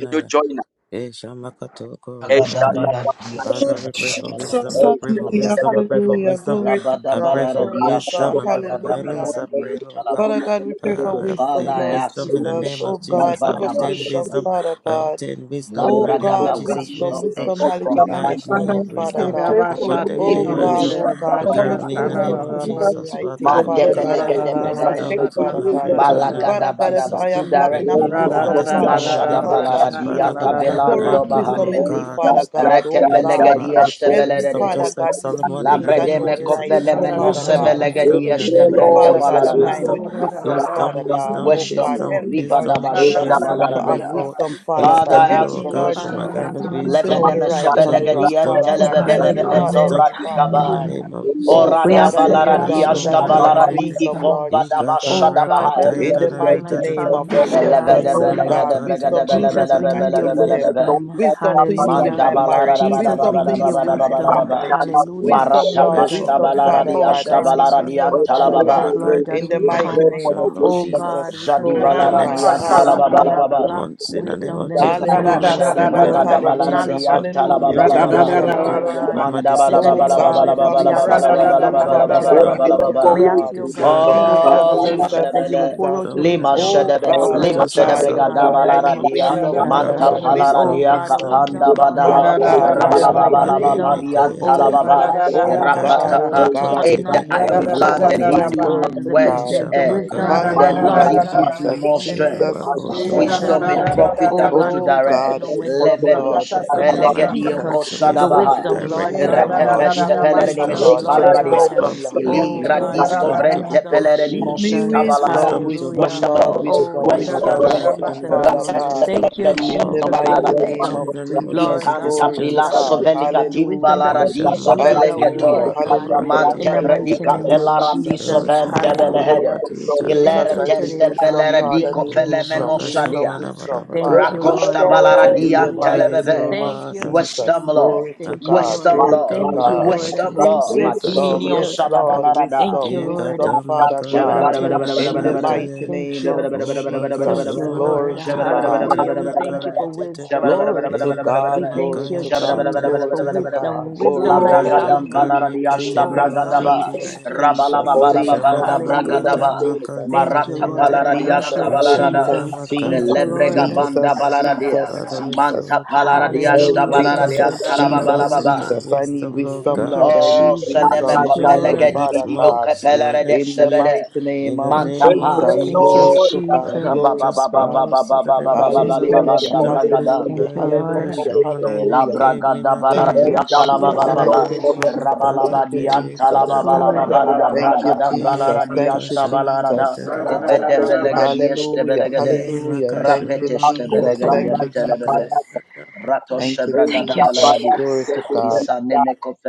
[SPEAKER 1] Can you
[SPEAKER 15] ya.
[SPEAKER 1] join
[SPEAKER 15] Eh, Shamakato
[SPEAKER 17] Agada
[SPEAKER 15] Korakataya.
[SPEAKER 1] us?
[SPEAKER 17] balaradia,
[SPEAKER 12] Oh,
[SPEAKER 15] Father, we pray for
[SPEAKER 17] shabragadabalaba.
[SPEAKER 12] Jesus.
[SPEAKER 15] wisdom. I
[SPEAKER 1] Lord,
[SPEAKER 15] pray for
[SPEAKER 12] Hallelujah.
[SPEAKER 15] wisdom. I pray for
[SPEAKER 12] Hallelujah.
[SPEAKER 15] wisdom.
[SPEAKER 12] Glory to
[SPEAKER 15] I pray
[SPEAKER 12] God.
[SPEAKER 15] for
[SPEAKER 12] Glory
[SPEAKER 17] Rabadabalaradia
[SPEAKER 12] to
[SPEAKER 15] wisdom.
[SPEAKER 12] God.
[SPEAKER 15] I pray for
[SPEAKER 12] Hallelujah.
[SPEAKER 15] guidance. I
[SPEAKER 17] shabragadabalaradia
[SPEAKER 15] pray, Lord God.
[SPEAKER 12] Father
[SPEAKER 17] talababa.
[SPEAKER 12] God, we pray for
[SPEAKER 15] I
[SPEAKER 17] Father,
[SPEAKER 12] wisdom,
[SPEAKER 15] obtain
[SPEAKER 17] I
[SPEAKER 12] Lord
[SPEAKER 17] ask
[SPEAKER 15] wisdom
[SPEAKER 17] for
[SPEAKER 15] in the
[SPEAKER 12] Jesus.
[SPEAKER 15] name of
[SPEAKER 12] Oh
[SPEAKER 17] wisdom.
[SPEAKER 12] God,
[SPEAKER 15] Jesus. I
[SPEAKER 12] give us
[SPEAKER 17] Libadaba
[SPEAKER 15] obtain
[SPEAKER 12] wisdom,
[SPEAKER 15] wisdom.
[SPEAKER 17] shadaba.
[SPEAKER 12] Father
[SPEAKER 15] I
[SPEAKER 12] God.
[SPEAKER 15] obtain wisdom in
[SPEAKER 12] Oh
[SPEAKER 15] the name of
[SPEAKER 17] Labragada
[SPEAKER 12] God,
[SPEAKER 15] Jesus.
[SPEAKER 12] wisdom,
[SPEAKER 17] wisdom
[SPEAKER 15] Wisdom
[SPEAKER 12] wisdom,
[SPEAKER 17] is
[SPEAKER 12] knowledge,
[SPEAKER 15] to
[SPEAKER 12] and
[SPEAKER 15] guide
[SPEAKER 17] profits
[SPEAKER 15] me,
[SPEAKER 13] Father,
[SPEAKER 17] about
[SPEAKER 12] understanding,
[SPEAKER 17] to
[SPEAKER 13] we
[SPEAKER 12] Father
[SPEAKER 15] wisdom
[SPEAKER 17] direct.
[SPEAKER 12] God.
[SPEAKER 15] to
[SPEAKER 13] pray
[SPEAKER 15] t-
[SPEAKER 13] for you,
[SPEAKER 15] protect
[SPEAKER 13] O
[SPEAKER 17] Give
[SPEAKER 12] Oh
[SPEAKER 15] me,
[SPEAKER 17] me
[SPEAKER 13] God.
[SPEAKER 12] God,
[SPEAKER 15] wisdom
[SPEAKER 12] oh
[SPEAKER 17] wisdom, Lord.
[SPEAKER 15] to
[SPEAKER 12] God,
[SPEAKER 13] Father,
[SPEAKER 12] give
[SPEAKER 13] we
[SPEAKER 15] carry
[SPEAKER 12] us the
[SPEAKER 15] me in
[SPEAKER 13] pray
[SPEAKER 15] the
[SPEAKER 13] that
[SPEAKER 17] Libragada
[SPEAKER 13] you
[SPEAKER 15] name
[SPEAKER 12] wisdom
[SPEAKER 13] should
[SPEAKER 15] of
[SPEAKER 12] to
[SPEAKER 17] badaba.
[SPEAKER 13] give
[SPEAKER 12] know
[SPEAKER 13] us
[SPEAKER 12] the
[SPEAKER 15] Jesus.
[SPEAKER 13] to
[SPEAKER 12] right
[SPEAKER 13] you
[SPEAKER 15] Father,
[SPEAKER 12] thing,
[SPEAKER 13] the
[SPEAKER 15] Lord
[SPEAKER 12] Father
[SPEAKER 13] glory.
[SPEAKER 15] God,
[SPEAKER 12] God, and to
[SPEAKER 17] Kadevelegede
[SPEAKER 12] do the
[SPEAKER 13] We
[SPEAKER 12] right
[SPEAKER 17] bregede.
[SPEAKER 13] pray
[SPEAKER 12] thing,
[SPEAKER 15] wisdom
[SPEAKER 13] for
[SPEAKER 15] to
[SPEAKER 12] Father
[SPEAKER 15] the
[SPEAKER 13] you,
[SPEAKER 12] God.
[SPEAKER 13] the
[SPEAKER 15] future
[SPEAKER 13] life.
[SPEAKER 15] in the
[SPEAKER 13] We
[SPEAKER 15] name
[SPEAKER 17] Balagada
[SPEAKER 12] Father
[SPEAKER 15] of
[SPEAKER 18] Ra-da-da-da-da-da-da-da-da.
[SPEAKER 12] God,
[SPEAKER 13] pray
[SPEAKER 12] if
[SPEAKER 15] Jesus.
[SPEAKER 17] badaba.
[SPEAKER 12] I
[SPEAKER 13] for
[SPEAKER 17] To
[SPEAKER 12] am lacking
[SPEAKER 17] direct
[SPEAKER 13] you,
[SPEAKER 12] of
[SPEAKER 15] Renewal
[SPEAKER 17] me,
[SPEAKER 15] for
[SPEAKER 17] Lord.
[SPEAKER 15] my
[SPEAKER 13] our
[SPEAKER 12] wisdom,
[SPEAKER 13] family,
[SPEAKER 12] Father
[SPEAKER 15] destiny in
[SPEAKER 13] for
[SPEAKER 15] the
[SPEAKER 12] God,
[SPEAKER 13] you. for
[SPEAKER 17] Mashada
[SPEAKER 15] name
[SPEAKER 13] prayer.
[SPEAKER 15] of
[SPEAKER 12] Father God,
[SPEAKER 15] Jesus.
[SPEAKER 13] We
[SPEAKER 12] please
[SPEAKER 17] balaradia
[SPEAKER 15] Father God.
[SPEAKER 13] pray that
[SPEAKER 12] pour
[SPEAKER 13] Father,
[SPEAKER 17] kabelando
[SPEAKER 12] out
[SPEAKER 15] Thank
[SPEAKER 13] give
[SPEAKER 15] you,
[SPEAKER 13] you the
[SPEAKER 12] wisdom
[SPEAKER 15] Lord
[SPEAKER 17] bahadea.
[SPEAKER 12] in me,
[SPEAKER 15] God.
[SPEAKER 12] Father
[SPEAKER 13] wisdom.
[SPEAKER 15] Wisdom,
[SPEAKER 12] God. Oh
[SPEAKER 15] wisdom,
[SPEAKER 12] God,
[SPEAKER 15] and acts of
[SPEAKER 12] help me,
[SPEAKER 15] wisdom,
[SPEAKER 17] Rekepelegedi
[SPEAKER 12] Father
[SPEAKER 15] just like
[SPEAKER 12] God, to see
[SPEAKER 15] Solomon in the
[SPEAKER 12] things
[SPEAKER 15] name
[SPEAKER 12] and know
[SPEAKER 15] of
[SPEAKER 17] Lavredeme
[SPEAKER 12] the
[SPEAKER 13] We
[SPEAKER 15] Jesus.
[SPEAKER 12] right
[SPEAKER 13] pray for
[SPEAKER 12] things,
[SPEAKER 17] kofelemeno
[SPEAKER 13] you,
[SPEAKER 15] And
[SPEAKER 12] Father
[SPEAKER 15] Acts
[SPEAKER 13] God.
[SPEAKER 15] of
[SPEAKER 12] God.
[SPEAKER 13] Father, we
[SPEAKER 15] wisdom
[SPEAKER 17] sevelegedi
[SPEAKER 13] pray
[SPEAKER 15] in the
[SPEAKER 13] that
[SPEAKER 12] Give
[SPEAKER 13] you
[SPEAKER 15] name
[SPEAKER 12] me,
[SPEAKER 13] will
[SPEAKER 15] of
[SPEAKER 17] estebrende
[SPEAKER 13] allow
[SPEAKER 12] Father God,
[SPEAKER 1] for
[SPEAKER 12] a
[SPEAKER 15] Jesus.
[SPEAKER 13] to
[SPEAKER 17] balarada.
[SPEAKER 12] mind
[SPEAKER 13] be.
[SPEAKER 15] Wisdom,
[SPEAKER 12] with
[SPEAKER 1] wisdom, not
[SPEAKER 12] wisdom,
[SPEAKER 1] that of
[SPEAKER 12] Father
[SPEAKER 15] wisdom,
[SPEAKER 13] Father,
[SPEAKER 12] God.
[SPEAKER 13] we
[SPEAKER 15] wisdom,
[SPEAKER 12] Oh
[SPEAKER 13] pray
[SPEAKER 17] Wisdom,
[SPEAKER 13] for
[SPEAKER 12] God,
[SPEAKER 15] wisdom,
[SPEAKER 17] Lord.
[SPEAKER 12] help
[SPEAKER 13] you,
[SPEAKER 12] me,
[SPEAKER 13] God.
[SPEAKER 12] Lord
[SPEAKER 15] wisdom,
[SPEAKER 17] Livadaba
[SPEAKER 1] the
[SPEAKER 15] Lord.
[SPEAKER 13] We
[SPEAKER 12] Jesus,
[SPEAKER 17] shada
[SPEAKER 13] pray for
[SPEAKER 1] God,
[SPEAKER 13] you,
[SPEAKER 15] Wisdom, the
[SPEAKER 12] to
[SPEAKER 1] God,
[SPEAKER 15] way
[SPEAKER 12] have
[SPEAKER 17] balaradia.
[SPEAKER 15] forward.
[SPEAKER 13] God. We pray for you, God. We pray for you, God. We
[SPEAKER 12] wisdom,
[SPEAKER 13] pray
[SPEAKER 12] Father
[SPEAKER 17] Father,
[SPEAKER 12] God.
[SPEAKER 13] for
[SPEAKER 17] I
[SPEAKER 13] you,
[SPEAKER 15] Wisdom,
[SPEAKER 13] God.
[SPEAKER 12] Help
[SPEAKER 17] ask
[SPEAKER 12] me,
[SPEAKER 15] Lord
[SPEAKER 17] for
[SPEAKER 15] God,
[SPEAKER 12] Lord
[SPEAKER 15] for
[SPEAKER 19] Father,
[SPEAKER 15] my
[SPEAKER 19] in
[SPEAKER 17] wisdom.
[SPEAKER 19] the
[SPEAKER 12] Jesus,
[SPEAKER 19] mighty
[SPEAKER 15] guidance.
[SPEAKER 19] name of
[SPEAKER 12] to
[SPEAKER 15] Wisdom,
[SPEAKER 12] know the
[SPEAKER 15] for
[SPEAKER 17] Leveneme
[SPEAKER 19] Jesus,
[SPEAKER 12] right
[SPEAKER 1] God, God,
[SPEAKER 12] from the
[SPEAKER 15] John,
[SPEAKER 12] wrong,
[SPEAKER 17] sovelegedi
[SPEAKER 1] God,
[SPEAKER 15] wisdom,
[SPEAKER 12] Father
[SPEAKER 15] for
[SPEAKER 19] oh
[SPEAKER 12] God.
[SPEAKER 15] my
[SPEAKER 19] God,
[SPEAKER 1] God,
[SPEAKER 12] Help
[SPEAKER 19] we
[SPEAKER 17] entelebebelebe
[SPEAKER 12] me,
[SPEAKER 15] Sunday
[SPEAKER 19] come
[SPEAKER 12] Lord.
[SPEAKER 19] one
[SPEAKER 17] eto
[SPEAKER 12] Help
[SPEAKER 19] more
[SPEAKER 15] wisdom.
[SPEAKER 12] me,
[SPEAKER 19] time,
[SPEAKER 12] Father
[SPEAKER 17] radikaba.
[SPEAKER 15] In the
[SPEAKER 12] God.
[SPEAKER 19] Lord.
[SPEAKER 15] name of
[SPEAKER 12] Oh
[SPEAKER 17] Ora
[SPEAKER 19] We
[SPEAKER 13] Father,
[SPEAKER 17] da
[SPEAKER 12] God,
[SPEAKER 15] Jesus.
[SPEAKER 12] I
[SPEAKER 19] ask,
[SPEAKER 13] give
[SPEAKER 19] oh
[SPEAKER 12] am your
[SPEAKER 15] Eka
[SPEAKER 19] God,
[SPEAKER 13] you
[SPEAKER 17] valaradi
[SPEAKER 19] that
[SPEAKER 12] daughter
[SPEAKER 19] you will
[SPEAKER 17] asta
[SPEAKER 12] that
[SPEAKER 15] shomana
[SPEAKER 19] grant
[SPEAKER 12] need
[SPEAKER 19] us
[SPEAKER 13] wisdom.
[SPEAKER 17] balaradi
[SPEAKER 15] marete.
[SPEAKER 12] wisdom,
[SPEAKER 19] wisdom.
[SPEAKER 12] Lord
[SPEAKER 17] ikomba daba
[SPEAKER 15] Eka
[SPEAKER 12] Jesus.
[SPEAKER 19] Oh
[SPEAKER 17] shada
[SPEAKER 15] karaka
[SPEAKER 19] God,
[SPEAKER 17] bahaya.
[SPEAKER 19] grant
[SPEAKER 15] taya
[SPEAKER 19] us
[SPEAKER 12] In
[SPEAKER 15] da
[SPEAKER 12] the
[SPEAKER 15] da da
[SPEAKER 19] wisdom
[SPEAKER 12] mighty
[SPEAKER 15] da
[SPEAKER 19] like
[SPEAKER 15] da
[SPEAKER 12] name
[SPEAKER 15] da.
[SPEAKER 12] of
[SPEAKER 19] Solomon.
[SPEAKER 12] Jesus,
[SPEAKER 15] Esa
[SPEAKER 12] oh
[SPEAKER 19] Hallelujah.
[SPEAKER 17] Elevedebelegede
[SPEAKER 12] God,
[SPEAKER 15] makato
[SPEAKER 12] wisdom to use
[SPEAKER 19] Jesus, we
[SPEAKER 12] with my
[SPEAKER 19] need your
[SPEAKER 12] kids, them,
[SPEAKER 17] bregedebelebelebelebelebelebe.
[SPEAKER 19] wisdom.
[SPEAKER 12] wisdom to use in
[SPEAKER 15] Wisdom,
[SPEAKER 19] Hallelujah.
[SPEAKER 12] my
[SPEAKER 15] Lord God,
[SPEAKER 12] marriage,
[SPEAKER 15] wisdom
[SPEAKER 19] Jesus,
[SPEAKER 12] wisdom
[SPEAKER 15] and
[SPEAKER 19] we
[SPEAKER 12] to
[SPEAKER 19] need your
[SPEAKER 12] use in my
[SPEAKER 15] understanding in
[SPEAKER 19] wisdom.
[SPEAKER 15] the name of
[SPEAKER 12] family,
[SPEAKER 15] Jesus.
[SPEAKER 19] Hallelujah.
[SPEAKER 12] wisdom,
[SPEAKER 17] Marata
[SPEAKER 15] Way
[SPEAKER 12] Lord,
[SPEAKER 19] Jesus.
[SPEAKER 17] pasta
[SPEAKER 15] forward
[SPEAKER 12] wisdom,
[SPEAKER 15] in the
[SPEAKER 12] Father
[SPEAKER 17] balaradi
[SPEAKER 15] name
[SPEAKER 19] Oh
[SPEAKER 15] of
[SPEAKER 12] God.
[SPEAKER 17] asta
[SPEAKER 12] I
[SPEAKER 19] God, in
[SPEAKER 15] Jesus,
[SPEAKER 12] need
[SPEAKER 19] the
[SPEAKER 17] balaradi
[SPEAKER 15] Father
[SPEAKER 19] name
[SPEAKER 12] wisdom,
[SPEAKER 15] God,
[SPEAKER 19] of
[SPEAKER 12] Father
[SPEAKER 15] for
[SPEAKER 19] Jesus,
[SPEAKER 15] my
[SPEAKER 12] God,
[SPEAKER 19] Lord God,
[SPEAKER 15] guidance,
[SPEAKER 12] in
[SPEAKER 15] for
[SPEAKER 12] the
[SPEAKER 19] we
[SPEAKER 15] my
[SPEAKER 12] mighty
[SPEAKER 19] come.
[SPEAKER 12] name
[SPEAKER 15] protection,
[SPEAKER 12] of
[SPEAKER 15] Lord
[SPEAKER 19] Oh
[SPEAKER 15] Jesus.
[SPEAKER 19] God,
[SPEAKER 12] Jesus.
[SPEAKER 19] because
[SPEAKER 17] Jadi
[SPEAKER 19] you
[SPEAKER 15] You
[SPEAKER 12] Glory
[SPEAKER 15] are
[SPEAKER 19] said,
[SPEAKER 15] the
[SPEAKER 12] to
[SPEAKER 19] Lord
[SPEAKER 12] God.
[SPEAKER 17] balaradia
[SPEAKER 19] God, if your
[SPEAKER 15] next
[SPEAKER 19] people
[SPEAKER 12] Hallelujah.
[SPEAKER 19] not
[SPEAKER 17] talababalababa.
[SPEAKER 19] lack
[SPEAKER 15] months in the name
[SPEAKER 19] wisdom,
[SPEAKER 15] of
[SPEAKER 19] then the
[SPEAKER 15] Jesus, for my
[SPEAKER 19] people
[SPEAKER 12] Hallelujah,
[SPEAKER 15] next
[SPEAKER 17] Jeli
[SPEAKER 15] step in
[SPEAKER 12] Jesus.
[SPEAKER 19] will
[SPEAKER 15] the
[SPEAKER 17] bragada
[SPEAKER 15] name of
[SPEAKER 12] Hallelujah.
[SPEAKER 15] Jesus,
[SPEAKER 19] knowledge, the
[SPEAKER 17] balaradia
[SPEAKER 15] for
[SPEAKER 19] people
[SPEAKER 15] our
[SPEAKER 19] will
[SPEAKER 12] Hallelujah,
[SPEAKER 15] future in the
[SPEAKER 12] Jesus.
[SPEAKER 19] perish.
[SPEAKER 17] talababalababa.
[SPEAKER 15] name
[SPEAKER 19] So,
[SPEAKER 15] of Jesus,
[SPEAKER 19] Lord
[SPEAKER 12] Hallelujah.
[SPEAKER 19] God,
[SPEAKER 15] for my
[SPEAKER 17] Manda
[SPEAKER 19] in the
[SPEAKER 12] Oh
[SPEAKER 19] name
[SPEAKER 15] decisions in
[SPEAKER 19] of
[SPEAKER 15] the
[SPEAKER 12] God,
[SPEAKER 15] name
[SPEAKER 12] if
[SPEAKER 19] Jesus,
[SPEAKER 15] of
[SPEAKER 19] we
[SPEAKER 12] I'm lack
[SPEAKER 19] ask you
[SPEAKER 12] of
[SPEAKER 15] Jesus.
[SPEAKER 19] for your
[SPEAKER 12] wisdom,
[SPEAKER 15] Give me
[SPEAKER 19] wisdom
[SPEAKER 12] Father God,
[SPEAKER 19] today.
[SPEAKER 12] give
[SPEAKER 15] wisdom,
[SPEAKER 12] it to
[SPEAKER 15] Lord
[SPEAKER 12] me,
[SPEAKER 17] balababalababalababalababalababalababalababa.
[SPEAKER 19] We
[SPEAKER 15] God, to
[SPEAKER 19] ask
[SPEAKER 12] Lord.
[SPEAKER 19] you, oh God, in
[SPEAKER 15] discern
[SPEAKER 19] the
[SPEAKER 15] in the
[SPEAKER 19] mighty
[SPEAKER 15] name
[SPEAKER 12] Jesus,
[SPEAKER 19] name
[SPEAKER 17] Oh,
[SPEAKER 15] of
[SPEAKER 19] of
[SPEAKER 17] lima
[SPEAKER 15] Jesus.
[SPEAKER 19] Jesus,
[SPEAKER 12] Jesus,
[SPEAKER 19] that you will
[SPEAKER 17] shadabele,
[SPEAKER 19] pour
[SPEAKER 12] Jesus.
[SPEAKER 19] out your
[SPEAKER 15] Wisdom in the
[SPEAKER 17] lima
[SPEAKER 15] name
[SPEAKER 19] wisdom
[SPEAKER 12] Oh
[SPEAKER 15] of
[SPEAKER 17] shadabe,
[SPEAKER 12] God,
[SPEAKER 15] Jesus,
[SPEAKER 19] upon
[SPEAKER 17] lima
[SPEAKER 12] oh
[SPEAKER 19] us,
[SPEAKER 15] just like
[SPEAKER 12] God,
[SPEAKER 19] Lord
[SPEAKER 12] oh
[SPEAKER 17] shadabrega
[SPEAKER 19] God,
[SPEAKER 15] Solomon
[SPEAKER 19] in
[SPEAKER 12] God.
[SPEAKER 19] the
[SPEAKER 15] in the
[SPEAKER 12] I
[SPEAKER 19] name
[SPEAKER 15] name of
[SPEAKER 19] of
[SPEAKER 12] need
[SPEAKER 15] Jesus.
[SPEAKER 17] dabalaradia,
[SPEAKER 12] wisdom,
[SPEAKER 19] Jesus.
[SPEAKER 15] That
[SPEAKER 12] Father
[SPEAKER 15] acts
[SPEAKER 17] manta
[SPEAKER 12] God.
[SPEAKER 15] of
[SPEAKER 19] Oh
[SPEAKER 12] Wisdom,
[SPEAKER 15] wisdom,
[SPEAKER 17] palaradia,
[SPEAKER 19] God, the
[SPEAKER 15] wisdom,
[SPEAKER 12] wisdom.
[SPEAKER 19] wisdom,
[SPEAKER 17] kapanda
[SPEAKER 15] wisdom.
[SPEAKER 19] Lord
[SPEAKER 18] Na
[SPEAKER 19] God,
[SPEAKER 12] Father
[SPEAKER 18] da
[SPEAKER 17] badaha,
[SPEAKER 19] to
[SPEAKER 18] da
[SPEAKER 19] do
[SPEAKER 18] da
[SPEAKER 12] God,
[SPEAKER 19] the
[SPEAKER 18] da
[SPEAKER 12] in the
[SPEAKER 19] right
[SPEAKER 18] da
[SPEAKER 15] Mikasho
[SPEAKER 18] da
[SPEAKER 19] thing, the
[SPEAKER 18] ba,
[SPEAKER 12] mighty
[SPEAKER 15] mane
[SPEAKER 17] rabalababa,
[SPEAKER 12] name of
[SPEAKER 19] wisdom,
[SPEAKER 15] mekaya
[SPEAKER 19] oh
[SPEAKER 12] Jesus.
[SPEAKER 15] taya.
[SPEAKER 18] ra da
[SPEAKER 19] God
[SPEAKER 17] baliantalababa,
[SPEAKER 18] da da da
[SPEAKER 12] Oh
[SPEAKER 18] ba
[SPEAKER 15] Nikata
[SPEAKER 12] God,
[SPEAKER 18] shata,
[SPEAKER 12] oh
[SPEAKER 17] rapatapa.
[SPEAKER 19] to
[SPEAKER 12] God.
[SPEAKER 15] pakoti
[SPEAKER 17] If the
[SPEAKER 18] ra
[SPEAKER 17] iron
[SPEAKER 18] da
[SPEAKER 17] be
[SPEAKER 15] nekira
[SPEAKER 12] Jesus,
[SPEAKER 18] da
[SPEAKER 19] acknowledge,
[SPEAKER 18] da
[SPEAKER 17] blunt
[SPEAKER 18] da
[SPEAKER 17] and
[SPEAKER 19] oh
[SPEAKER 18] da
[SPEAKER 17] he
[SPEAKER 18] da
[SPEAKER 19] my
[SPEAKER 12] Jesus.
[SPEAKER 15] katatatata.
[SPEAKER 17] do
[SPEAKER 18] ba,
[SPEAKER 12] Glory
[SPEAKER 19] God,
[SPEAKER 17] not
[SPEAKER 12] to
[SPEAKER 19] the
[SPEAKER 17] wet
[SPEAKER 12] God.
[SPEAKER 17] the
[SPEAKER 15] Esha
[SPEAKER 19] business, the
[SPEAKER 17] edge,
[SPEAKER 18] ra
[SPEAKER 19] wisdom,
[SPEAKER 18] da da
[SPEAKER 15] makarana
[SPEAKER 17] then
[SPEAKER 18] da da
[SPEAKER 17] must
[SPEAKER 12] Hallelujah,
[SPEAKER 19] Lord
[SPEAKER 17] he
[SPEAKER 18] da da da
[SPEAKER 19] God
[SPEAKER 18] da,
[SPEAKER 15] madatata.
[SPEAKER 17] put to
[SPEAKER 12] Jesus,
[SPEAKER 19] Almighty,
[SPEAKER 17] more
[SPEAKER 19] in the
[SPEAKER 15] Eva
[SPEAKER 19] name
[SPEAKER 17] strength.
[SPEAKER 12] Jesus,
[SPEAKER 19] of
[SPEAKER 17] But
[SPEAKER 15] bakoto
[SPEAKER 18] e da
[SPEAKER 12] Jesus.
[SPEAKER 18] da
[SPEAKER 19] Jesus.
[SPEAKER 17] wisdom
[SPEAKER 15] maname
[SPEAKER 18] da
[SPEAKER 17] is
[SPEAKER 18] da
[SPEAKER 19] Uh,
[SPEAKER 18] da da
[SPEAKER 15] teke
[SPEAKER 18] da
[SPEAKER 20] Thank
[SPEAKER 19] Oh
[SPEAKER 15] tebe
[SPEAKER 17] profitable
[SPEAKER 18] da,
[SPEAKER 19] God,
[SPEAKER 15] tebe
[SPEAKER 17] to
[SPEAKER 19] the
[SPEAKER 12] Oh
[SPEAKER 15] tebe
[SPEAKER 19] wisdom
[SPEAKER 15] tebe
[SPEAKER 20] you,
[SPEAKER 19] to
[SPEAKER 17] direct.
[SPEAKER 12] God,
[SPEAKER 15] tebe
[SPEAKER 19] know when
[SPEAKER 15] tebe.
[SPEAKER 19] thus
[SPEAKER 12] wisdom,
[SPEAKER 18] ra ta
[SPEAKER 12] Lord.
[SPEAKER 17] Lebedose,
[SPEAKER 18] ta ta
[SPEAKER 15] Wisdom
[SPEAKER 19] when to
[SPEAKER 18] ta
[SPEAKER 15] in my
[SPEAKER 18] ta,
[SPEAKER 19] speak
[SPEAKER 17] belegedio
[SPEAKER 19] uh,
[SPEAKER 12] Jesus,
[SPEAKER 15] direction.
[SPEAKER 19] the
[SPEAKER 15] Wisdom
[SPEAKER 12] Jesus,
[SPEAKER 15] to
[SPEAKER 17] kosadabahaya,
[SPEAKER 19] wisdom,
[SPEAKER 12] give me
[SPEAKER 15] direct
[SPEAKER 19] Lord
[SPEAKER 18] e
[SPEAKER 15] me,
[SPEAKER 19] God
[SPEAKER 18] da da
[SPEAKER 12] wisdom,
[SPEAKER 15] Lord
[SPEAKER 20] Jesus.
[SPEAKER 19] Almighty.
[SPEAKER 18] da
[SPEAKER 12] Lord.
[SPEAKER 15] God.
[SPEAKER 18] da
[SPEAKER 19] We
[SPEAKER 18] da
[SPEAKER 12] Give
[SPEAKER 17] rekepeste
[SPEAKER 12] me
[SPEAKER 18] da
[SPEAKER 19] need
[SPEAKER 18] ba
[SPEAKER 12] wisdom,
[SPEAKER 15] Wisdom
[SPEAKER 19] wisdom,
[SPEAKER 18] shata,
[SPEAKER 15] to
[SPEAKER 12] Lord. Give
[SPEAKER 19] Lord
[SPEAKER 1] Thank
[SPEAKER 12] me
[SPEAKER 15] choose my
[SPEAKER 17] pelerinimisipalaradia.
[SPEAKER 19] God. Uh,
[SPEAKER 12] wisdom,
[SPEAKER 15] spouse in
[SPEAKER 12] Lord.
[SPEAKER 15] the
[SPEAKER 12] Give
[SPEAKER 15] name
[SPEAKER 17] Ili
[SPEAKER 12] me
[SPEAKER 15] of
[SPEAKER 19] oh,
[SPEAKER 15] Jesus.
[SPEAKER 18] o da
[SPEAKER 19] God, give
[SPEAKER 18] da
[SPEAKER 12] wisdom,
[SPEAKER 17] radisto
[SPEAKER 18] da
[SPEAKER 19] us
[SPEAKER 15] Wisdom
[SPEAKER 12] Lord.
[SPEAKER 18] da
[SPEAKER 15] to be
[SPEAKER 18] da,
[SPEAKER 17] vrente
[SPEAKER 19] wisdom,
[SPEAKER 17] pelereni
[SPEAKER 12] Give me
[SPEAKER 19] Jesus.
[SPEAKER 17] mosita
[SPEAKER 15] yes,
[SPEAKER 17] balada.
[SPEAKER 12] wisdom,
[SPEAKER 15] wisdom to
[SPEAKER 17] Bless
[SPEAKER 12] wisdom,
[SPEAKER 19] Hallelujah.
[SPEAKER 17] the
[SPEAKER 12] Lord.
[SPEAKER 15] oh
[SPEAKER 17] Lord.
[SPEAKER 15] to
[SPEAKER 19] Oh,
[SPEAKER 12] Wisdom,
[SPEAKER 18] e
[SPEAKER 17] Bless
[SPEAKER 19] thank
[SPEAKER 18] da
[SPEAKER 15] handle
[SPEAKER 17] the
[SPEAKER 18] da
[SPEAKER 15] my
[SPEAKER 19] you,
[SPEAKER 12] wisdom,
[SPEAKER 18] da da
[SPEAKER 15] life
[SPEAKER 17] Lord.
[SPEAKER 15] in
[SPEAKER 18] ba,
[SPEAKER 15] the
[SPEAKER 12] wisdom,
[SPEAKER 15] name
[SPEAKER 19] Jesus,
[SPEAKER 15] of
[SPEAKER 12] Father
[SPEAKER 19] Lord.
[SPEAKER 15] Jesus.
[SPEAKER 19] Uh,
[SPEAKER 17] Rakasa
[SPEAKER 12] God.
[SPEAKER 15] Wisdom
[SPEAKER 19] Thank you,
[SPEAKER 17] delegani
[SPEAKER 12] In the
[SPEAKER 19] Jesus,
[SPEAKER 15] forward in
[SPEAKER 19] for
[SPEAKER 12] mighty
[SPEAKER 17] balada
[SPEAKER 12] name
[SPEAKER 17] des.
[SPEAKER 15] nature
[SPEAKER 12] of
[SPEAKER 19] wisdom.
[SPEAKER 15] in the name of
[SPEAKER 19] Lord
[SPEAKER 12] Jesus,
[SPEAKER 15] Jesus.
[SPEAKER 19] God,
[SPEAKER 17] Ikanta
[SPEAKER 12] glory
[SPEAKER 19] wisdom
[SPEAKER 12] to
[SPEAKER 17] pila
[SPEAKER 15] Decisions
[SPEAKER 19] that
[SPEAKER 15] in the
[SPEAKER 19] we
[SPEAKER 12] God.
[SPEAKER 15] name of Jesus.
[SPEAKER 17] sovelika
[SPEAKER 19] need, wisdom
[SPEAKER 12] Hallelujah.
[SPEAKER 19] that
[SPEAKER 17] timbalara
[SPEAKER 19] we
[SPEAKER 17] di
[SPEAKER 19] can't
[SPEAKER 15] Ishama
[SPEAKER 19] do without,
[SPEAKER 15] katina
[SPEAKER 12] Hallelujah.
[SPEAKER 19] Lord
[SPEAKER 17] soveleketo.
[SPEAKER 19] God,
[SPEAKER 15] makora
[SPEAKER 12] Hallelujah.
[SPEAKER 19] in
[SPEAKER 17] Mante
[SPEAKER 15] katire
[SPEAKER 19] the
[SPEAKER 15] te
[SPEAKER 19] mighty
[SPEAKER 17] predica
[SPEAKER 15] te
[SPEAKER 12] Hallelujah.
[SPEAKER 19] name
[SPEAKER 15] te.
[SPEAKER 19] of
[SPEAKER 17] pelara di
[SPEAKER 12] Jesus,
[SPEAKER 19] Jesus.
[SPEAKER 12] Jesus.
[SPEAKER 17] sovente
[SPEAKER 15] shama na na
[SPEAKER 19] Hallelujah.
[SPEAKER 17] belehede.
[SPEAKER 15] pati Ishamakatina
[SPEAKER 19] We thank
[SPEAKER 12] Jesus,
[SPEAKER 17] Ilere
[SPEAKER 19] you
[SPEAKER 12] I
[SPEAKER 19] today,
[SPEAKER 12] need
[SPEAKER 15] makarakati
[SPEAKER 17] teste
[SPEAKER 19] oh
[SPEAKER 15] tete shamana manapati takatati
[SPEAKER 12] wisdom,
[SPEAKER 19] God.
[SPEAKER 17] felere
[SPEAKER 19] We
[SPEAKER 12] Lord. I
[SPEAKER 17] dico
[SPEAKER 19] thank
[SPEAKER 12] need
[SPEAKER 19] you,
[SPEAKER 15] Oh
[SPEAKER 12] wisdom,
[SPEAKER 17] felemeno
[SPEAKER 19] Jesus.
[SPEAKER 17] sadia.
[SPEAKER 12] wisdom,
[SPEAKER 15] makashomana
[SPEAKER 12] wisdom,
[SPEAKER 19] Thank
[SPEAKER 12] Father
[SPEAKER 19] you,
[SPEAKER 15] manapatapatapata.
[SPEAKER 12] God.
[SPEAKER 17] Rakosta
[SPEAKER 19] Lord. Ah,
[SPEAKER 15] He said to
[SPEAKER 12] In
[SPEAKER 15] be
[SPEAKER 12] the
[SPEAKER 17] balaradian
[SPEAKER 19] Hallelujah.
[SPEAKER 12] mighty
[SPEAKER 15] wise,
[SPEAKER 17] Telebebe.
[SPEAKER 15] Lord
[SPEAKER 12] name of
[SPEAKER 19] Thank
[SPEAKER 15] God,
[SPEAKER 19] you,
[SPEAKER 15] as a
[SPEAKER 12] Jesus,
[SPEAKER 17] Wisdom
[SPEAKER 19] Jesus.
[SPEAKER 17] Lord.
[SPEAKER 12] glory to
[SPEAKER 15] and
[SPEAKER 19] Thank you,
[SPEAKER 12] God,
[SPEAKER 15] foolish
[SPEAKER 17] Wisdom
[SPEAKER 15] as
[SPEAKER 19] Lord. Ah,
[SPEAKER 15] the
[SPEAKER 12] glory
[SPEAKER 17] Lord.
[SPEAKER 12] to
[SPEAKER 15] dove in
[SPEAKER 19] Thank
[SPEAKER 15] the
[SPEAKER 19] you,
[SPEAKER 12] God.
[SPEAKER 15] name
[SPEAKER 19] Lord.
[SPEAKER 15] of
[SPEAKER 19] Ah,
[SPEAKER 17] Wisdom
[SPEAKER 19] Thank
[SPEAKER 17] Lord.
[SPEAKER 15] Jesus.
[SPEAKER 19] you,
[SPEAKER 12] Wisdom,
[SPEAKER 17] Madiminio
[SPEAKER 15] Ikashomana
[SPEAKER 19] Jesus.
[SPEAKER 12] yes,
[SPEAKER 15] manapata.
[SPEAKER 12] Lord,
[SPEAKER 17] Sadabalarada.
[SPEAKER 19] Thank
[SPEAKER 12] wisdom,
[SPEAKER 19] you, Lord. Ah,
[SPEAKER 12] wisdom, Father God.
[SPEAKER 19] Thank
[SPEAKER 15] Ikatakariti
[SPEAKER 19] you,
[SPEAKER 12] In the
[SPEAKER 17] Labragadam
[SPEAKER 19] Jesus.
[SPEAKER 12] mighty
[SPEAKER 15] manadati.
[SPEAKER 19] Thank
[SPEAKER 12] name of
[SPEAKER 19] you.
[SPEAKER 15] Oh
[SPEAKER 19] Thank you,
[SPEAKER 12] Jesus,
[SPEAKER 15] makashomana
[SPEAKER 19] Lord.
[SPEAKER 12] glory to
[SPEAKER 19] Ah,
[SPEAKER 15] mati
[SPEAKER 12] God,
[SPEAKER 19] Hallelujah. We
[SPEAKER 15] katina
[SPEAKER 19] thank you for
[SPEAKER 15] karitete.
[SPEAKER 19] wisdom,
[SPEAKER 12] glory
[SPEAKER 19] Lord.
[SPEAKER 12] to
[SPEAKER 15] E
[SPEAKER 19] We
[SPEAKER 12] God,
[SPEAKER 15] manama
[SPEAKER 19] thank
[SPEAKER 12] glory
[SPEAKER 19] you,
[SPEAKER 15] kaya
[SPEAKER 12] to
[SPEAKER 15] ta ya
[SPEAKER 12] God,
[SPEAKER 15] ta
[SPEAKER 19] Jesus,
[SPEAKER 15] ya
[SPEAKER 12] glory
[SPEAKER 19] for
[SPEAKER 15] taya ya.
[SPEAKER 12] to
[SPEAKER 19] wisdom,
[SPEAKER 12] God, glory
[SPEAKER 19] wisdom
[SPEAKER 12] to
[SPEAKER 19] like
[SPEAKER 12] God.
[SPEAKER 15] Ikataka
[SPEAKER 19] Solomon.
[SPEAKER 15] reke
[SPEAKER 1] you.
[SPEAKER 17] balaradiashta
[SPEAKER 15] teme
[SPEAKER 19] Oh,
[SPEAKER 12] Jesus,
[SPEAKER 19] God,
[SPEAKER 17] bragadaba
[SPEAKER 19] we
[SPEAKER 12] Jesus,
[SPEAKER 15] marapatina
[SPEAKER 19] thank
[SPEAKER 15] ya.
[SPEAKER 19] you,
[SPEAKER 17] rabalaba
[SPEAKER 12] Jesus,
[SPEAKER 19] Jesus.
[SPEAKER 17] balaba
[SPEAKER 12] Jesus,
[SPEAKER 15] Ushamana
[SPEAKER 17] banda
[SPEAKER 12] Jesus,
[SPEAKER 15] makata
[SPEAKER 19] Hallelujah.
[SPEAKER 17] bragadaba
[SPEAKER 15] maka
[SPEAKER 12] Jesus.
[SPEAKER 19] Thank you,
[SPEAKER 17] Marata
[SPEAKER 18] e da
[SPEAKER 19] Lord.
[SPEAKER 18] da
[SPEAKER 15] videlete.
[SPEAKER 19] Ah,
[SPEAKER 18] da da da
[SPEAKER 19] Thank
[SPEAKER 17] palaradiasta
[SPEAKER 18] da
[SPEAKER 12] Jesus,
[SPEAKER 19] you,
[SPEAKER 18] da ba shata,
[SPEAKER 17] balarada,
[SPEAKER 15] Ishamana
[SPEAKER 19] Jesus.
[SPEAKER 12] Jesus,
[SPEAKER 18] da da
[SPEAKER 19] Thank
[SPEAKER 18] da
[SPEAKER 15] makaya
[SPEAKER 19] you,
[SPEAKER 12] Jesus,
[SPEAKER 18] ba,
[SPEAKER 17] pelebrega
[SPEAKER 19] Lord.
[SPEAKER 17] banda
[SPEAKER 18] ra
[SPEAKER 15] tenaratatata.
[SPEAKER 18] da
[SPEAKER 12] Jesus,
[SPEAKER 18] da da
[SPEAKER 17] balaradia,
[SPEAKER 18] da da da da,
[SPEAKER 12] Jesus,
[SPEAKER 15] Father,
[SPEAKER 18] ra da da da da da da, e
[SPEAKER 12] Jesus,
[SPEAKER 17] manta
[SPEAKER 15] restore to me wisdom,
[SPEAKER 17] palaradiasta
[SPEAKER 19] Hallelujah.
[SPEAKER 15] Lord God.
[SPEAKER 19] Thank
[SPEAKER 18] de
[SPEAKER 17] balaradian
[SPEAKER 19] you,
[SPEAKER 12] Jesus,
[SPEAKER 18] de de
[SPEAKER 17] talaba
[SPEAKER 15] An
[SPEAKER 12] Jesus,
[SPEAKER 19] Jesus.
[SPEAKER 15] accent
[SPEAKER 17] balababa.
[SPEAKER 15] of
[SPEAKER 12] Jesus. I need
[SPEAKER 15] wisdom, Lord
[SPEAKER 12] wisdom,
[SPEAKER 19] Thank
[SPEAKER 15] God.
[SPEAKER 12] Lord.
[SPEAKER 19] you,
[SPEAKER 12] I
[SPEAKER 17] Oh,
[SPEAKER 12] need
[SPEAKER 15] For
[SPEAKER 19] Jesus.
[SPEAKER 15] the
[SPEAKER 17] seneme
[SPEAKER 12] wisdom,
[SPEAKER 19] Thank you,
[SPEAKER 15] decision in
[SPEAKER 12] wisdom,
[SPEAKER 15] my
[SPEAKER 17] kopelege
[SPEAKER 19] Lord.
[SPEAKER 15] next
[SPEAKER 12] Father
[SPEAKER 17] dibidi o
[SPEAKER 15] month,
[SPEAKER 12] God.
[SPEAKER 15] in my
[SPEAKER 17] kepelerede
[SPEAKER 12] In
[SPEAKER 15] next
[SPEAKER 12] the
[SPEAKER 17] sebede.
[SPEAKER 15] years.
[SPEAKER 12] mighty name
[SPEAKER 15] In the
[SPEAKER 12] of
[SPEAKER 19] Thank you,
[SPEAKER 15] name of
[SPEAKER 19] Lord.
[SPEAKER 12] Jesus.
[SPEAKER 19] Thank you,
[SPEAKER 15] Jesus.
[SPEAKER 12] Glory to
[SPEAKER 15] Of
[SPEAKER 12] God,
[SPEAKER 19] Jesus.
[SPEAKER 12] glory
[SPEAKER 15] future
[SPEAKER 12] to God.
[SPEAKER 15] spouse, in the name of
[SPEAKER 19] Thank
[SPEAKER 15] Jesus,
[SPEAKER 19] you,
[SPEAKER 12] Hallelujah,
[SPEAKER 15] wisdom.
[SPEAKER 19] Jesus.
[SPEAKER 12] hallelujah,
[SPEAKER 19] Thank you, Lord.
[SPEAKER 12] hallelujah,
[SPEAKER 15] Ayakashomana
[SPEAKER 12] hallelujah.
[SPEAKER 15] neke
[SPEAKER 12] Thank
[SPEAKER 19] Thank
[SPEAKER 15] minakaya.
[SPEAKER 12] you,
[SPEAKER 19] you,
[SPEAKER 12] Jesus.
[SPEAKER 19] Jesus.
[SPEAKER 18] de
[SPEAKER 12] Thank
[SPEAKER 18] de
[SPEAKER 12] you,
[SPEAKER 15] Oh,
[SPEAKER 18] de,
[SPEAKER 15] Papa,
[SPEAKER 12] Jesus.
[SPEAKER 15] Tata,
[SPEAKER 12] Thank you,
[SPEAKER 19] Thank
[SPEAKER 15] Titi,
[SPEAKER 19] you,
[SPEAKER 12] Jesus.
[SPEAKER 15] Tata,
[SPEAKER 18] ra
[SPEAKER 19] Lord.
[SPEAKER 18] da da
[SPEAKER 15] Tata,
[SPEAKER 18] da ba
[SPEAKER 12] Thank you,
[SPEAKER 18] shata,
[SPEAKER 12] Jesus.
[SPEAKER 15] Efa,
[SPEAKER 12] Thank you,
[SPEAKER 15] Kashanamuna,
[SPEAKER 12] Jesus.
[SPEAKER 18] ra
[SPEAKER 15] Tata,
[SPEAKER 18] da da
[SPEAKER 15] Tata,
[SPEAKER 18] da da da ba shata.
[SPEAKER 12] Hallelujah,
[SPEAKER 15] Efa,
[SPEAKER 12] hallelujah. Thank you,
[SPEAKER 15] Kashanamuna,
[SPEAKER 19] Yes,
[SPEAKER 12] Jesus.
[SPEAKER 15] Koto,
[SPEAKER 19] Lord.
[SPEAKER 12] Thank you,
[SPEAKER 15] Mada, Kaya,
[SPEAKER 12] Jesus.
[SPEAKER 15] Tata, Pata,
[SPEAKER 12] Thank you,
[SPEAKER 15] Yata,
[SPEAKER 19] Thank you,
[SPEAKER 12] Jesus. Glory
[SPEAKER 19] Jesus.
[SPEAKER 12] to God.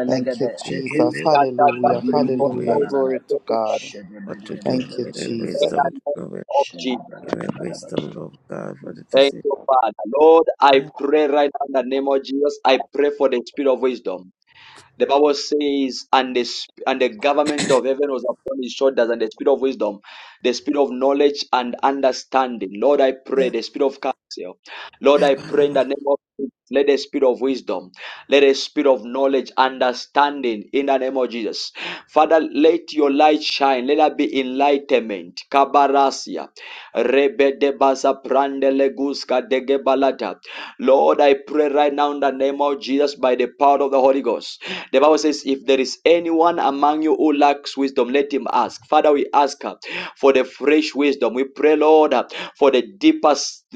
[SPEAKER 12] Thank you,
[SPEAKER 15] Ewe,
[SPEAKER 12] Jesus.
[SPEAKER 15] Ewe,
[SPEAKER 12] Hallelujah.
[SPEAKER 15] Ewe,
[SPEAKER 12] Hallelujah.
[SPEAKER 15] Ewe,
[SPEAKER 12] Glory to God.
[SPEAKER 15] What to do?
[SPEAKER 12] Thank you,
[SPEAKER 15] Ewe,
[SPEAKER 12] Jesus.
[SPEAKER 1] Of
[SPEAKER 15] Wisdom of God for the
[SPEAKER 1] Thank
[SPEAKER 15] decision.
[SPEAKER 1] you, Father. Lord, I pray right now in the name of Jesus. I pray for the spirit of wisdom. The Bible says, and the, sp- and the government of heaven was upon his shoulders, and the spirit of wisdom, the spirit of knowledge and understanding. Lord, I pray,
[SPEAKER 15] Yeah,
[SPEAKER 1] the spirit of counsel. Lord, I
[SPEAKER 15] never,
[SPEAKER 1] pray in the name of Jesus, let the spirit of wisdom, let the spirit of knowledge, understanding in the name of Jesus. Father, let your light shine. Let there be enlightenment. Kabarasia. Rebe baza prande leguska de gebalata. Lord, I pray right now in the name of Jesus by the power of the Holy Ghost. The Bible says, if there is anyone among you who lacks wisdom, let him ask. Father, we ask uh, for the fresh wisdom. We pray, Lord, uh, for the deeper,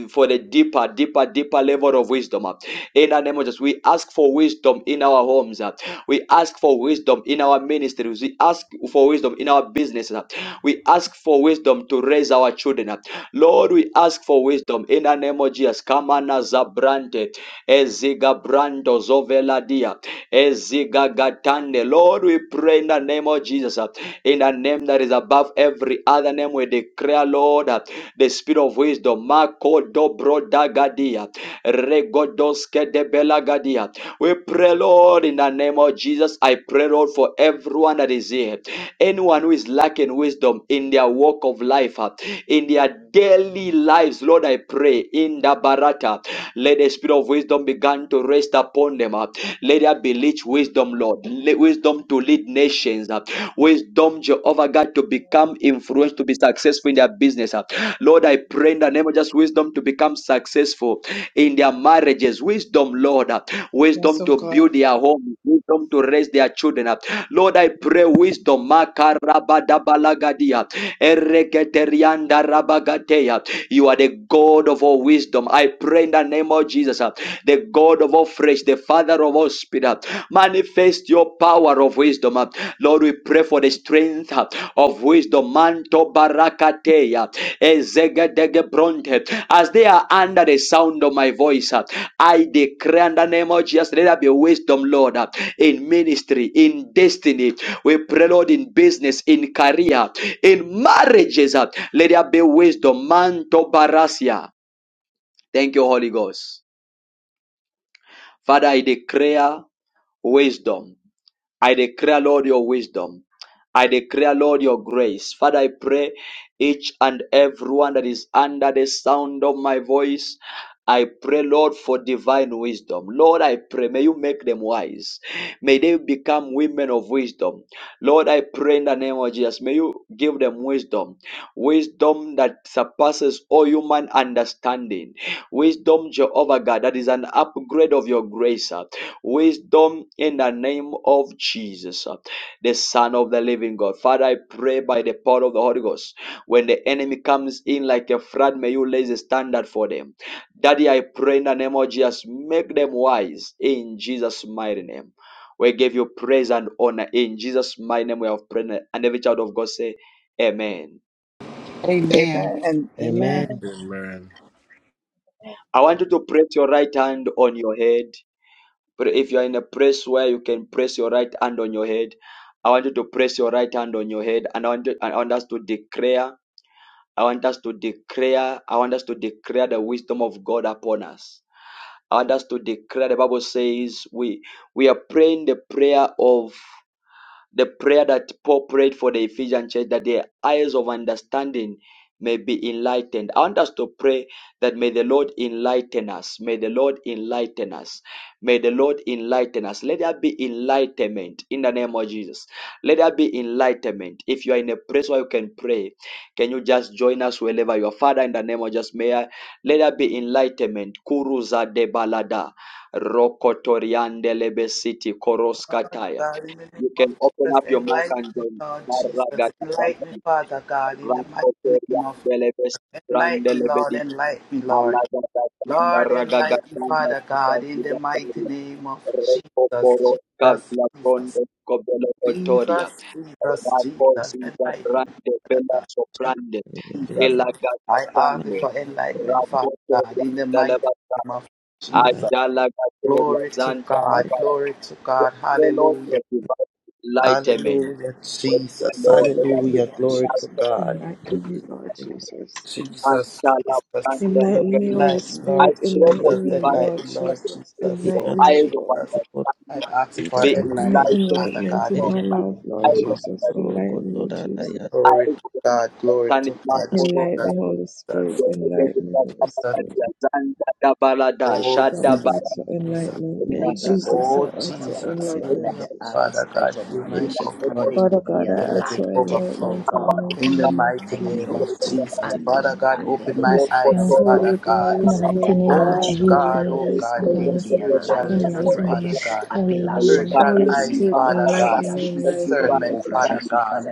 [SPEAKER 1] for the deeper, deeper, deeper level of wisdom. uh, In the name of Jesus, we ask for wisdom in our homes. uh, We ask for wisdom in our ministries. We ask for wisdom in our businesses. uh, We ask for wisdom to raise our children. uh. Lord, we ask for wisdom in the name of Jesus. Kamana Zabrante, Eziga Brando Zoveladia, Eziga Gatande. Lord, we pray in the name of Jesus, uh, in the name that is above every other name, we declare, Lord, uh, the spirit of wisdom. Mako Dobro Dagadia. Regodoske de Belagadia. We pray, Lord, in the name of Jesus. I pray, Lord, for everyone that is here. Anyone who is lacking wisdom in their walk of life, uh, in their daily lives, Lord, I pray in the barata. Let the spirit of wisdom begin to rest upon them. uh. Let there be rich wisdom, Lord. Wisdom to lead nations. uh. Wisdom, Jehovah God, to become influential to be successful in their business. uh. Lord, I pray in the name of just wisdom to become successful in their marriages. Wisdom, Lord, uh,
[SPEAKER 21] Yes,
[SPEAKER 1] wisdom
[SPEAKER 21] of
[SPEAKER 1] to
[SPEAKER 21] God.
[SPEAKER 1] build their homes, wisdom to raise their children. uh. Lord, I pray wisdom. Makarabadabalagadia, ereketeriandarabagateya. You are the God of all wisdom. I pray in the name of Jesus, uh, the God of all flesh, the Father of all spirit. uh, Manifest your power of wisdom. uh. Lord, we pray for the strength uh, of wisdom. man. Tobarakateya, Ezegedegebronte. As they are under the sound of my voice, uh, I declare in the name of Jesus, let there be wisdom, Lord, uh, in ministry, in destiny. We pray, Lord, in business, in career, in marriages. uh, Let there be wisdom. Manto Barasia. Thank you, Holy Ghost. Father, I declare wisdom. I declare, Lord, your wisdom. I declare, Lord, your grace. Father, I pray each and everyone that is under the sound of my voice. I pray, Lord, for divine wisdom. Lord, I pray, may you make them wise. May they become women of wisdom. Lord, I pray in the name of Jesus, may you give them wisdom, wisdom that surpasses all human understanding, wisdom, Jehovah God, that is an upgrade of your grace, uh, wisdom in the name of Jesus, uh, the Son of the living God. Father, I pray by the power of the Holy Ghost, when the enemy comes in like a flood, may you raise a standard for them. Daddy, I pray in the name of Jesus, make them wise in Jesus' mighty name. We give you praise and honor. In Jesus' mighty name we have prayed. And every child of God say, Amen.
[SPEAKER 3] Amen.
[SPEAKER 12] Amen. And
[SPEAKER 21] Amen.
[SPEAKER 12] Amen.
[SPEAKER 11] Amen.
[SPEAKER 1] I want you to press your right hand on your head. But if you are in a place where you can press your right hand on your head, I want you to press your right hand on your head. And I want, you- I want us to declare. I want us to declare. I want us to declare the wisdom of God upon us. I want us to declare. The Bible says we we are praying the prayer of the prayer that Paul prayed for the Ephesian church that their eyes of understanding may be enlightened. I want us to pray that may the Lord enlighten us. May the Lord enlighten us. May the Lord enlighten us. Let there be enlightenment in the name of Jesus. Let there be enlightenment. If you are in a place where you can pray, can you just join us wherever you are? Father, in the name of Jesus, may I, let there be enlightenment. Kuruza de balada. Rokotoriande lebesiti koroskataya.
[SPEAKER 12] God, in the
[SPEAKER 1] You
[SPEAKER 12] name of
[SPEAKER 1] can open
[SPEAKER 12] Jesus,
[SPEAKER 1] up your mic
[SPEAKER 12] enlighten
[SPEAKER 1] and
[SPEAKER 12] me,
[SPEAKER 1] join.
[SPEAKER 12] Lord Jesus. Enlighten me,
[SPEAKER 1] Maragadabadi,
[SPEAKER 12] Father God, in the mighty name of
[SPEAKER 1] Rakotoriandelebes,
[SPEAKER 12] Enlighten me, Lord.
[SPEAKER 1] Brandelebedi,
[SPEAKER 12] Enlighten me, Lord.
[SPEAKER 1] Alagadabanda,
[SPEAKER 12] Lord, enlighten me,
[SPEAKER 1] Ragagatanda,
[SPEAKER 12] Father God, in the mighty
[SPEAKER 1] Kitazigatari,
[SPEAKER 12] name of Jesus.
[SPEAKER 1] Rekoporo,
[SPEAKER 12] Jesus,
[SPEAKER 1] Kavla,
[SPEAKER 12] Jesus.
[SPEAKER 1] Frondo, Kobelo, Otoria,
[SPEAKER 12] Jesus, Jesus, Jesus,
[SPEAKER 1] Rakosinga,
[SPEAKER 12] enlighten me,
[SPEAKER 1] Brande,
[SPEAKER 12] Father
[SPEAKER 1] Bella,
[SPEAKER 12] God.
[SPEAKER 1] Soprande,
[SPEAKER 12] Jesus, I ask you
[SPEAKER 1] Elagagatande,
[SPEAKER 12] for enlightenment, Father God,
[SPEAKER 1] Rakotoria,
[SPEAKER 12] in the mighty
[SPEAKER 1] Dalabata,
[SPEAKER 12] name of Jesus.
[SPEAKER 1] Ajala, Gateria,
[SPEAKER 12] Glory to
[SPEAKER 1] Zanda,
[SPEAKER 12] God,
[SPEAKER 1] Labara,
[SPEAKER 12] glory to God,
[SPEAKER 1] Relo,
[SPEAKER 12] hallelujah,
[SPEAKER 1] Lighterman
[SPEAKER 12] hallelujah,
[SPEAKER 1] the
[SPEAKER 12] Jesus,
[SPEAKER 1] Lord, they got this
[SPEAKER 12] hallelujah, glory to God,
[SPEAKER 1] and
[SPEAKER 12] Jesus,
[SPEAKER 1] shall have and
[SPEAKER 12] Jesus,
[SPEAKER 1] their legacy.
[SPEAKER 12] enlighten,
[SPEAKER 1] I
[SPEAKER 12] Lord
[SPEAKER 1] pray for
[SPEAKER 12] Jesus,
[SPEAKER 1] divine
[SPEAKER 12] enlighten, Lord
[SPEAKER 1] protection,
[SPEAKER 12] Jesus,
[SPEAKER 1] your
[SPEAKER 12] oh
[SPEAKER 1] eyes of
[SPEAKER 12] Jesus. I
[SPEAKER 1] understanding
[SPEAKER 12] ask you for
[SPEAKER 1] be
[SPEAKER 15] never.
[SPEAKER 12] enlightenment,
[SPEAKER 1] enlightened.
[SPEAKER 12] Father
[SPEAKER 1] O
[SPEAKER 12] God, in the
[SPEAKER 1] God.
[SPEAKER 12] mighty name
[SPEAKER 1] Eyes of
[SPEAKER 12] of
[SPEAKER 1] understanding,
[SPEAKER 15] Rokotora Daya
[SPEAKER 12] Glory
[SPEAKER 1] eyes
[SPEAKER 12] to God,
[SPEAKER 1] of
[SPEAKER 12] glory to
[SPEAKER 1] understanding, now
[SPEAKER 12] God,
[SPEAKER 15] Asia
[SPEAKER 1] follow
[SPEAKER 12] Jesus,
[SPEAKER 1] us.
[SPEAKER 12] Jesus,
[SPEAKER 1] Your legacy, that
[SPEAKER 12] Jesus,
[SPEAKER 1] Kapatadia, Zanga, Dabalada,
[SPEAKER 12] oh
[SPEAKER 1] Shadabara,
[SPEAKER 12] Jesus, Jesus.
[SPEAKER 1] in the
[SPEAKER 15] Asia
[SPEAKER 1] name of Jesus,
[SPEAKER 12] Oh Jesus,
[SPEAKER 1] in
[SPEAKER 12] give me
[SPEAKER 1] the
[SPEAKER 12] your Father God, fill my
[SPEAKER 1] name of Jesus, in the name
[SPEAKER 12] cup,
[SPEAKER 1] of
[SPEAKER 12] Lord Jesus, let it overflow. In the mighty name of
[SPEAKER 1] Jesus,
[SPEAKER 12] Jesus, Father God, open
[SPEAKER 1] in the
[SPEAKER 12] my
[SPEAKER 19] Yes,
[SPEAKER 1] name
[SPEAKER 19] Lord.
[SPEAKER 12] eyes, Father God.
[SPEAKER 19] In the
[SPEAKER 1] of
[SPEAKER 19] mighty name
[SPEAKER 1] Jesus.
[SPEAKER 19] of
[SPEAKER 12] Oh God,
[SPEAKER 19] Jesus.
[SPEAKER 12] oh God,
[SPEAKER 19] Oh
[SPEAKER 12] give me
[SPEAKER 19] God,
[SPEAKER 12] spiritual ears,
[SPEAKER 19] enlighten
[SPEAKER 12] Father
[SPEAKER 19] me.
[SPEAKER 12] God.
[SPEAKER 19] Hallelujah.
[SPEAKER 12] Spiritual eyes, Father God. Give me
[SPEAKER 19] Jesus.
[SPEAKER 12] discernment, Father God.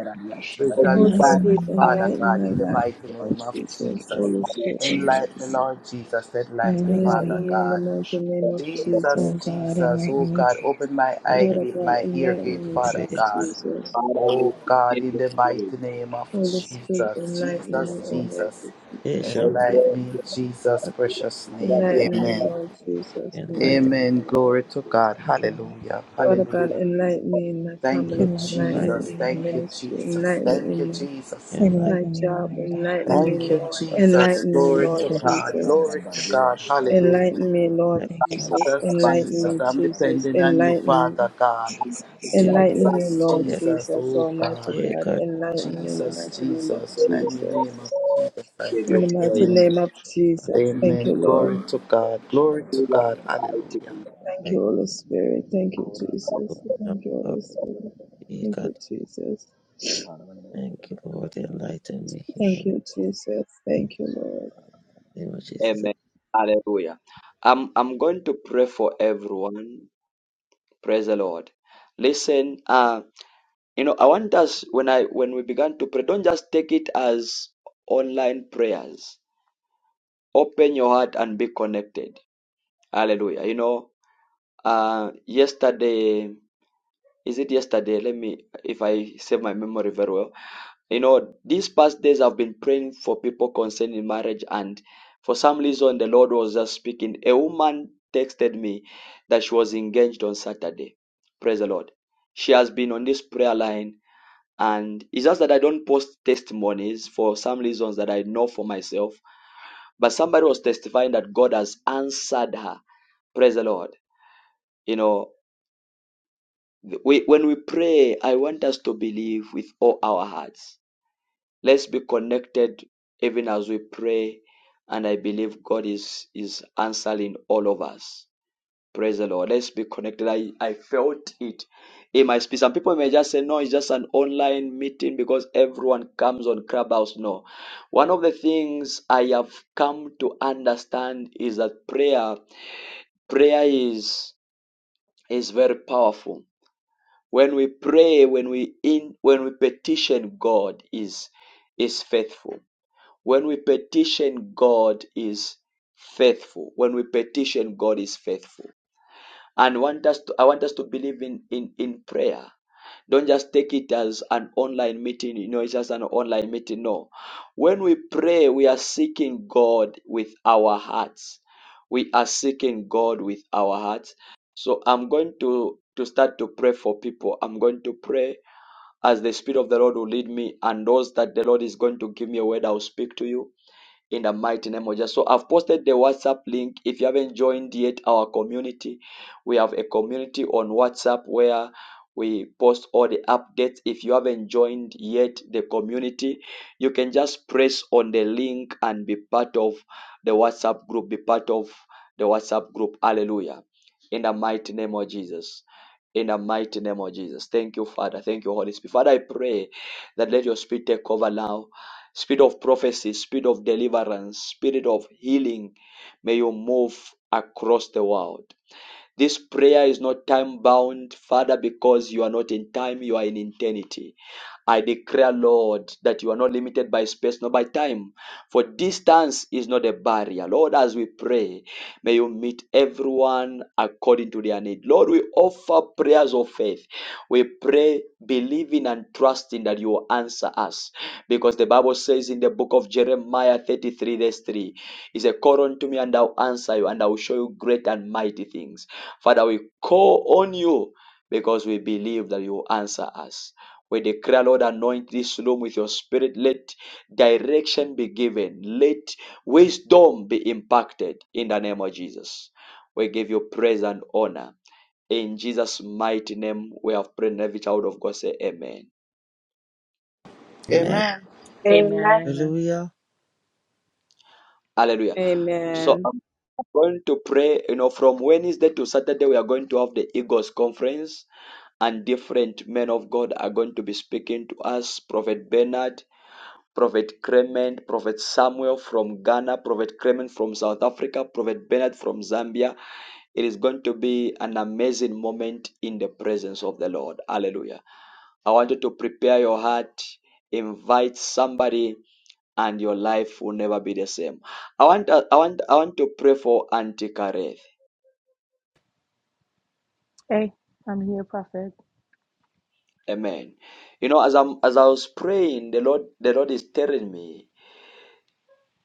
[SPEAKER 12] Spiritual
[SPEAKER 19] Enlighten me,
[SPEAKER 12] discernment,
[SPEAKER 19] Lord.
[SPEAKER 12] Father God, in the mighty name of Jesus.
[SPEAKER 15] Light
[SPEAKER 12] Enlighten me,
[SPEAKER 19] Jesus.
[SPEAKER 12] Lord Jesus, enlighten me,
[SPEAKER 15] with
[SPEAKER 19] Enlighten
[SPEAKER 12] Father
[SPEAKER 19] me.
[SPEAKER 12] God.
[SPEAKER 19] Oh
[SPEAKER 12] Jesus,
[SPEAKER 19] God,
[SPEAKER 12] Jesus, oh
[SPEAKER 19] enlighten me,
[SPEAKER 12] God,
[SPEAKER 19] Jesus.
[SPEAKER 12] open my eye
[SPEAKER 15] Asia
[SPEAKER 12] gate, my ear gate, Father God.
[SPEAKER 19] Jesus.
[SPEAKER 12] Oh God, in the mighty name of
[SPEAKER 19] Hallelujah,
[SPEAKER 12] Jesus,
[SPEAKER 19] Jesus.
[SPEAKER 12] Jesus, Jesus.
[SPEAKER 15] Asia
[SPEAKER 12] Enlighten me in Jesus' precious name.
[SPEAKER 17] Amen.
[SPEAKER 12] Amen.
[SPEAKER 15] and light
[SPEAKER 12] Amen. Glory to God.
[SPEAKER 19] Thank you, Lord.
[SPEAKER 12] Hallelujah. Hallelujah. Thank you,
[SPEAKER 19] Enlighten
[SPEAKER 15] and
[SPEAKER 19] me, Lord. Enlighten me,
[SPEAKER 15] light
[SPEAKER 19] Lord.
[SPEAKER 12] Jesus. Thank you,
[SPEAKER 19] Enlighten me,
[SPEAKER 12] Jesus.
[SPEAKER 19] Jesus.
[SPEAKER 12] Thank you, Jesus.
[SPEAKER 15] and light
[SPEAKER 19] Enlighten me, Lord.
[SPEAKER 12] Thank you,
[SPEAKER 19] Hallelujah.
[SPEAKER 15] and
[SPEAKER 12] Jesus.
[SPEAKER 15] light
[SPEAKER 12] Glory
[SPEAKER 19] Thank
[SPEAKER 12] to
[SPEAKER 19] you,
[SPEAKER 12] God.
[SPEAKER 19] Jesus.
[SPEAKER 12] Glory to
[SPEAKER 19] Enlighten
[SPEAKER 12] God. Hallelujah.
[SPEAKER 19] me.
[SPEAKER 15] and
[SPEAKER 19] Thank you,
[SPEAKER 12] Jesus,
[SPEAKER 19] Jesus.
[SPEAKER 12] Jesus, I'm depending on you, Father God.
[SPEAKER 19] Jesus.
[SPEAKER 15] did it
[SPEAKER 12] Jesus, Jesus, oh
[SPEAKER 19] Thank you,
[SPEAKER 12] God.
[SPEAKER 15] that
[SPEAKER 12] Jesus, Jesus, and in the name of Jesus, I pray. Amen. Amen. Glory to God. Glory to God. Hallelujah.
[SPEAKER 15] of Thank you, Lord, enlighten me in the name of Jesus.
[SPEAKER 1] Amen. Hallelujah. I'm I'm going to pray for everyone. Praise the Lord. Listen, uh, you know, I want us when I when we began to pray, don't just take it as online prayers. Open your heart and be connected. Hallelujah. You know, uh, yesterday is it yesterday? Let me if I save my memory very well. You know, these past days I've been praying for people concerning marriage, and for some reason the Lord was just speaking. A woman texted me that she was engaged on Saturday. Praise the Lord. She has been on this prayer line And it's just that I don't post testimonies for some reasons that I know for myself. But somebody was testifying that God has answered her. Praise the Lord. You know, we, when we pray, I want us to believe with all our hearts. Let's be connected even as we pray. And I believe God is, is answering all of us. Praise the Lord. Let's be connected. I, I felt it in my spirit. Some people may just say, no, it's just an online meeting because everyone comes on Clubhouse. No. One of the things I have come to understand is that prayer, prayer is, is very powerful. When we pray, when we in, when we petition God is, is faithful. When we petition God is faithful. When we petition God is faithful and want us to, I want us to believe in, in, in prayer. Don't just take it as an online meeting, you know, it's just an online meeting. No. When we pray, we are seeking God with our hearts. We are seeking God with our hearts. So I'm going to, to start to pray for people. I'm going to pray as the Spirit of the Lord will lead me, and those that the Lord is going to give me a word, I'll speak to you in the mighty name of Jesus. So I've posted the WhatsApp link. If you haven't joined yet our community, we have a community on WhatsApp where we post all the updates. If you haven't joined yet the community, you can just press on the link and be part of the WhatsApp group. Be part of the WhatsApp group. Hallelujah. In the mighty name of Jesus in the mighty name of Jesus. Thank you, Father. Thank you, Holy Spirit. Father, I pray that let your spirit take over now. Spirit of prophecy, spirit of deliverance, spirit of healing. May you move across the world. This prayer is not time bound, Father, because you are not in time, you are in eternity. I declare, Lord, that you are not limited by space nor by time, for distance is not a barrier. Lord, as we pray, may you meet everyone according to their need. Lord, we offer prayers of faith. We pray, believing and trusting that you will answer us, because the Bible says in the book of Jeremiah 33, verse 3, He said, Call unto me, and I'll answer you, and I'll show you great and mighty things. Father, we call on you because we believe that you will answer us. We declare, Lord, anoint this room with your spirit. Let direction be given. Let wisdom be impacted in the name of Jesus. We give you praise and honor. In Jesus' mighty name, we have prayed. and Every child of God say amen.
[SPEAKER 15] Amen.
[SPEAKER 12] Amen.
[SPEAKER 19] Lord.
[SPEAKER 13] Amen.
[SPEAKER 19] Amen.
[SPEAKER 15] Hallelujah.
[SPEAKER 1] Hallelujah. So I'm going to pray, you know, from Wednesday to Saturday, we are going to have the Eagles Conference and different men of God are going to be speaking to us. Prophet Bernard, Prophet Clement, Prophet Samuel from Ghana, Prophet Clement from South Africa, Prophet Bernard from Zambia. It is going to be an amazing moment in the presence of the Lord. Hallelujah. I want you to prepare your heart, invite somebody, and your life will never be the same. I want I want I want to pray for Auntie Kareth.
[SPEAKER 19] Hey, I'm here, Prophet.
[SPEAKER 1] Amen. You know, as I'm as I was praying, the Lord the Lord is telling me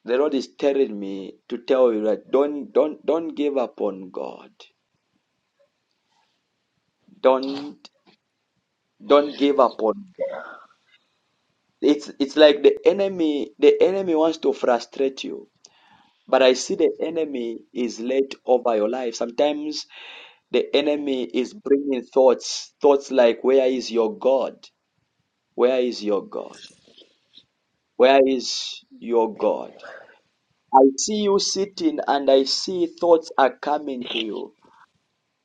[SPEAKER 1] The Lord is telling me to tell you that don't don't don't give up on God. Don't don't give up on God. It's it's like the enemy the enemy wants to frustrate you. But I see the enemy is laid over your life. Sometimes the enemy is bringing thoughts, thoughts like, Where is your God? Where is your God? Where is your God? I see you sitting and I see thoughts are coming to you.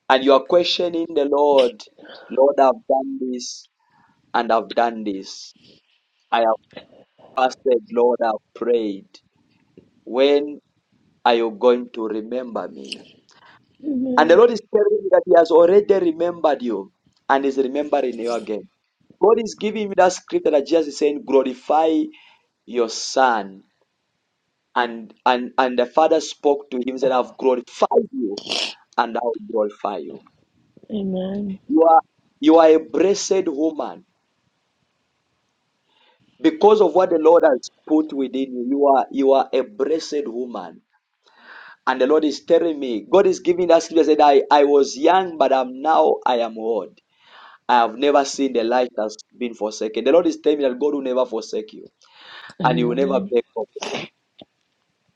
[SPEAKER 1] and you are questioning the Lord. Lord, I've done this and I've done this. I have fasted, Lord, I've prayed. When are you going to remember me? And the
[SPEAKER 19] Amen.
[SPEAKER 1] Lord is telling you that He has already remembered you and is remembering you again. God is giving you that scripture that Jesus is saying, glorify your son. And, and and the father spoke to him and said, I've glorified you and I'll glorify you.
[SPEAKER 19] Amen.
[SPEAKER 1] You are you are a blessed woman because of what the Lord has put within you, you are you are a blessed woman. And the Lord is telling me, God is giving that scripture said, I, I was young, but I'm now I am old. I have never seen the light that's been forsaken. The Lord is telling me that God will never forsake you and He will never
[SPEAKER 19] Amen.
[SPEAKER 1] back off.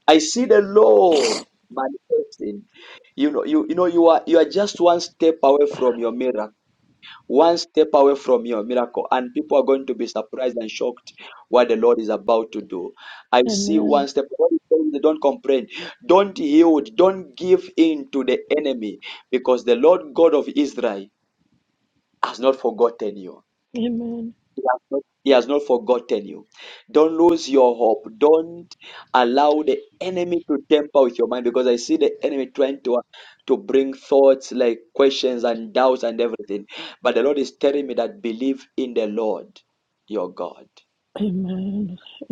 [SPEAKER 1] I see the Lord manifesting. You know, you, you know, you are you are just one step away from your miracle one step away from your miracle and people are going to be surprised and shocked what the lord is about to do i see
[SPEAKER 19] Amen.
[SPEAKER 1] one step don't complain don't yield don't give in to the enemy because the lord god of israel has not forgotten you
[SPEAKER 19] Amen.
[SPEAKER 1] he has not he has not forgotten you. Don't lose your hope. Don't allow the enemy to temper with your mind because I see the enemy trying to to bring thoughts like questions and doubts and everything. But the Lord is telling me that believe in the Lord your God.
[SPEAKER 19] Amen.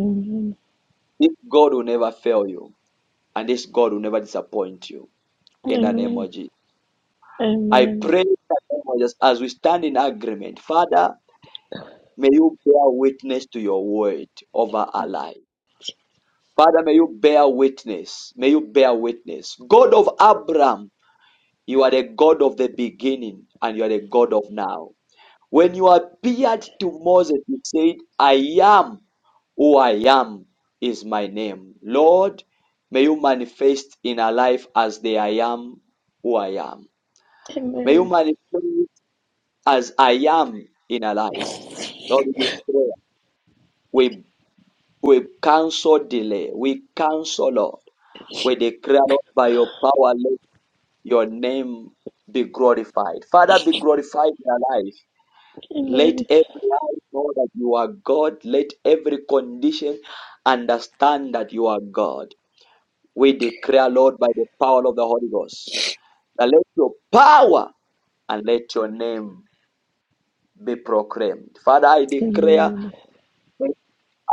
[SPEAKER 19] Amen.
[SPEAKER 1] This God will never fail you, and this God will never disappoint you. In the name
[SPEAKER 19] Amen.
[SPEAKER 1] of Jesus. I
[SPEAKER 19] Amen.
[SPEAKER 1] pray in the name of Jesus, as we stand in agreement, Father, may you bear witness to your word over our
[SPEAKER 19] Thank you.
[SPEAKER 1] life. Father, may you bear witness. May you bear witness. God of Abraham, you are the God of the beginning and you are the God of now. When you appeared to Moses, you said, I am who I am is my name. Lord, may you manifest in our life as the I am who I am. May
[SPEAKER 19] Amen.
[SPEAKER 1] you manifest as I am in our life. Lord, we pray. We, we cancel delay. We cancel, Lord. We declare, Lord, by your power, let your name be glorified. Father, be glorified in our life. Let
[SPEAKER 19] Amen.
[SPEAKER 1] every eye know that you are God. Let every condition understand that you are God. We declare, Lord, by the power of the Holy Ghost, that let your power and let your name be proclaimed. Father, I declare
[SPEAKER 19] Amen.
[SPEAKER 1] let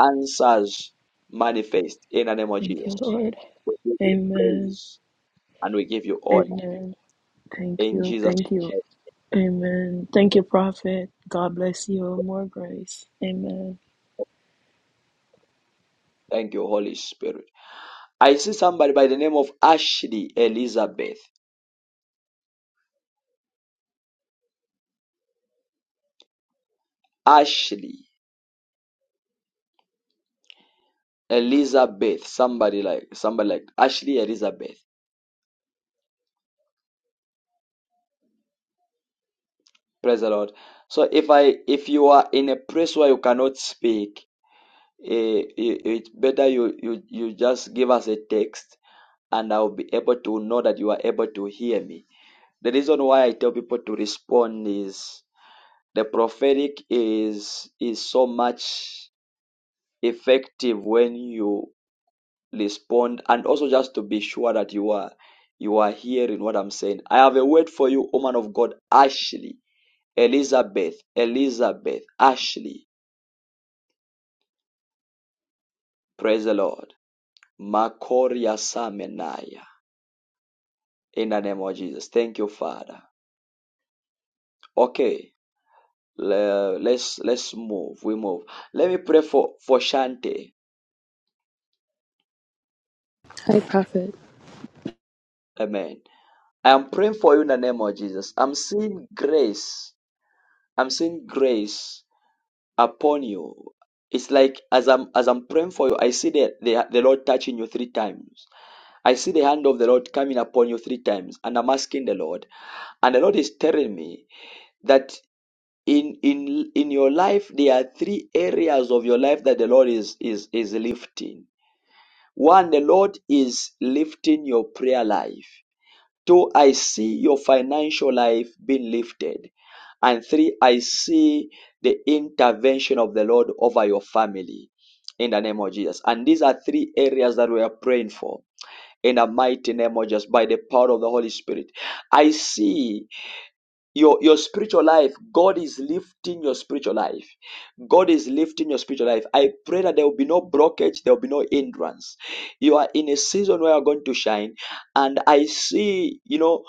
[SPEAKER 1] answers manifest in the name of
[SPEAKER 19] Thank you,
[SPEAKER 1] Jesus.
[SPEAKER 19] Lord.
[SPEAKER 1] We give you
[SPEAKER 19] Amen.
[SPEAKER 1] praise and we give you honor
[SPEAKER 19] Amen. Thank
[SPEAKER 1] in
[SPEAKER 19] you.
[SPEAKER 1] Jesus'
[SPEAKER 19] Thank you.
[SPEAKER 1] name.
[SPEAKER 19] Amen. Thank you, Prophet. God bless you. More grace. Amen.
[SPEAKER 1] Thank you, Holy Spirit. I see somebody by the name of Ashley Elizabeth. Ashley Elizabeth. Somebody like somebody like Ashley Elizabeth. Praise the Lord. So if I if you are in a place where you cannot speak, eh, it- it's better you you you just give us a text, and I'll be able to know that you are able to hear me. The reason why I tell people to respond is the prophetic is is so much effective when you respond and also just to be sure that you are you are hearing what i'm saying i have a word for you woman of god ashley elizabeth elizabeth ashley praise the lord makoria samenaya in the name of jesus thank you father okay let's let's move we move let me pray for for shante
[SPEAKER 14] Hi, Prophet.
[SPEAKER 1] amen i am praying for you in the name of jesus i'm seeing grace i'm seeing grace upon you. It's like as I'm as I'm praying for you, I see the, the the Lord touching you three times. I see the hand of the Lord coming upon you three times, and I'm asking the Lord, and the Lord is telling me that in in in your life there are three areas of your life that the Lord is is is lifting. One, the Lord is lifting your prayer life. Two, I see your financial life being lifted. And three, I see the intervention of the Lord over your family in the name of Jesus. And these are three areas that we are praying for in the mighty name of Jesus by the power of the Holy Spirit. I see your your spiritual life god is lifting your spiritual life god is lifting your spiritual life i pray that there will be no blockage there will be no hindrance you are in a season where you're going to shine and i see you know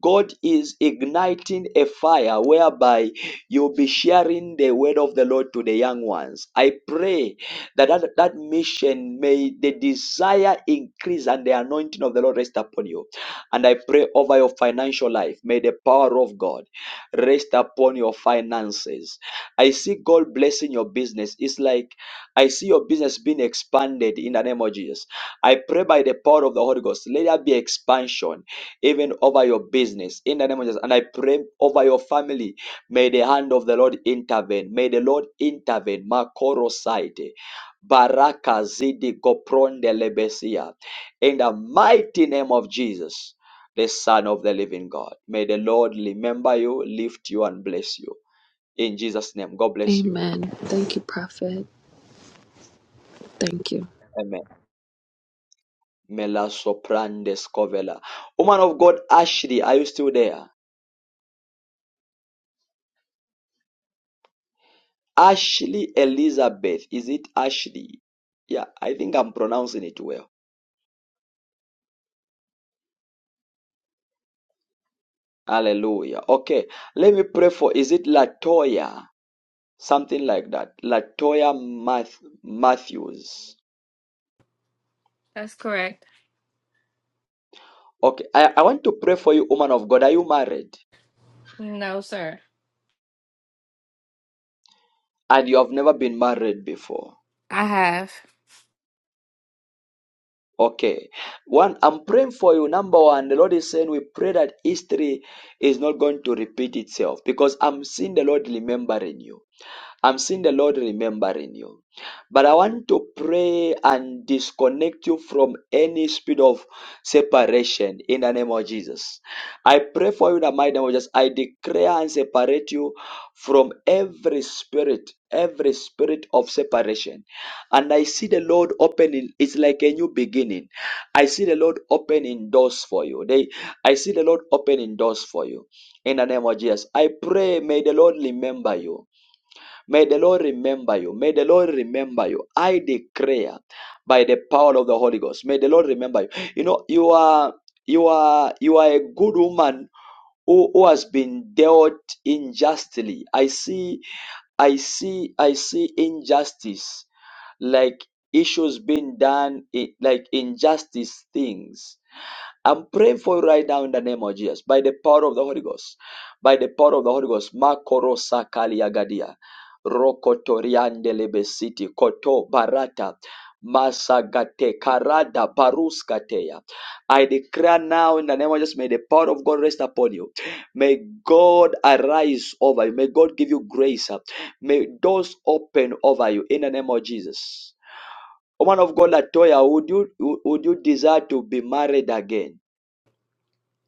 [SPEAKER 1] god is igniting a fire whereby you'll be sharing the word of the Lord to the young ones. I pray that that, that mission may the desire increase and the anointing of the Lord rest upon you. And I pray over your financial life. May the power of God rest upon your finances. I see God blessing your business. It's like I see your business being expanded in the name of Jesus. I pray by the power of the Holy Ghost. Let there be expansion even over your business in the name of Jesus. And I pray over your family. May the hand of the Lord intervene. May the Lord intervene. Makoro saite. Baraka zidi kopronde lebesia. In the mighty name of Jesus, the Son of the living God. May the Lord remember you, lift you, and bless you. In Jesus' name, God bless you.
[SPEAKER 14] Amen. Thank you, Prophet. Thank you.
[SPEAKER 1] Amen. Mela soprande scovela. Woman of God, Ashley, are you still there? Ashley Elizabeth. Is it Ashley? Yeah, I think I'm pronouncing it well. Hallelujah. Okay, let me pray for. Is it Latoya? Something like that. Latoya Math- Matthews.
[SPEAKER 22] That's correct.
[SPEAKER 1] Okay, I, I want to pray for you, woman of God. Are you married?
[SPEAKER 22] No, sir.
[SPEAKER 1] And you have never been married before.
[SPEAKER 22] I have.
[SPEAKER 1] Okay. One, I'm praying for you. Number one, the Lord is saying we pray that history is not going to repeat itself because I'm seeing the Lord remembering you. I'm seeing the Lord remembering you. But I want to pray and disconnect you from any spirit of separation in the name of Jesus. I pray for you in the mighty name of Jesus. I declare and separate you from every spirit, every spirit of separation. And I see the Lord opening, it's like a new beginning. I see the Lord opening doors for you. They, I see the Lord opening doors for you in the name of Jesus. I pray, may the Lord remember you. May the Lord remember you. May the Lord remember you. I declare by the power of the Holy Ghost. May the Lord remember you. You know, you are you are you are a good woman who, who has been dealt unjustly. I see, I see, I see injustice, like issues being done, i- like injustice things I'm praying for you right now in the name of Jesus, by the power of the Holy Ghost, by the power of the Holy Ghost. Makoro sakaliagadia, rokotoriande lebesiti, koto barata, masagate karada baruskateya. I declare now in the name of Jesus, may the power of God rest upon you. May God arise over you. May God give you grace. May doors open over you in the name of Jesus. Woman of God, Latoya, would you would you desire to be married again?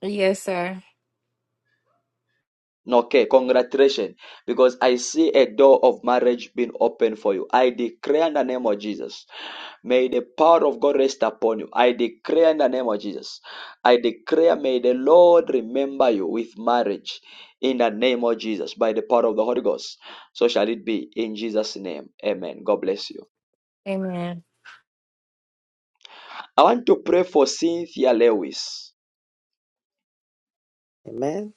[SPEAKER 22] Yes, sir.
[SPEAKER 1] Okay, congratulations. Because I see a door of marriage being opened for you. I declare in the name of Jesus. May the power of God rest upon you. I declare in the name of Jesus. I declare, may the Lord remember you with marriage in the name of Jesus by the power of the Holy Ghost. So shall it be in Jesus' name. Amen. God bless you.
[SPEAKER 22] Amen.
[SPEAKER 1] I want to pray for Cynthia Lewis.
[SPEAKER 15] Amen.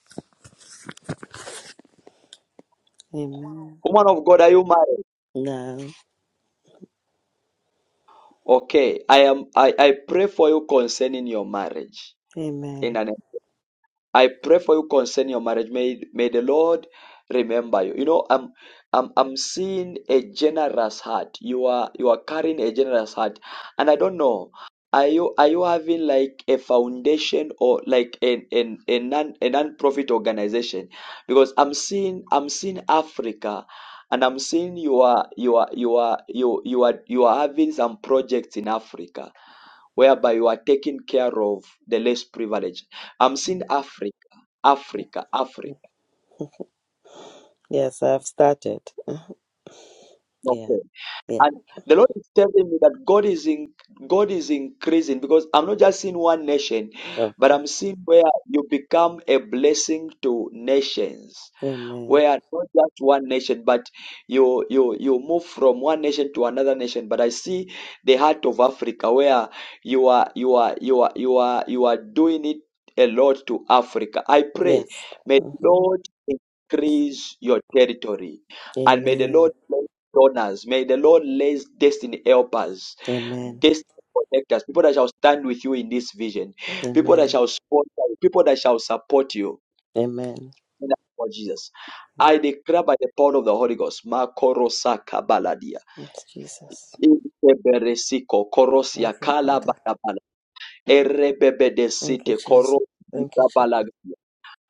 [SPEAKER 15] Amen.
[SPEAKER 1] Woman of God, are you married?
[SPEAKER 15] No.
[SPEAKER 1] Okay. I am I, I pray for you concerning your marriage in
[SPEAKER 15] Amen.
[SPEAKER 1] the name I pray for you concerning your marriage. May, may the Lord remember you. You know, I'm I'm I'm seeing a generous heart. You are you are carrying a generous heart. And I don't know. Are you are you having like a foundation or like an an a non a non-profit organization? Because I'm seeing I'm seeing Africa and I'm seeing you are you are you are you you are you are having some projects in Africa whereby you are taking care of the less privileged. I'm seeing Africa, Africa, Africa.
[SPEAKER 15] Yes, I've started. *laughs* Yeah.
[SPEAKER 1] Okay.
[SPEAKER 15] Yeah.
[SPEAKER 1] And the Lord is telling me that God is in God is increasing because I'm not just seeing one nation, but
[SPEAKER 15] Okay.
[SPEAKER 1] I'm seeing where you become a blessing to nations.
[SPEAKER 15] Amen.
[SPEAKER 1] where not just one nation, but you you you move from one nation to another nation. But I see the heart of Africa where you are you are you are you are you are doing it a lot to Africa. I pray,
[SPEAKER 15] Yes.
[SPEAKER 1] may the
[SPEAKER 15] hmm
[SPEAKER 1] Lord increase your territory, and may the
[SPEAKER 15] Amen.
[SPEAKER 1] Lord bless donors. May the Lord bless destiny helpers,
[SPEAKER 15] Amen.
[SPEAKER 1] destiny protectors, people that shall stand with you in this vision, people that
[SPEAKER 15] Amen.
[SPEAKER 1] shall sponsor you, people that shall support you.
[SPEAKER 15] Amen.
[SPEAKER 1] In the name of Jesus. I declare by the power of the Holy Ghost, Makorosa Kabaladia,
[SPEAKER 15] Thanks, Jesus.
[SPEAKER 1] Iberesiko, Korosia
[SPEAKER 15] Thank you, Father.
[SPEAKER 1] Kalabalabala, Erebebe de
[SPEAKER 15] Thank you,
[SPEAKER 1] City,
[SPEAKER 15] Jesus.
[SPEAKER 1] Korosia
[SPEAKER 15] Thank you, Jesus.
[SPEAKER 1] baladia.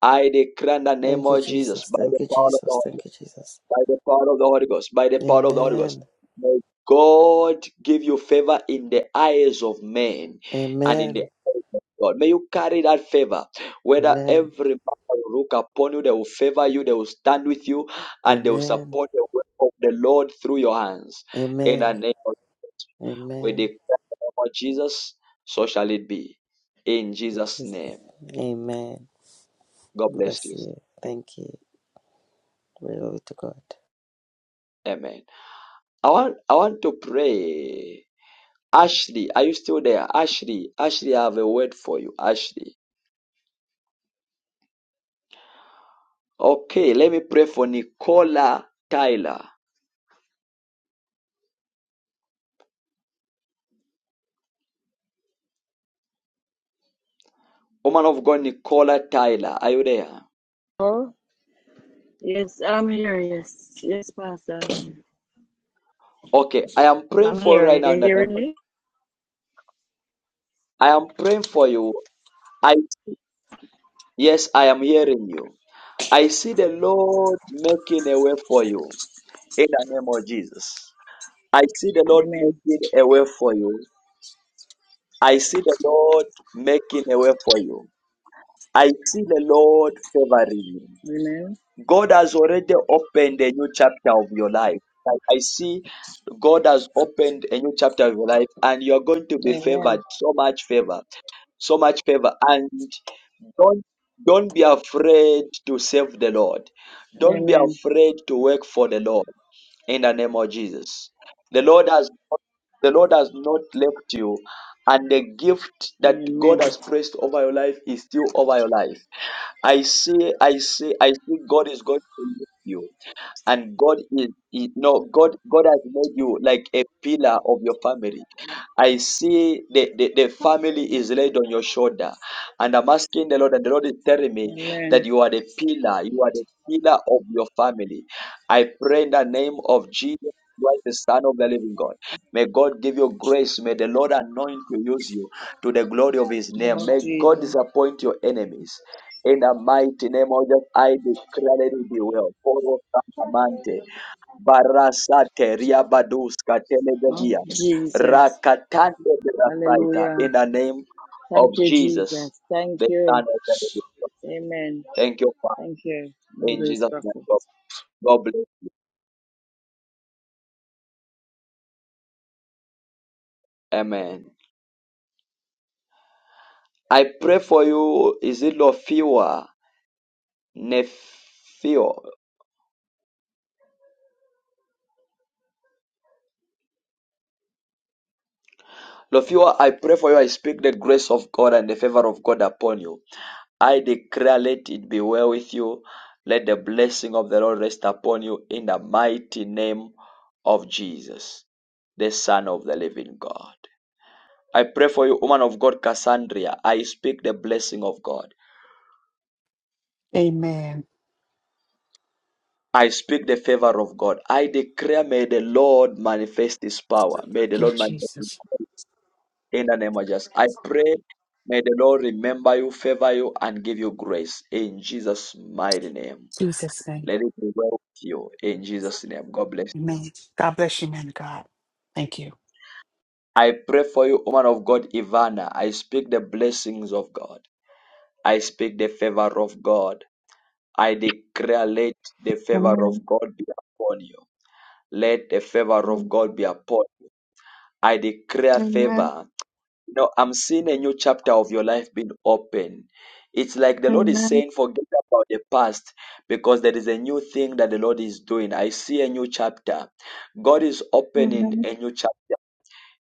[SPEAKER 1] I declare in the name
[SPEAKER 15] Thank you,
[SPEAKER 1] of Jesus,
[SPEAKER 15] Jesus.
[SPEAKER 1] by the
[SPEAKER 15] Thank you,
[SPEAKER 1] power of the
[SPEAKER 15] Jesus.
[SPEAKER 1] Holy Ghost
[SPEAKER 15] Thank you, Jesus.
[SPEAKER 1] by the power of the Holy Ghost, by the power of the Holy Ghost.
[SPEAKER 15] Amen.
[SPEAKER 1] May God give you favor in the eyes of men and in the
[SPEAKER 15] Amen.
[SPEAKER 1] eyes of God. May you carry that favor. Whether
[SPEAKER 15] Amen.
[SPEAKER 1] every man will look upon you, they will favor you, they will stand with you, and they will
[SPEAKER 15] Amen.
[SPEAKER 1] support the work of the Lord through your hands. In the
[SPEAKER 15] Amen.
[SPEAKER 1] name of we
[SPEAKER 15] Amen.
[SPEAKER 1] the name of Jesus, so shall it be. In
[SPEAKER 15] It
[SPEAKER 1] Jesus'
[SPEAKER 15] is.
[SPEAKER 1] name.
[SPEAKER 15] Amen.
[SPEAKER 1] God bless
[SPEAKER 15] Bless
[SPEAKER 1] you.
[SPEAKER 15] you. Thank you. Glory to God.
[SPEAKER 1] Amen. I want I want to pray Ashley, are you still there? Ashley, Ashley, I have a word for you. Ashley. Okay, let me pray for Nicola Tyler. Woman of God, Nicola Tyler. Are you there?
[SPEAKER 23] Hello? Yes, I'm here. Yes, yes, Pastor.
[SPEAKER 1] Okay, I am praying
[SPEAKER 23] I'm
[SPEAKER 1] for you
[SPEAKER 23] here.
[SPEAKER 1] right now in
[SPEAKER 23] You
[SPEAKER 1] the name
[SPEAKER 23] hearing
[SPEAKER 1] of
[SPEAKER 23] me?
[SPEAKER 1] I am praying for you. I yes, I am hearing you. I see the Lord making a way for you in the name of Jesus. I see the Lord
[SPEAKER 23] Amen.
[SPEAKER 1] making a way for you. I see the Lord making a way for you. I see the Lord favoring you.
[SPEAKER 23] Amen.
[SPEAKER 1] God has already opened a new chapter of your life. I, I see God has opened a new chapter of your life, and you're going to be
[SPEAKER 23] Amen.
[SPEAKER 1] favored so much favor, so much favor. And don't don't be afraid to serve the Lord. Don't be
[SPEAKER 23] Amen.
[SPEAKER 1] afraid to work for the Lord in the name of Jesus. The Lord has the Lord has not left you, and the gift that
[SPEAKER 23] Amen.
[SPEAKER 1] God has placed over your life is still over your life I say, I say, I say, God is going to make you, and God is, is no God. God has made you like a pillar of your family. I see the, the, the family is laid on your shoulder. And I'm asking the Lord, and the Lord is telling me that
[SPEAKER 23] Amen.
[SPEAKER 1] you are the pillar, you are the pillar of your family. I pray in the name of Jesus. Christ, the Son of the Living God. May God give you grace. May the Lord anoint you, use you to the glory of His
[SPEAKER 23] Name
[SPEAKER 1] name.
[SPEAKER 23] of
[SPEAKER 1] May God
[SPEAKER 23] Jesus.
[SPEAKER 1] disappoint your enemies. In the mighty name of Jesus, I declare it be well. Follow Amante. Barasateria Baduska
[SPEAKER 23] Of
[SPEAKER 1] Telegadia.
[SPEAKER 23] Jesus.
[SPEAKER 1] Rakatande Berasaita. In
[SPEAKER 23] Hallelujah.
[SPEAKER 1] the name of
[SPEAKER 23] Thank you,
[SPEAKER 1] Jesus,
[SPEAKER 23] Jesus. Thank
[SPEAKER 1] the Son
[SPEAKER 23] you.
[SPEAKER 1] of the Living.
[SPEAKER 23] Amen.
[SPEAKER 1] Thank you, Father.
[SPEAKER 23] Thank you. No
[SPEAKER 1] In
[SPEAKER 23] grace,
[SPEAKER 1] Jesus' name,
[SPEAKER 23] prophet.
[SPEAKER 1] God God bless. Amen. I pray for you. Is it Lofiwa? Nefio. Lofiwa, I pray for you. I speak the grace of God and the favor of God upon you. I declare, let it be well with you. Let the blessing of the Lord rest upon you in the mighty name of Jesus, the Son of the living God. I pray for you, woman of God, Cassandra. I speak the blessing of God.
[SPEAKER 3] Amen.
[SPEAKER 1] I speak the favor of God. I declare, may the Lord manifest his power. May the
[SPEAKER 3] Give
[SPEAKER 1] Lord manifest his
[SPEAKER 3] Jesus.
[SPEAKER 1] power in the name of Jesus. I pray, may the Lord remember you, favor you, and give you grace in Jesus' mighty name.
[SPEAKER 3] Jesus' name.
[SPEAKER 1] Let it be well with you. In Jesus' name, God bless you.
[SPEAKER 3] Amen. God bless you, man of God. Thank you.
[SPEAKER 1] I pray for you, woman of God, Ivana. I speak the blessings of God. I speak the favor of God. I declare, let the favor
[SPEAKER 24] Amen.
[SPEAKER 1] of God be upon you. Let the favor of God
[SPEAKER 24] Amen.
[SPEAKER 1] be upon you. I declare
[SPEAKER 24] Amen.
[SPEAKER 1] favor. You know, I'm seeing a new chapter of your life being open. It's like the Lord is
[SPEAKER 24] Amen.
[SPEAKER 1] saying, forget about the past because there is a new thing that the Lord is doing. I see a new chapter. God is opening
[SPEAKER 24] Amen.
[SPEAKER 1] a new chapter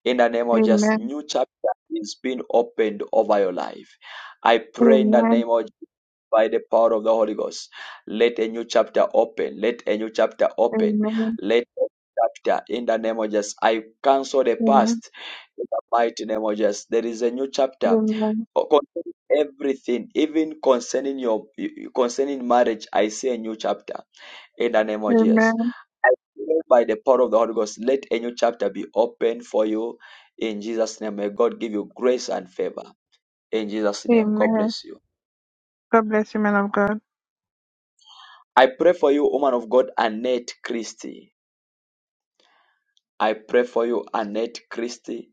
[SPEAKER 1] in the name of Jesus. New chapter is being opened over your life. I pray in the
[SPEAKER 24] Amen.
[SPEAKER 1] name of Jesus, by the power of the Holy Ghost. Let a new chapter open. Let a new chapter open.
[SPEAKER 24] Amen.
[SPEAKER 1] Let a new chapter in the name of Jesus. I cancel the
[SPEAKER 24] Amen.
[SPEAKER 1] past in the mighty name of Jesus. There is a new chapter.
[SPEAKER 24] Amen. Amen.
[SPEAKER 1] Concerning everything, even concerning your concerning marriage, I see a new chapter in the name of Jesus.
[SPEAKER 24] Amen.
[SPEAKER 1] I pray by the power of the Holy Ghost, let a new chapter be open for you in Jesus' name. May God give you grace and favor in Jesus' name. God
[SPEAKER 24] Amen.
[SPEAKER 1] bless you.
[SPEAKER 24] God bless you, man of God.
[SPEAKER 1] I pray for you, woman of God, Annette Christie. I pray for you, Annette Christie,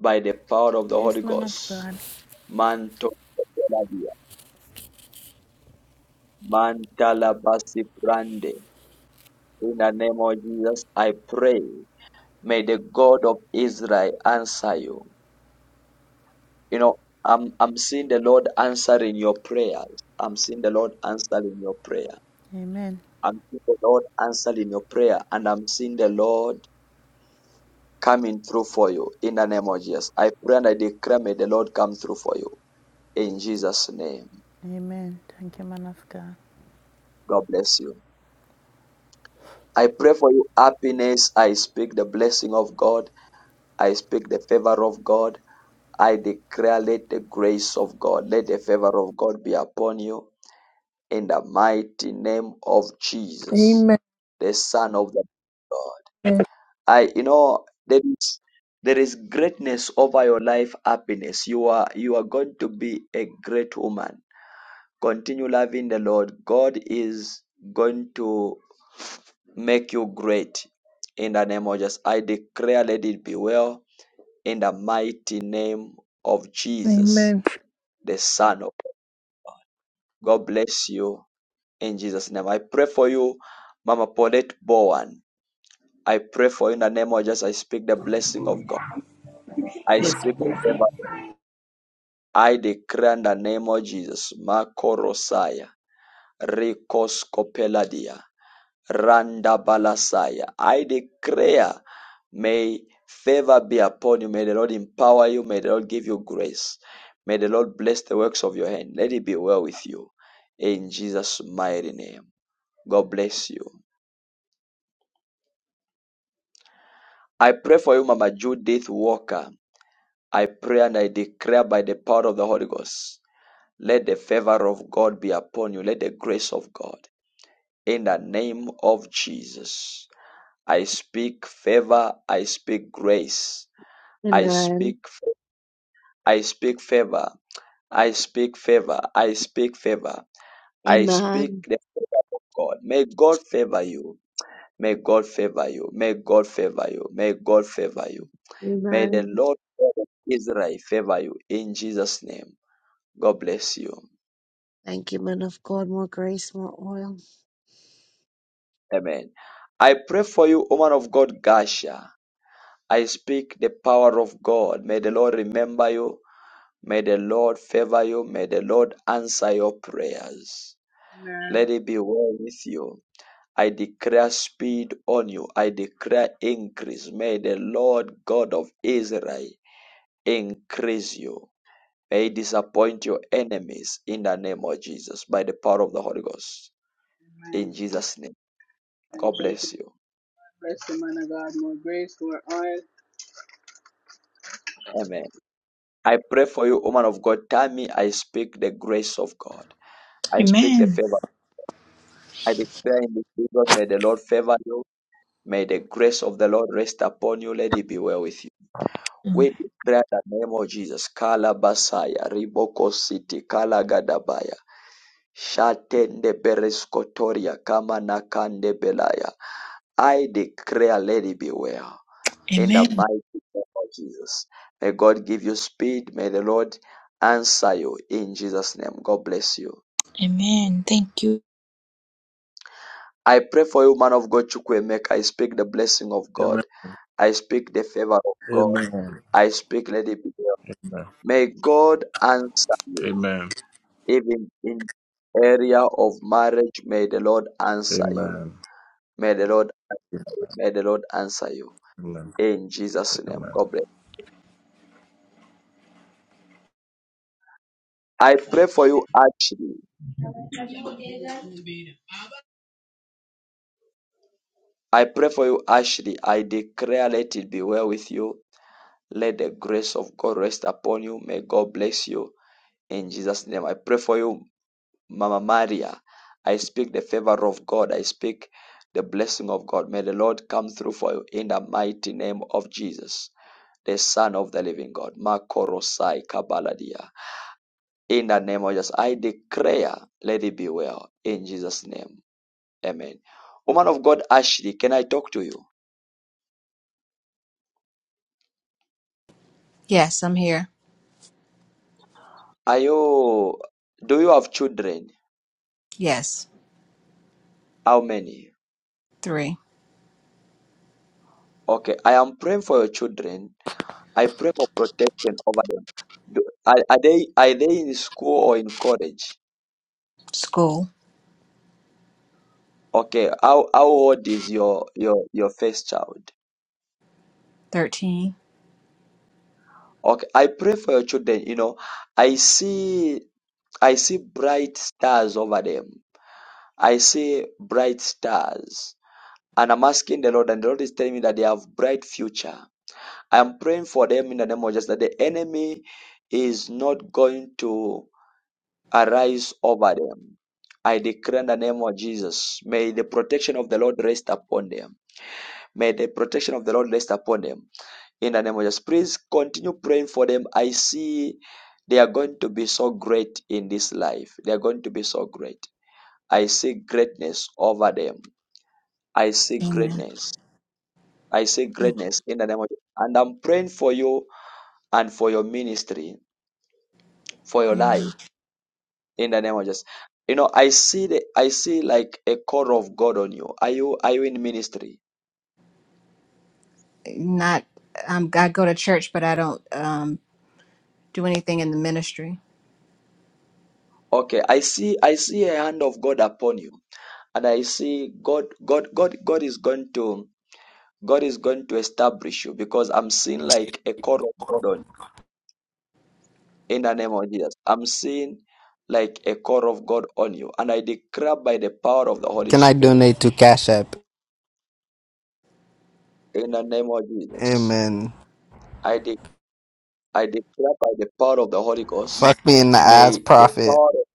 [SPEAKER 1] by the power of the Holy
[SPEAKER 8] Yes, man of
[SPEAKER 1] Ghost.
[SPEAKER 8] God.
[SPEAKER 1] Manto Mantalabasi Brande. In the name of Jesus, I pray. May the God of Israel answer you. You know, I'm I'm seeing the Lord answering your prayers. I'm seeing the Lord answering your prayer.
[SPEAKER 8] Amen.
[SPEAKER 1] I'm seeing the Lord answering your prayer, and I'm seeing the Lord coming through for you in the name of Jesus. I pray and I declare, may the Lord come through for you in Jesus' name.
[SPEAKER 8] Amen. Thank you, man of God.
[SPEAKER 1] God bless you. I pray for you happiness. I speak the blessing of God. I speak the favor of God. I declare, let the grace of God, let the favor of God be upon you in the mighty name of Jesus,
[SPEAKER 25] Amen.
[SPEAKER 1] the Son of the God. I, you know, there is there is greatness over your life, happiness. You are you are going to be a great woman. Continue loving the Lord. God is going to make you great. In the name of Jesus, I declare, let it be well. In the mighty name of Jesus,
[SPEAKER 25] Amen.
[SPEAKER 1] the Son of God, God bless you In Jesus' name. I pray for you, Mama Paulette Bowen. I pray for you in the name of Jesus. I speak the blessing of God. I
[SPEAKER 26] Yes,
[SPEAKER 1] speak the
[SPEAKER 26] perfect.
[SPEAKER 1] favor. I declare in the name of Jesus. Marco Rosaya. Rikos Kopeladia. Randa Balasaya. I declare, may favor be upon you. May the Lord empower you. May the Lord give you grace. May the Lord bless the works of your hand. Let it be well with you. In Jesus' mighty name. God bless you. I pray for you, Mama Judith Walker. I pray and I declare by the power of the Holy Ghost. Let the favor of God be upon you. Let the grace of God. In the name of Jesus. I speak favor. I speak grace. I
[SPEAKER 2] Amen.
[SPEAKER 1] speak I speak favor. I speak favor. I speak favor. I speak
[SPEAKER 2] Amen.
[SPEAKER 1] the favor of God. May God favor you. May God favor you. May God favor you. May God favor you. May the
[SPEAKER 2] Amen.
[SPEAKER 1] Lord God of Israel favor you in Jesus' name. God bless you.
[SPEAKER 2] Thank you, man of God. More grace, more oil.
[SPEAKER 1] Amen. I pray for you, woman of God, Gasha. I speak the power of God. May the Lord remember you. May the Lord favor you. May the Lord answer your prayers.
[SPEAKER 27] Amen.
[SPEAKER 1] Let it be well with you. I declare speed on you. I declare increase. May the Lord God of Israel increase you. May he disappoint your enemies in the name of Jesus by the power of the Holy Ghost. In
[SPEAKER 27] Amen.
[SPEAKER 1] Jesus' name.
[SPEAKER 27] And
[SPEAKER 1] God
[SPEAKER 27] thank you.
[SPEAKER 1] bless you.
[SPEAKER 27] God Bless you, man of God. More grace, more oil.
[SPEAKER 1] Amen. I pray for you, woman of God. Tell me, I speak the grace of God. I speak the
[SPEAKER 16] Amen.
[SPEAKER 1] favor. I declare in the season, may the Lord favor you. May the grace of the Lord rest upon you. Let it be well with you. We declare the name of Jesus. Kala Basaya, Riboko City, Kala Gadabaya, Shatende Bereskotoria, Kama Nakande Belaya. I declare, lady, beware. In the
[SPEAKER 16] Amen.
[SPEAKER 1] mighty name of Jesus. May God give you speed. May the Lord answer you in Jesus' name. God bless you.
[SPEAKER 16] Amen. Thank you.
[SPEAKER 1] I pray for you, man of God, Chukwemeka. I speak the blessing of God.
[SPEAKER 11] Amen.
[SPEAKER 1] I speak the favor of God.
[SPEAKER 11] Amen.
[SPEAKER 1] I speak, lady, beware.
[SPEAKER 11] Amen.
[SPEAKER 1] May God answer you.
[SPEAKER 11] Amen.
[SPEAKER 1] Even in area of marriage, may the Lord answer you.
[SPEAKER 11] Amen.
[SPEAKER 1] May the Lord, may the Lord answer you.
[SPEAKER 11] Amen.
[SPEAKER 1] In Jesus' name.
[SPEAKER 11] Amen.
[SPEAKER 1] God bless. I pray for you, actually.
[SPEAKER 28] Have you did that?
[SPEAKER 1] I pray for you, Ashley. I declare, let it be well with you. Let the grace of God rest upon you. May God bless you. In Jesus' name, I pray for you, Mama Maria. I speak the favor of God. I speak the blessing of God. May the Lord come through for you in the mighty name of Jesus, the Son of the living God. Makorosai Kabaladia. In the name of Jesus, I declare, let it be well. In Jesus' name, amen. Woman of God, Ashley, can I talk to you?
[SPEAKER 29] Yes, I'm here.
[SPEAKER 1] Are you, do you have children?
[SPEAKER 29] Yes.
[SPEAKER 1] How many?
[SPEAKER 29] Three.
[SPEAKER 1] Okay, I am praying for your children. I pray for protection over them. Do, are, are they are they in school or in college?
[SPEAKER 29] School.
[SPEAKER 1] Okay, how how old is your your your first child?
[SPEAKER 29] Thirteen.
[SPEAKER 1] Okay, I pray for your children. You know, I see I see bright stars over them. I see bright stars, and I'm asking the Lord, and the Lord is telling me that they have bright future. I am praying for them in the name of Jesus that the enemy is not going to arise over them. I declare in the name of Jesus, may the protection of the Lord rest upon them. May the protection of the Lord rest upon them. In the name of Jesus, please continue praying for them. I see they are going to be so great in this life. They are going to be so great. I see greatness over them. I see
[SPEAKER 29] Amen.
[SPEAKER 1] greatness. I see greatness in the name of Jesus. And I'm praying for you and for your ministry. for your
[SPEAKER 29] Amen.
[SPEAKER 1] life in the name of Jesus. You know, I see the I see like a call of God on you. Are you are you in ministry?
[SPEAKER 29] Not um I go to church but I don't um do anything in the ministry.
[SPEAKER 1] Okay, I see I see a hand of God upon you, and I see God God God God is going to God is going to establish you because I'm seeing like a call of God on you in the name of Jesus. I'm seeing like a call of God on you, and I declare by the power of the Holy
[SPEAKER 30] Can I
[SPEAKER 1] Spirit
[SPEAKER 30] donate to Cash App?
[SPEAKER 1] in the name of Jesus.
[SPEAKER 30] Amen.
[SPEAKER 1] I I declare by the power of the Holy Ghost,
[SPEAKER 30] Fuck me in the ass,
[SPEAKER 1] may the
[SPEAKER 30] prophet.
[SPEAKER 1] power of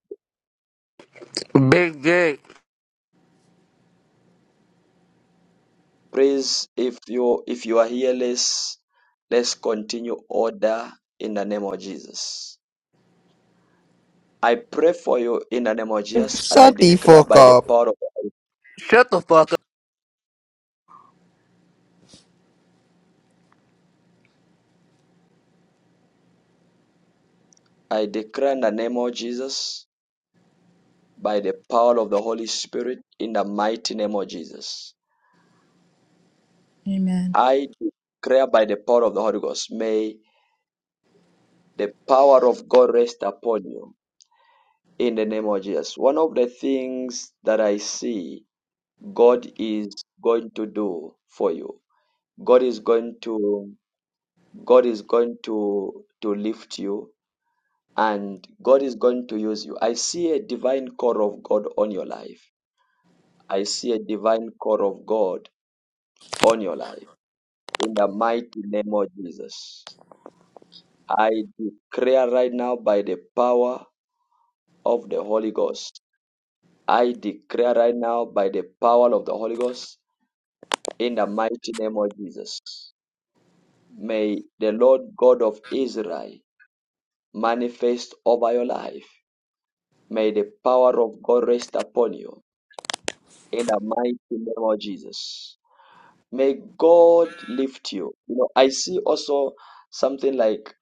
[SPEAKER 31] Big dick.
[SPEAKER 1] praise, if you if you are here, let's let's continue order in the name of Jesus. I pray for you in the name of Jesus, and I
[SPEAKER 30] Shut the
[SPEAKER 1] declare
[SPEAKER 30] fuck
[SPEAKER 1] by the
[SPEAKER 30] up.
[SPEAKER 1] power of
[SPEAKER 31] Shut the fuck up.
[SPEAKER 1] I declare in the name of Jesus, by the power of the Holy Spirit, in the mighty name of Jesus.
[SPEAKER 29] Amen.
[SPEAKER 1] I declare by the power of the Holy Ghost, may the power of God rest upon you in the name of Jesus. One of the things that I see God is going to do for you. God is going to God is going to to lift you and God is going to use you. I see a divine call of God on your life. I see a divine call of God on your life in the mighty name of Jesus. I declare right now by the power of the Holy Ghost. I declare right now by the power of the Holy Ghost in the mighty name of Jesus. May the Lord God of Israel manifest over your life. May the power of God rest upon you in the mighty name of Jesus. May God lift you. You know, I see also something like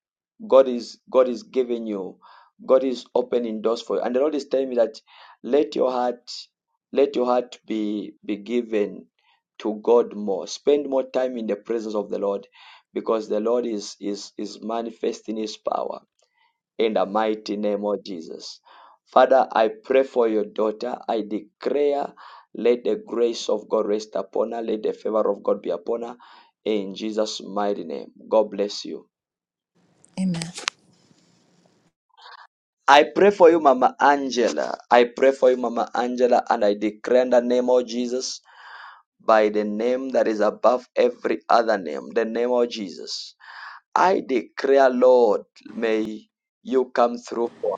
[SPEAKER 1] God is God is giving you, God is opening doors for you. And the Lord is telling me that let your heart, let your heart be be given to God more. Spend more time in the presence of the Lord because the Lord is is is manifesting his power in the mighty name of Jesus. Father, I pray for your daughter. I declare, let the grace of God rest upon her. Let the favor of God be upon her. In Jesus' mighty name. God bless you.
[SPEAKER 29] Amen.
[SPEAKER 1] I pray for you, Mama Angela. I pray for you, Mama Angela, and I declare in the name of Jesus, by the name that is above every other name, the name of Jesus. I declare, Lord, may you come through for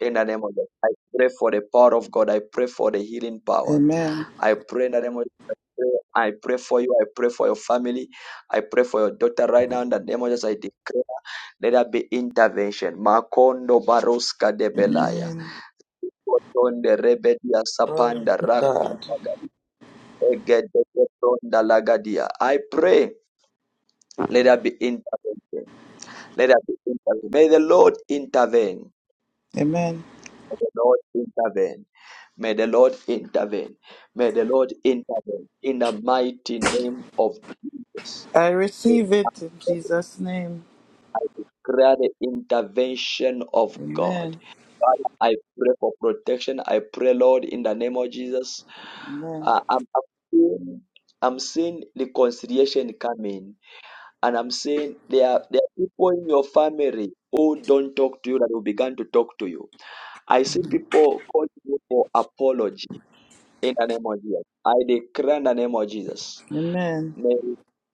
[SPEAKER 1] In the name of Jesus, I pray for the power of God. I pray for the healing power.
[SPEAKER 12] Amen.
[SPEAKER 1] I pray in the name of Jesus. I pray for you. I pray for your family. I pray for your daughter right now. In the name of Jesus, I declare, let there be intervention. Makondo baroska de belaya.
[SPEAKER 12] Amen.
[SPEAKER 1] Kotonde rebedia
[SPEAKER 12] Glory
[SPEAKER 1] sapanda
[SPEAKER 12] to
[SPEAKER 1] raku
[SPEAKER 12] God.
[SPEAKER 1] magari. Egede kotonda lagadia. I pray, let there be intervention. Let there be intervention. May the Lord intervene.
[SPEAKER 12] Amen.
[SPEAKER 1] May the Lord intervene. May the Lord intervene. May the Lord intervene in the mighty name of Jesus.
[SPEAKER 12] I receive it in
[SPEAKER 1] I
[SPEAKER 12] Jesus' name.
[SPEAKER 1] declare the intervention of God.
[SPEAKER 12] Amen.
[SPEAKER 1] Father, I pray for protection. I pray, Lord, in the name of Jesus.
[SPEAKER 12] Amen.
[SPEAKER 1] Uh, I'm, I'm seeing I'm seeing reconciliation coming, and I'm seeing there are, there are people in your family who don't talk to you that will begin to talk to you. I see people calling you for apology. in the name of Jesus. I declare in the name of Jesus.
[SPEAKER 12] Amen.
[SPEAKER 1] May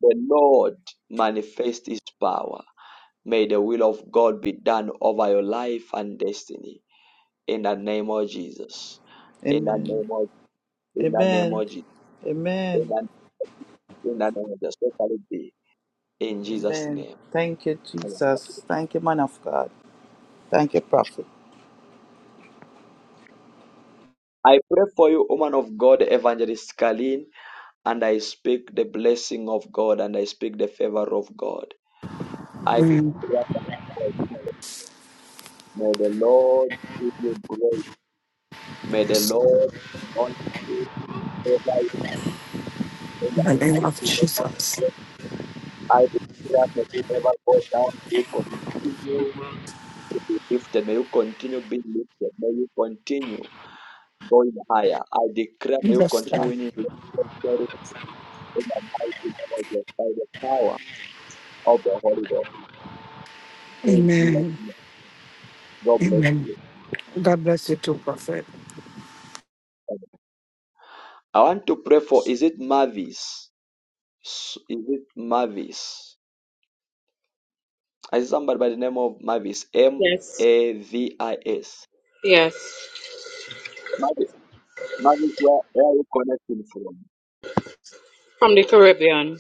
[SPEAKER 1] the Lord manifest his power. May the will of God be done over your life and destiny. In the name of Jesus. In the
[SPEAKER 12] Amen.
[SPEAKER 1] name of in the name
[SPEAKER 12] Amen.
[SPEAKER 1] of Jesus. In
[SPEAKER 12] Amen.
[SPEAKER 1] the, in the name of Jesus. So shall it be. In Jesus'
[SPEAKER 12] Amen.
[SPEAKER 1] name.
[SPEAKER 12] Thank you,
[SPEAKER 1] Amen.
[SPEAKER 12] Jesus. Thank you, man of God. Thank you, prophet.
[SPEAKER 1] I pray for you, woman of God, Evangelist Kalin, and I speak the blessing of God and I speak the favor of God. I
[SPEAKER 32] In
[SPEAKER 1] declare May the Lord give you grace. May the Lord not you ever in the
[SPEAKER 32] the name
[SPEAKER 1] mighty
[SPEAKER 32] of
[SPEAKER 1] name of
[SPEAKER 32] Jesus.
[SPEAKER 1] Jesus. I declare that you never go down. You continue to be lifted. May you continue being lifted. May you continue going higher. I declare may you
[SPEAKER 32] Yes,
[SPEAKER 1] continue
[SPEAKER 32] Lord.
[SPEAKER 1] winning victory in the mighty name of Jesus by the power of the Holy Ghost. In Jesus'
[SPEAKER 32] Amen.
[SPEAKER 1] name. God bless
[SPEAKER 32] Amen.
[SPEAKER 1] you.
[SPEAKER 32] God bless you too, Prophet.
[SPEAKER 1] Amen. I want to pray for is it Mavis? Is it Mavis? I see somebody by the name of Mavis. M
[SPEAKER 21] Yes,
[SPEAKER 1] A V I S.
[SPEAKER 21] yes,
[SPEAKER 1] Mavis, Mavis, where, where are you connecting from?
[SPEAKER 21] from the Caribbean.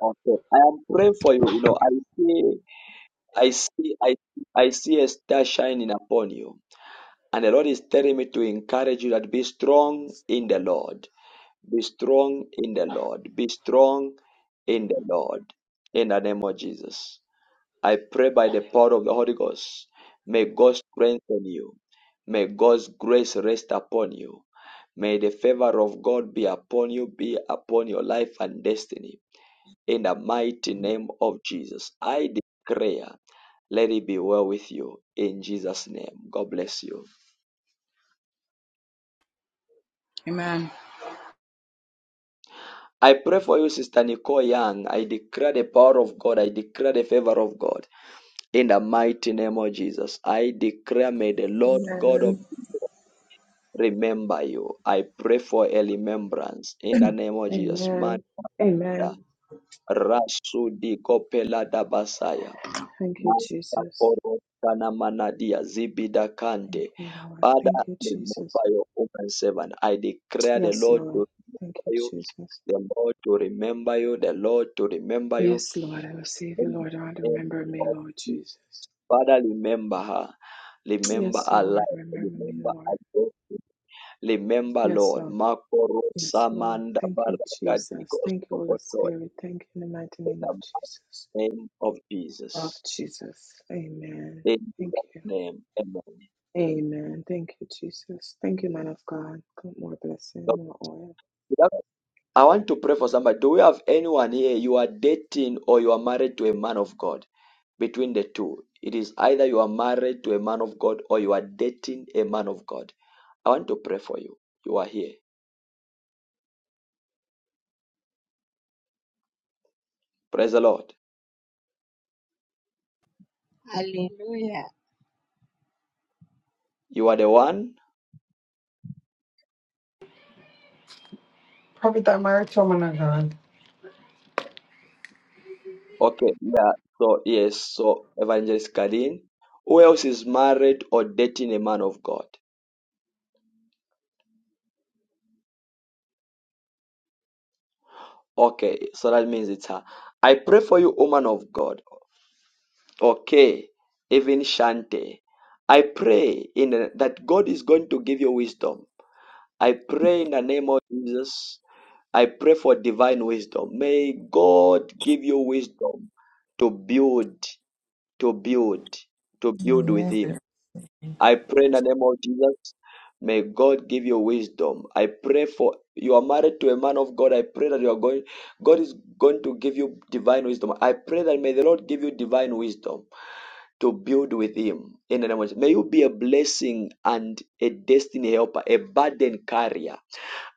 [SPEAKER 1] Okay. I am praying for you. You know, I see, I see, I, I see a star shining upon you. And the Lord is telling me to encourage you that be strong in the Lord. Be strong in the Lord. Be strong in the Lord. In the name of Jesus. I pray by the power of the Holy Ghost. May God strengthen you. May God's grace rest upon you. May the favor of God be upon you, be upon your life and destiny. In the mighty name of Jesus, I declare, let it be well with you. In Jesus' name, God bless you.
[SPEAKER 21] Amen.
[SPEAKER 1] I pray for you, Sister Nicole Young. I declare the power of God. I declare the favor of God. In the mighty name of Jesus, I declare, may the Lord God of remember you. I pray for a remembrance
[SPEAKER 33] *clears throat*
[SPEAKER 1] in the name of
[SPEAKER 33] Mm.
[SPEAKER 1] Jesus. Man, Rasu di Kopela da Basaya. Manta Koro Kana Manadia Zibida Kante. Father, remember your woman servant. I declare the Lord to remember you, the Lord to remember you, the Lord to remember you. Father, remember her. Remember her life. Remember her. Remember, Lord, Makoro Samanda Baragadigos Obotoy, in the name of Jesus. In Jesus' name, amen. So, I want to pray for somebody. Do we have anyone here? You are dating or you are married to a man of God. Between the two, it is either you are married to a man of God or you are dating a man of God. I want to pray for you. You are here. Praise the Lord.
[SPEAKER 34] Hallelujah.
[SPEAKER 1] You are the one
[SPEAKER 32] Prophet, am I right, woman of God?
[SPEAKER 1] Okay, yeah, so yes, so Evangelist Karin, who else is married or dating a man of God? Okay, so that means it's her. I pray for you, woman of God. Okay, even Shante. I pray in the, that God is going to give you wisdom. I pray in the name of Jesus. I pray for divine wisdom. May God give you wisdom to build, to build, to build with Him
[SPEAKER 35] Amen.
[SPEAKER 1] I pray in the name of Jesus. May God give you wisdom. I pray for you are married to a man of God. I pray that you are going, God is going to give you divine wisdom. I pray that may the Lord give you divine wisdom to build with Him in the name of Jesus. May you be a blessing and a destiny helper, a burden carrier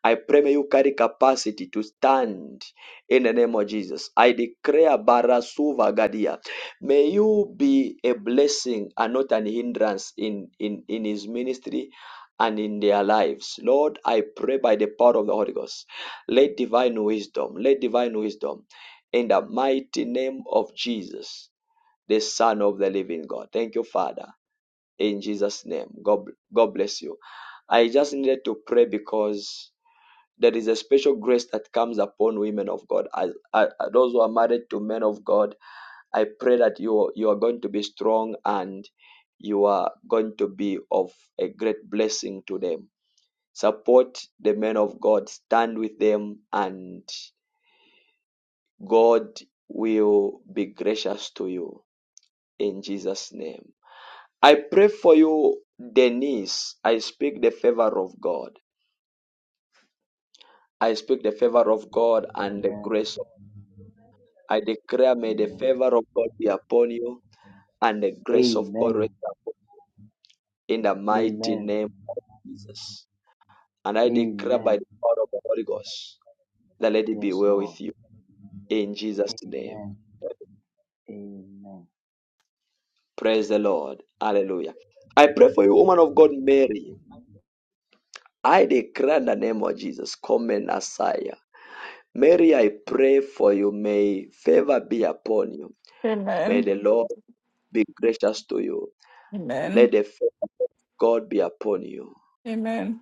[SPEAKER 1] I pray may you carry capacity to stand in the name of Jesus. I declare Barasuva Gadia. May you be a blessing and not an hindrance in, in, in his ministry and in their lives. Lord, I pray by the power of the Holy Ghost. Let divine wisdom, let divine wisdom in the mighty name of Jesus, the Son of the Living God. Thank you, Father. In Jesus' name. God, God bless you. I just needed to pray because there is a special grace that comes upon women of God. As, as those who are married to men of God, I pray that you you are going to be strong and you are going to be of a great blessing to them. Support the men of God, stand with them, and God will be gracious to you in Jesus' name. I pray for you, Denise. I speak the favor of God. I speak the favor of God and the grace I declare, may the
[SPEAKER 17] Amen.
[SPEAKER 1] favor of God be upon you and the grace of God rest
[SPEAKER 17] Amen.
[SPEAKER 1] upon you in the mighty
[SPEAKER 17] Amen.
[SPEAKER 1] name of Jesus. And I declare by
[SPEAKER 17] Amen.
[SPEAKER 1] the power of the Holy Ghost that let it be
[SPEAKER 17] Yes,
[SPEAKER 1] well
[SPEAKER 17] Lord.
[SPEAKER 1] with you in Jesus' name.
[SPEAKER 17] Amen. Amen.
[SPEAKER 1] Praise the Lord. Hallelujah. I pray for you, woman of God, Mary. I declare in the name of Jesus, come and Messiah. Mary, I pray for you. May favor be upon you. May
[SPEAKER 36] Amen.
[SPEAKER 1] the Lord be gracious to you.
[SPEAKER 36] Amen.
[SPEAKER 1] Let the favor of God be upon you
[SPEAKER 36] Amen.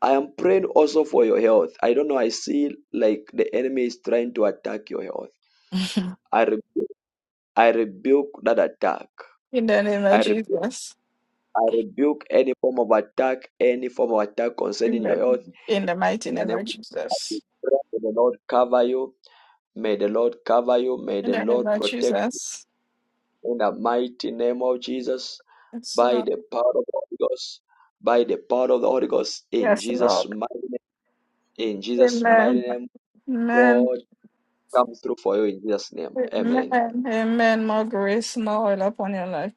[SPEAKER 1] I am praying also for your health. I don't know. I see like the enemy is trying to attack your health.
[SPEAKER 36] *laughs*
[SPEAKER 1] I re- I rebuke that attack.
[SPEAKER 36] In the name
[SPEAKER 1] I
[SPEAKER 36] of
[SPEAKER 1] rebuke,
[SPEAKER 36] Jesus.
[SPEAKER 1] I rebuke any form of attack, any form of attack concerning your health.
[SPEAKER 36] Amen. In the mighty
[SPEAKER 1] In the
[SPEAKER 36] name
[SPEAKER 1] name
[SPEAKER 36] of
[SPEAKER 1] of
[SPEAKER 36] Jesus.
[SPEAKER 1] Jesus, may the Lord cover you. May the Lord cover you. May
[SPEAKER 36] In
[SPEAKER 1] the
[SPEAKER 36] the name
[SPEAKER 1] Lord
[SPEAKER 36] of
[SPEAKER 1] protect
[SPEAKER 36] Jesus.
[SPEAKER 1] you in the mighty name of Jesus.
[SPEAKER 36] Yes,
[SPEAKER 1] By
[SPEAKER 36] Lord.
[SPEAKER 1] the power of the Holy Ghost. By the power of the Holy Ghost. In
[SPEAKER 36] Yes,
[SPEAKER 1] Jesus'
[SPEAKER 36] Lord.
[SPEAKER 1] mighty name. In Jesus' mighty
[SPEAKER 36] Amen.
[SPEAKER 1] name.
[SPEAKER 36] Amen.
[SPEAKER 1] God. come through for you in Jesus' name. Amen.
[SPEAKER 36] Amen. Amen. More grace, more oil upon your life.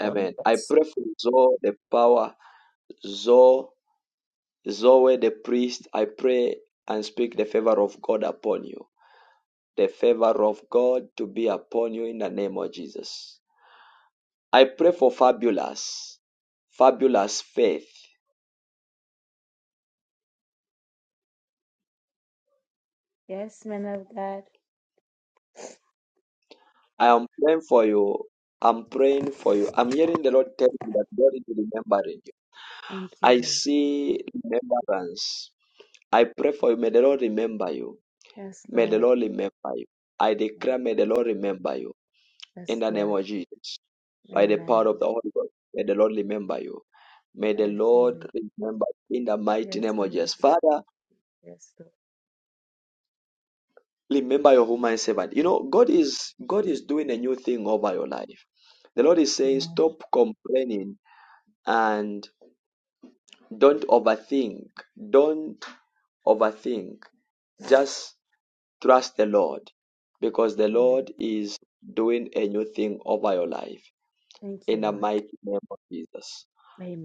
[SPEAKER 36] God
[SPEAKER 1] Amen. I
[SPEAKER 36] bless.
[SPEAKER 1] pray for Zoe, the power, Zoe, Zoe, the priest. I pray and speak the favor of God upon you. The favor of God to be upon you in the name of Jesus. I pray for fabulous, fabulous faith.
[SPEAKER 37] Yes, man of God.
[SPEAKER 1] I am praying for you. I'm praying for you. I'm hearing the Lord tell me that God is remembering you.
[SPEAKER 37] Thank you,
[SPEAKER 1] I
[SPEAKER 37] Lord.
[SPEAKER 1] see remembrance. I pray for you. May the Lord remember you.
[SPEAKER 37] Yes,
[SPEAKER 1] May the
[SPEAKER 37] Lord.
[SPEAKER 1] Lord remember you. I
[SPEAKER 37] Yes,
[SPEAKER 1] declare, may the
[SPEAKER 37] Lord.
[SPEAKER 1] Lord remember you in
[SPEAKER 37] Yes,
[SPEAKER 1] the name
[SPEAKER 37] Lord.
[SPEAKER 1] of Jesus. By the power
[SPEAKER 37] Amen.
[SPEAKER 1] of the Holy Ghost, may the Lord remember you. May
[SPEAKER 37] I
[SPEAKER 1] the
[SPEAKER 37] receive
[SPEAKER 1] Lord
[SPEAKER 37] it.
[SPEAKER 1] remember you in the mighty
[SPEAKER 37] Yes,
[SPEAKER 1] name of
[SPEAKER 37] Lord of
[SPEAKER 1] Jesus.
[SPEAKER 37] God.
[SPEAKER 1] Father,
[SPEAKER 37] Yes, Lord.
[SPEAKER 1] remember your human servant. You know, God is God is doing a new thing over your life. The Lord is saying,
[SPEAKER 37] Amen.
[SPEAKER 1] stop complaining and don't overthink. Don't overthink. Just trust the Lord because the
[SPEAKER 37] Amen.
[SPEAKER 1] Lord is doing a new thing over your life.
[SPEAKER 37] Thank
[SPEAKER 1] in
[SPEAKER 37] you,
[SPEAKER 1] the
[SPEAKER 37] Lord.
[SPEAKER 1] mighty name of Jesus.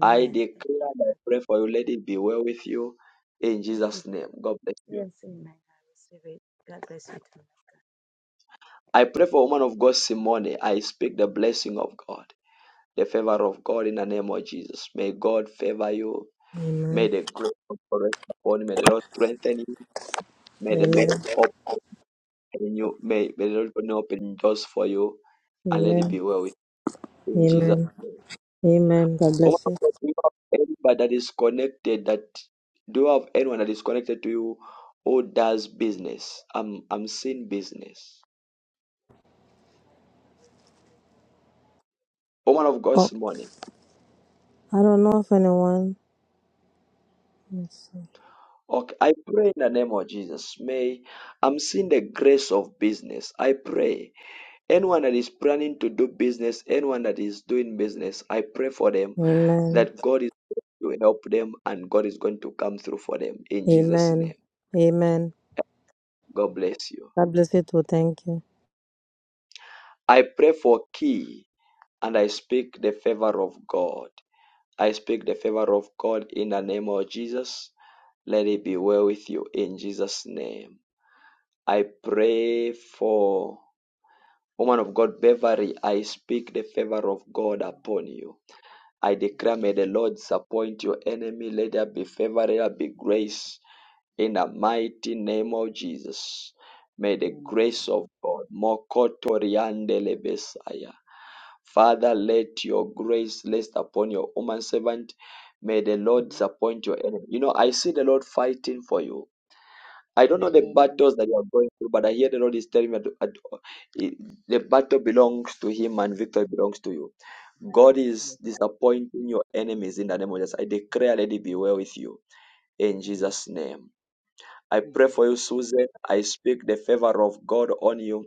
[SPEAKER 1] I
[SPEAKER 37] Thank
[SPEAKER 1] declare
[SPEAKER 37] you,
[SPEAKER 1] and I
[SPEAKER 37] Father.
[SPEAKER 1] pray for you, let it be well with you in
[SPEAKER 37] Thank you.
[SPEAKER 1] Jesus' name.
[SPEAKER 37] Jesus.
[SPEAKER 1] God bless you.
[SPEAKER 37] Yes, amen. I receive it. God bless you. too.
[SPEAKER 1] I pray for woman of God, Simone. I speak the blessing of God, the favor of God in the name of Jesus. May God favor you. May
[SPEAKER 38] Amen.
[SPEAKER 1] the grace of God rest upon you. May the Lord strengthen you. May the Lord
[SPEAKER 38] Amen.
[SPEAKER 1] open you. May, may the Lord open doors for you and let it
[SPEAKER 38] Amen.
[SPEAKER 1] be well with you in Jesus'
[SPEAKER 38] Amen.
[SPEAKER 1] name.
[SPEAKER 38] Amen. God
[SPEAKER 1] Oh,
[SPEAKER 38] bless you.
[SPEAKER 1] do you have anybody that is connected that do you have anyone that is connected to you who does business? I'm I'm seeing business. Woman of
[SPEAKER 38] Oh,
[SPEAKER 1] God's morning.
[SPEAKER 38] I don't know if anyone. Let's see.
[SPEAKER 1] Okay, I pray in the name of Jesus. May I'm seeing the grace of business. I pray anyone that is planning to do business, anyone that is doing business, I pray for them
[SPEAKER 38] Amen.
[SPEAKER 1] that God is going to help them and God is going to come through for them in Jesus' name.
[SPEAKER 38] Amen. Amen.
[SPEAKER 1] God bless you.
[SPEAKER 38] God bless you too. Thank you.
[SPEAKER 1] I pray for key. And I speak the favor of God. I speak the favor of God in the name of Jesus. Let it be well with you in Jesus' name. I pray for woman of God, Beverly. I speak the favor of God
[SPEAKER 39] Amen.
[SPEAKER 1] upon you. I declare,
[SPEAKER 39] Amen.
[SPEAKER 1] may the Lord disappoint your enemy. Let there be favor, let there be grace in the mighty name of Jesus. May the grace of God, Mokotoriande Lebesaya. Father, let your grace rest upon your woman servant. May the Lord disappoint your enemy. You know, I see the Lord fighting for you. I don't know the
[SPEAKER 39] Amen. man of
[SPEAKER 1] battles that you are going through, but I hear the Lord is telling me that that, uh, it- the battle belongs to Him and victory belongs to you.
[SPEAKER 39] God.
[SPEAKER 1] God is
[SPEAKER 39] Yes, Lord.
[SPEAKER 1] disappointing your enemies in the name of Jesus. I declare, let it be well with you in
[SPEAKER 39] Amen.
[SPEAKER 1] Jesus' name. I pray
[SPEAKER 39] Amen.
[SPEAKER 1] for you,
[SPEAKER 39] Yes.
[SPEAKER 1] Susan. I speak the favor of God on you,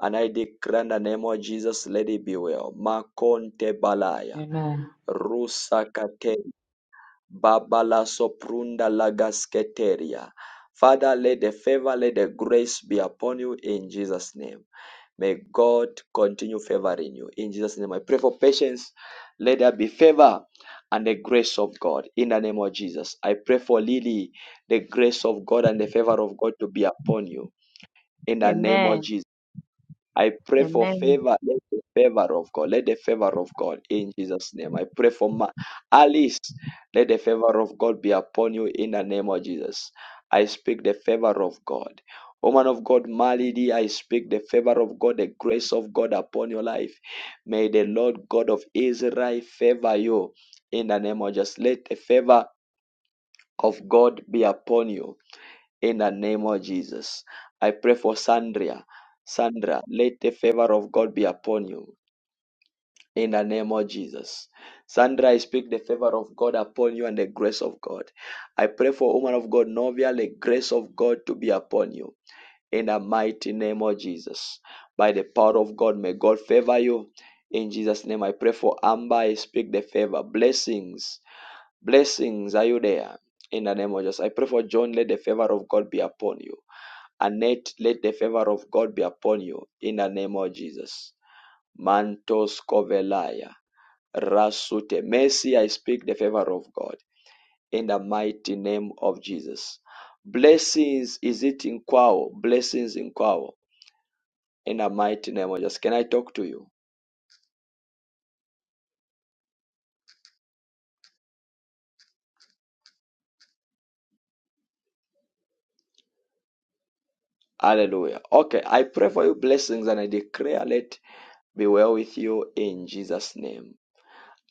[SPEAKER 1] and I declare in the name of Jesus, let it be well. Makonte balaya.
[SPEAKER 40] Amen.
[SPEAKER 1] Rusakate Babala Soprunda Lagasketeria. Father, let the favor, let the grace be upon you in Jesus' name. May God continue favoring you. In Jesus' name, I pray for patience. Let there be favor and the grace of God in the name of Jesus. I pray for Lily, the grace of God and the favor of God to be upon you in the name of
[SPEAKER 34] Amen.
[SPEAKER 1] Jesus. I pray for
[SPEAKER 34] Amen.
[SPEAKER 1] favor, let the favor of God, let the favor of God in Jesus' name. I pray for Ma- Alice, let the favor of God be upon you in the name of Jesus. I speak the favor of God. Woman of God, Malady, I speak the favor of God, the grace of God upon your life. May the Lord God of Israel favor you in the name of Jesus. Let the favor of God be upon you in the name of Jesus. I pray for Sandra. Sandra, let the favor of God be upon you in the name of Jesus. Sandra, I speak the favor of God upon you and the grace of God. I pray for woman of God, Novia, the grace of God to be upon you in the mighty name of Jesus. By the power of God, may God favor you. In Jesus' name, I pray for Amber. I speak the favor. Blessings. Blessings. Are you there? In the name of Jesus. I pray for John. Let the favor of God be upon you Annette, let the favor of God be upon you in the name of Jesus. Mantos Kovelaya. Rasute. Mercy, I speak the favor of God in the mighty name of Jesus. Blessings, is it in Kwao? Blessings in Kwao in the mighty name of Jesus. Can I talk to you? Hallelujah. Okay, I pray for you blessings and I declare let be well with you in Jesus' name.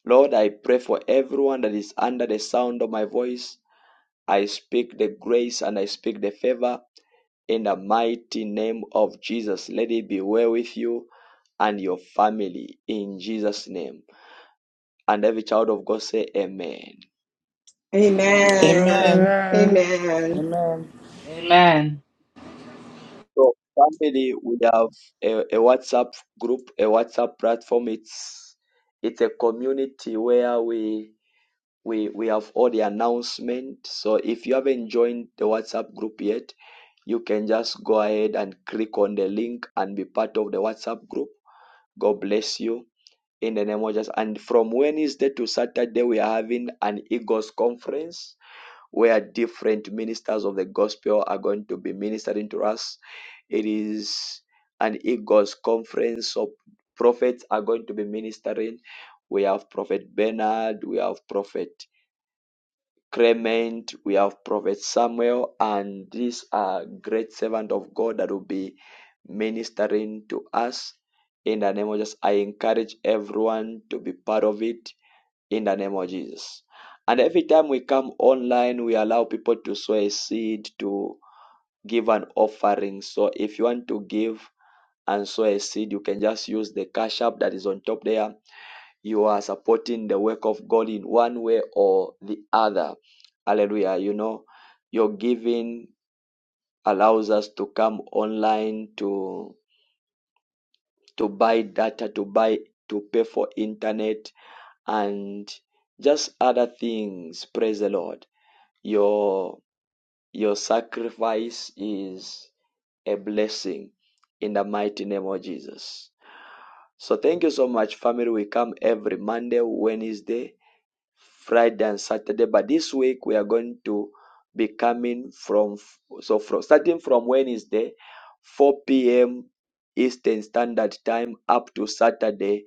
[SPEAKER 1] Lord, I pray for everyone that is under the sound of my voice. I speak the grace and I speak the favor in the mighty name of Jesus. Let it be well with you and your family in Jesus' name. And every child of God say amen.
[SPEAKER 39] Amen.
[SPEAKER 12] Amen.
[SPEAKER 8] Amen.
[SPEAKER 12] Amen.
[SPEAKER 40] Amen.
[SPEAKER 1] So family, we have a, a WhatsApp group, a WhatsApp platform. It's it's a community where we we we have all the announcement. So if you haven't joined the WhatsApp group yet, you can just go ahead and click on the link and be part of the WhatsApp group God bless you in the name of Jesus. And from Wednesday to Saturday, we are having an Eagles conference where different ministers of the gospel are going to be ministering to us. It is an Eagles conference, so prophets are going to be ministering. We have Prophet Bernard, we have Prophet Clement, we have Prophet Samuel, and these are great servants of God that will be ministering to us. In the name of Jesus, I encourage everyone to be part of it in the name of Jesus. And every time we come online, we allow people to sow a seed to give an offering. So if you want to give and sow a seed, you can just use the cash app that is on top there you are supporting the work of God in one way or the other. Hallelujah. You know, your giving allows us to come online to to buy data, to buy to pay for internet and just other things. Praise the Lord. Your your sacrifice is a blessing in the mighty name of Jesus. So thank you so much, family. We come every Monday, Wednesday, Friday and Saturday. But this week we are going to be coming from so from starting from Wednesday, 4 p.m. Eastern Standard Time up to Saturday.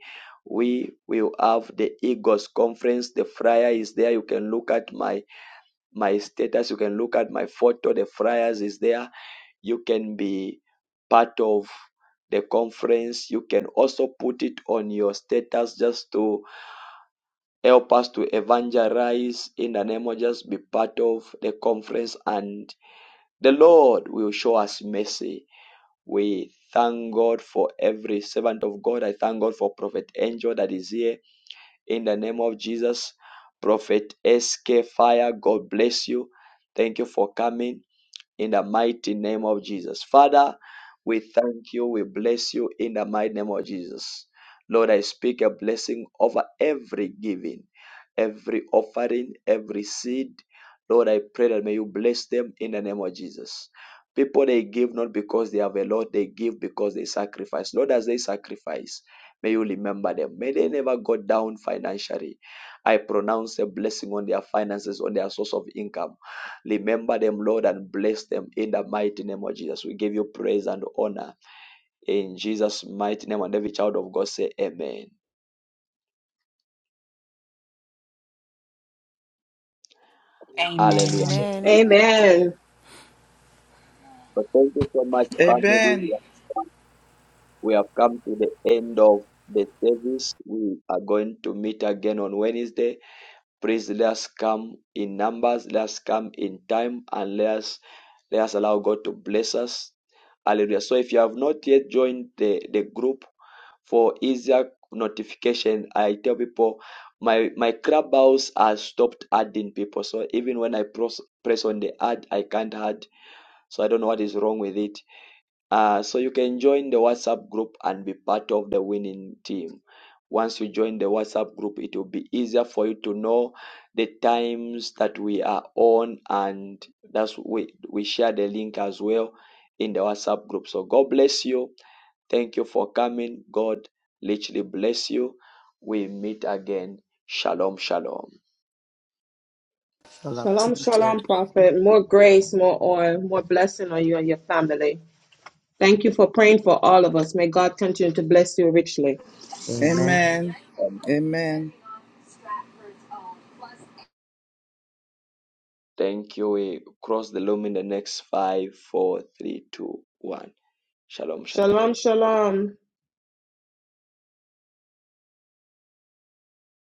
[SPEAKER 1] We will have the Eagles conference. The flyer is there. You can look at my my status. You can look at my photo. The flyers is there. You can be part of the conference. You can also put it on your status just to help us to evangelize in the name of Jesus. be part of the conference and the Lord will show us mercy. We thank God for every servant of God. I thank God for Prophet Angel that is here in the name of Jesus. Prophet SK Fire, God bless you. Thank you for coming in the mighty name of Jesus. Father, we thank you. We bless you in the mighty name of Jesus. Lord, I speak a blessing over every giving, every offering, every seed. Lord, I pray that may you bless them in the name of Jesus. People, they give not because they have a lot, they give because they sacrifice. Lord, as they sacrifice, may you remember them. May they never go down financially. I pronounce a blessing on their finances, on their source of income. Remember them, Lord, and bless them in the mighty name of Jesus. We give you praise and honor in Jesus' mighty name. And every child of God say, Amen. Hallelujah.
[SPEAKER 3] Amen.
[SPEAKER 1] So,
[SPEAKER 8] Amen.
[SPEAKER 39] Amen. Amen.
[SPEAKER 1] so thank you so much, family. We
[SPEAKER 12] Amen.
[SPEAKER 1] have come to the end of the service. We are going to meet again on Wednesday. Please let us come in numbers, let us come in time, and let us let us allow God to bless us. Hallelujah. So if you have not yet joined the, the group, for easier notification. I tell people my my clubhouse has stopped adding people. So even when I press press on the add, I can't add. So I don't know what is wrong with it. Uh, so you can join the WhatsApp group and be part of the winning team. Once you join the WhatsApp group, it will be easier for you to know the times that we are on, and that's we we share the link as well in the WhatsApp group. So God bless you Thank you for coming. God literally bless you. We meet again. Shalom, shalom.
[SPEAKER 15] I love you.
[SPEAKER 41] Shalom, shalom, prophet. More grace, more oil, more blessing on you and your family. Thank you for praying for all of us. May God continue to bless you richly.
[SPEAKER 15] Amen.
[SPEAKER 12] Amen.
[SPEAKER 1] Um,
[SPEAKER 12] Amen.
[SPEAKER 1] Thank you. We cross the loom in the next five, four, three, two, one. Shalom, shalom.
[SPEAKER 41] Shalom, shalom.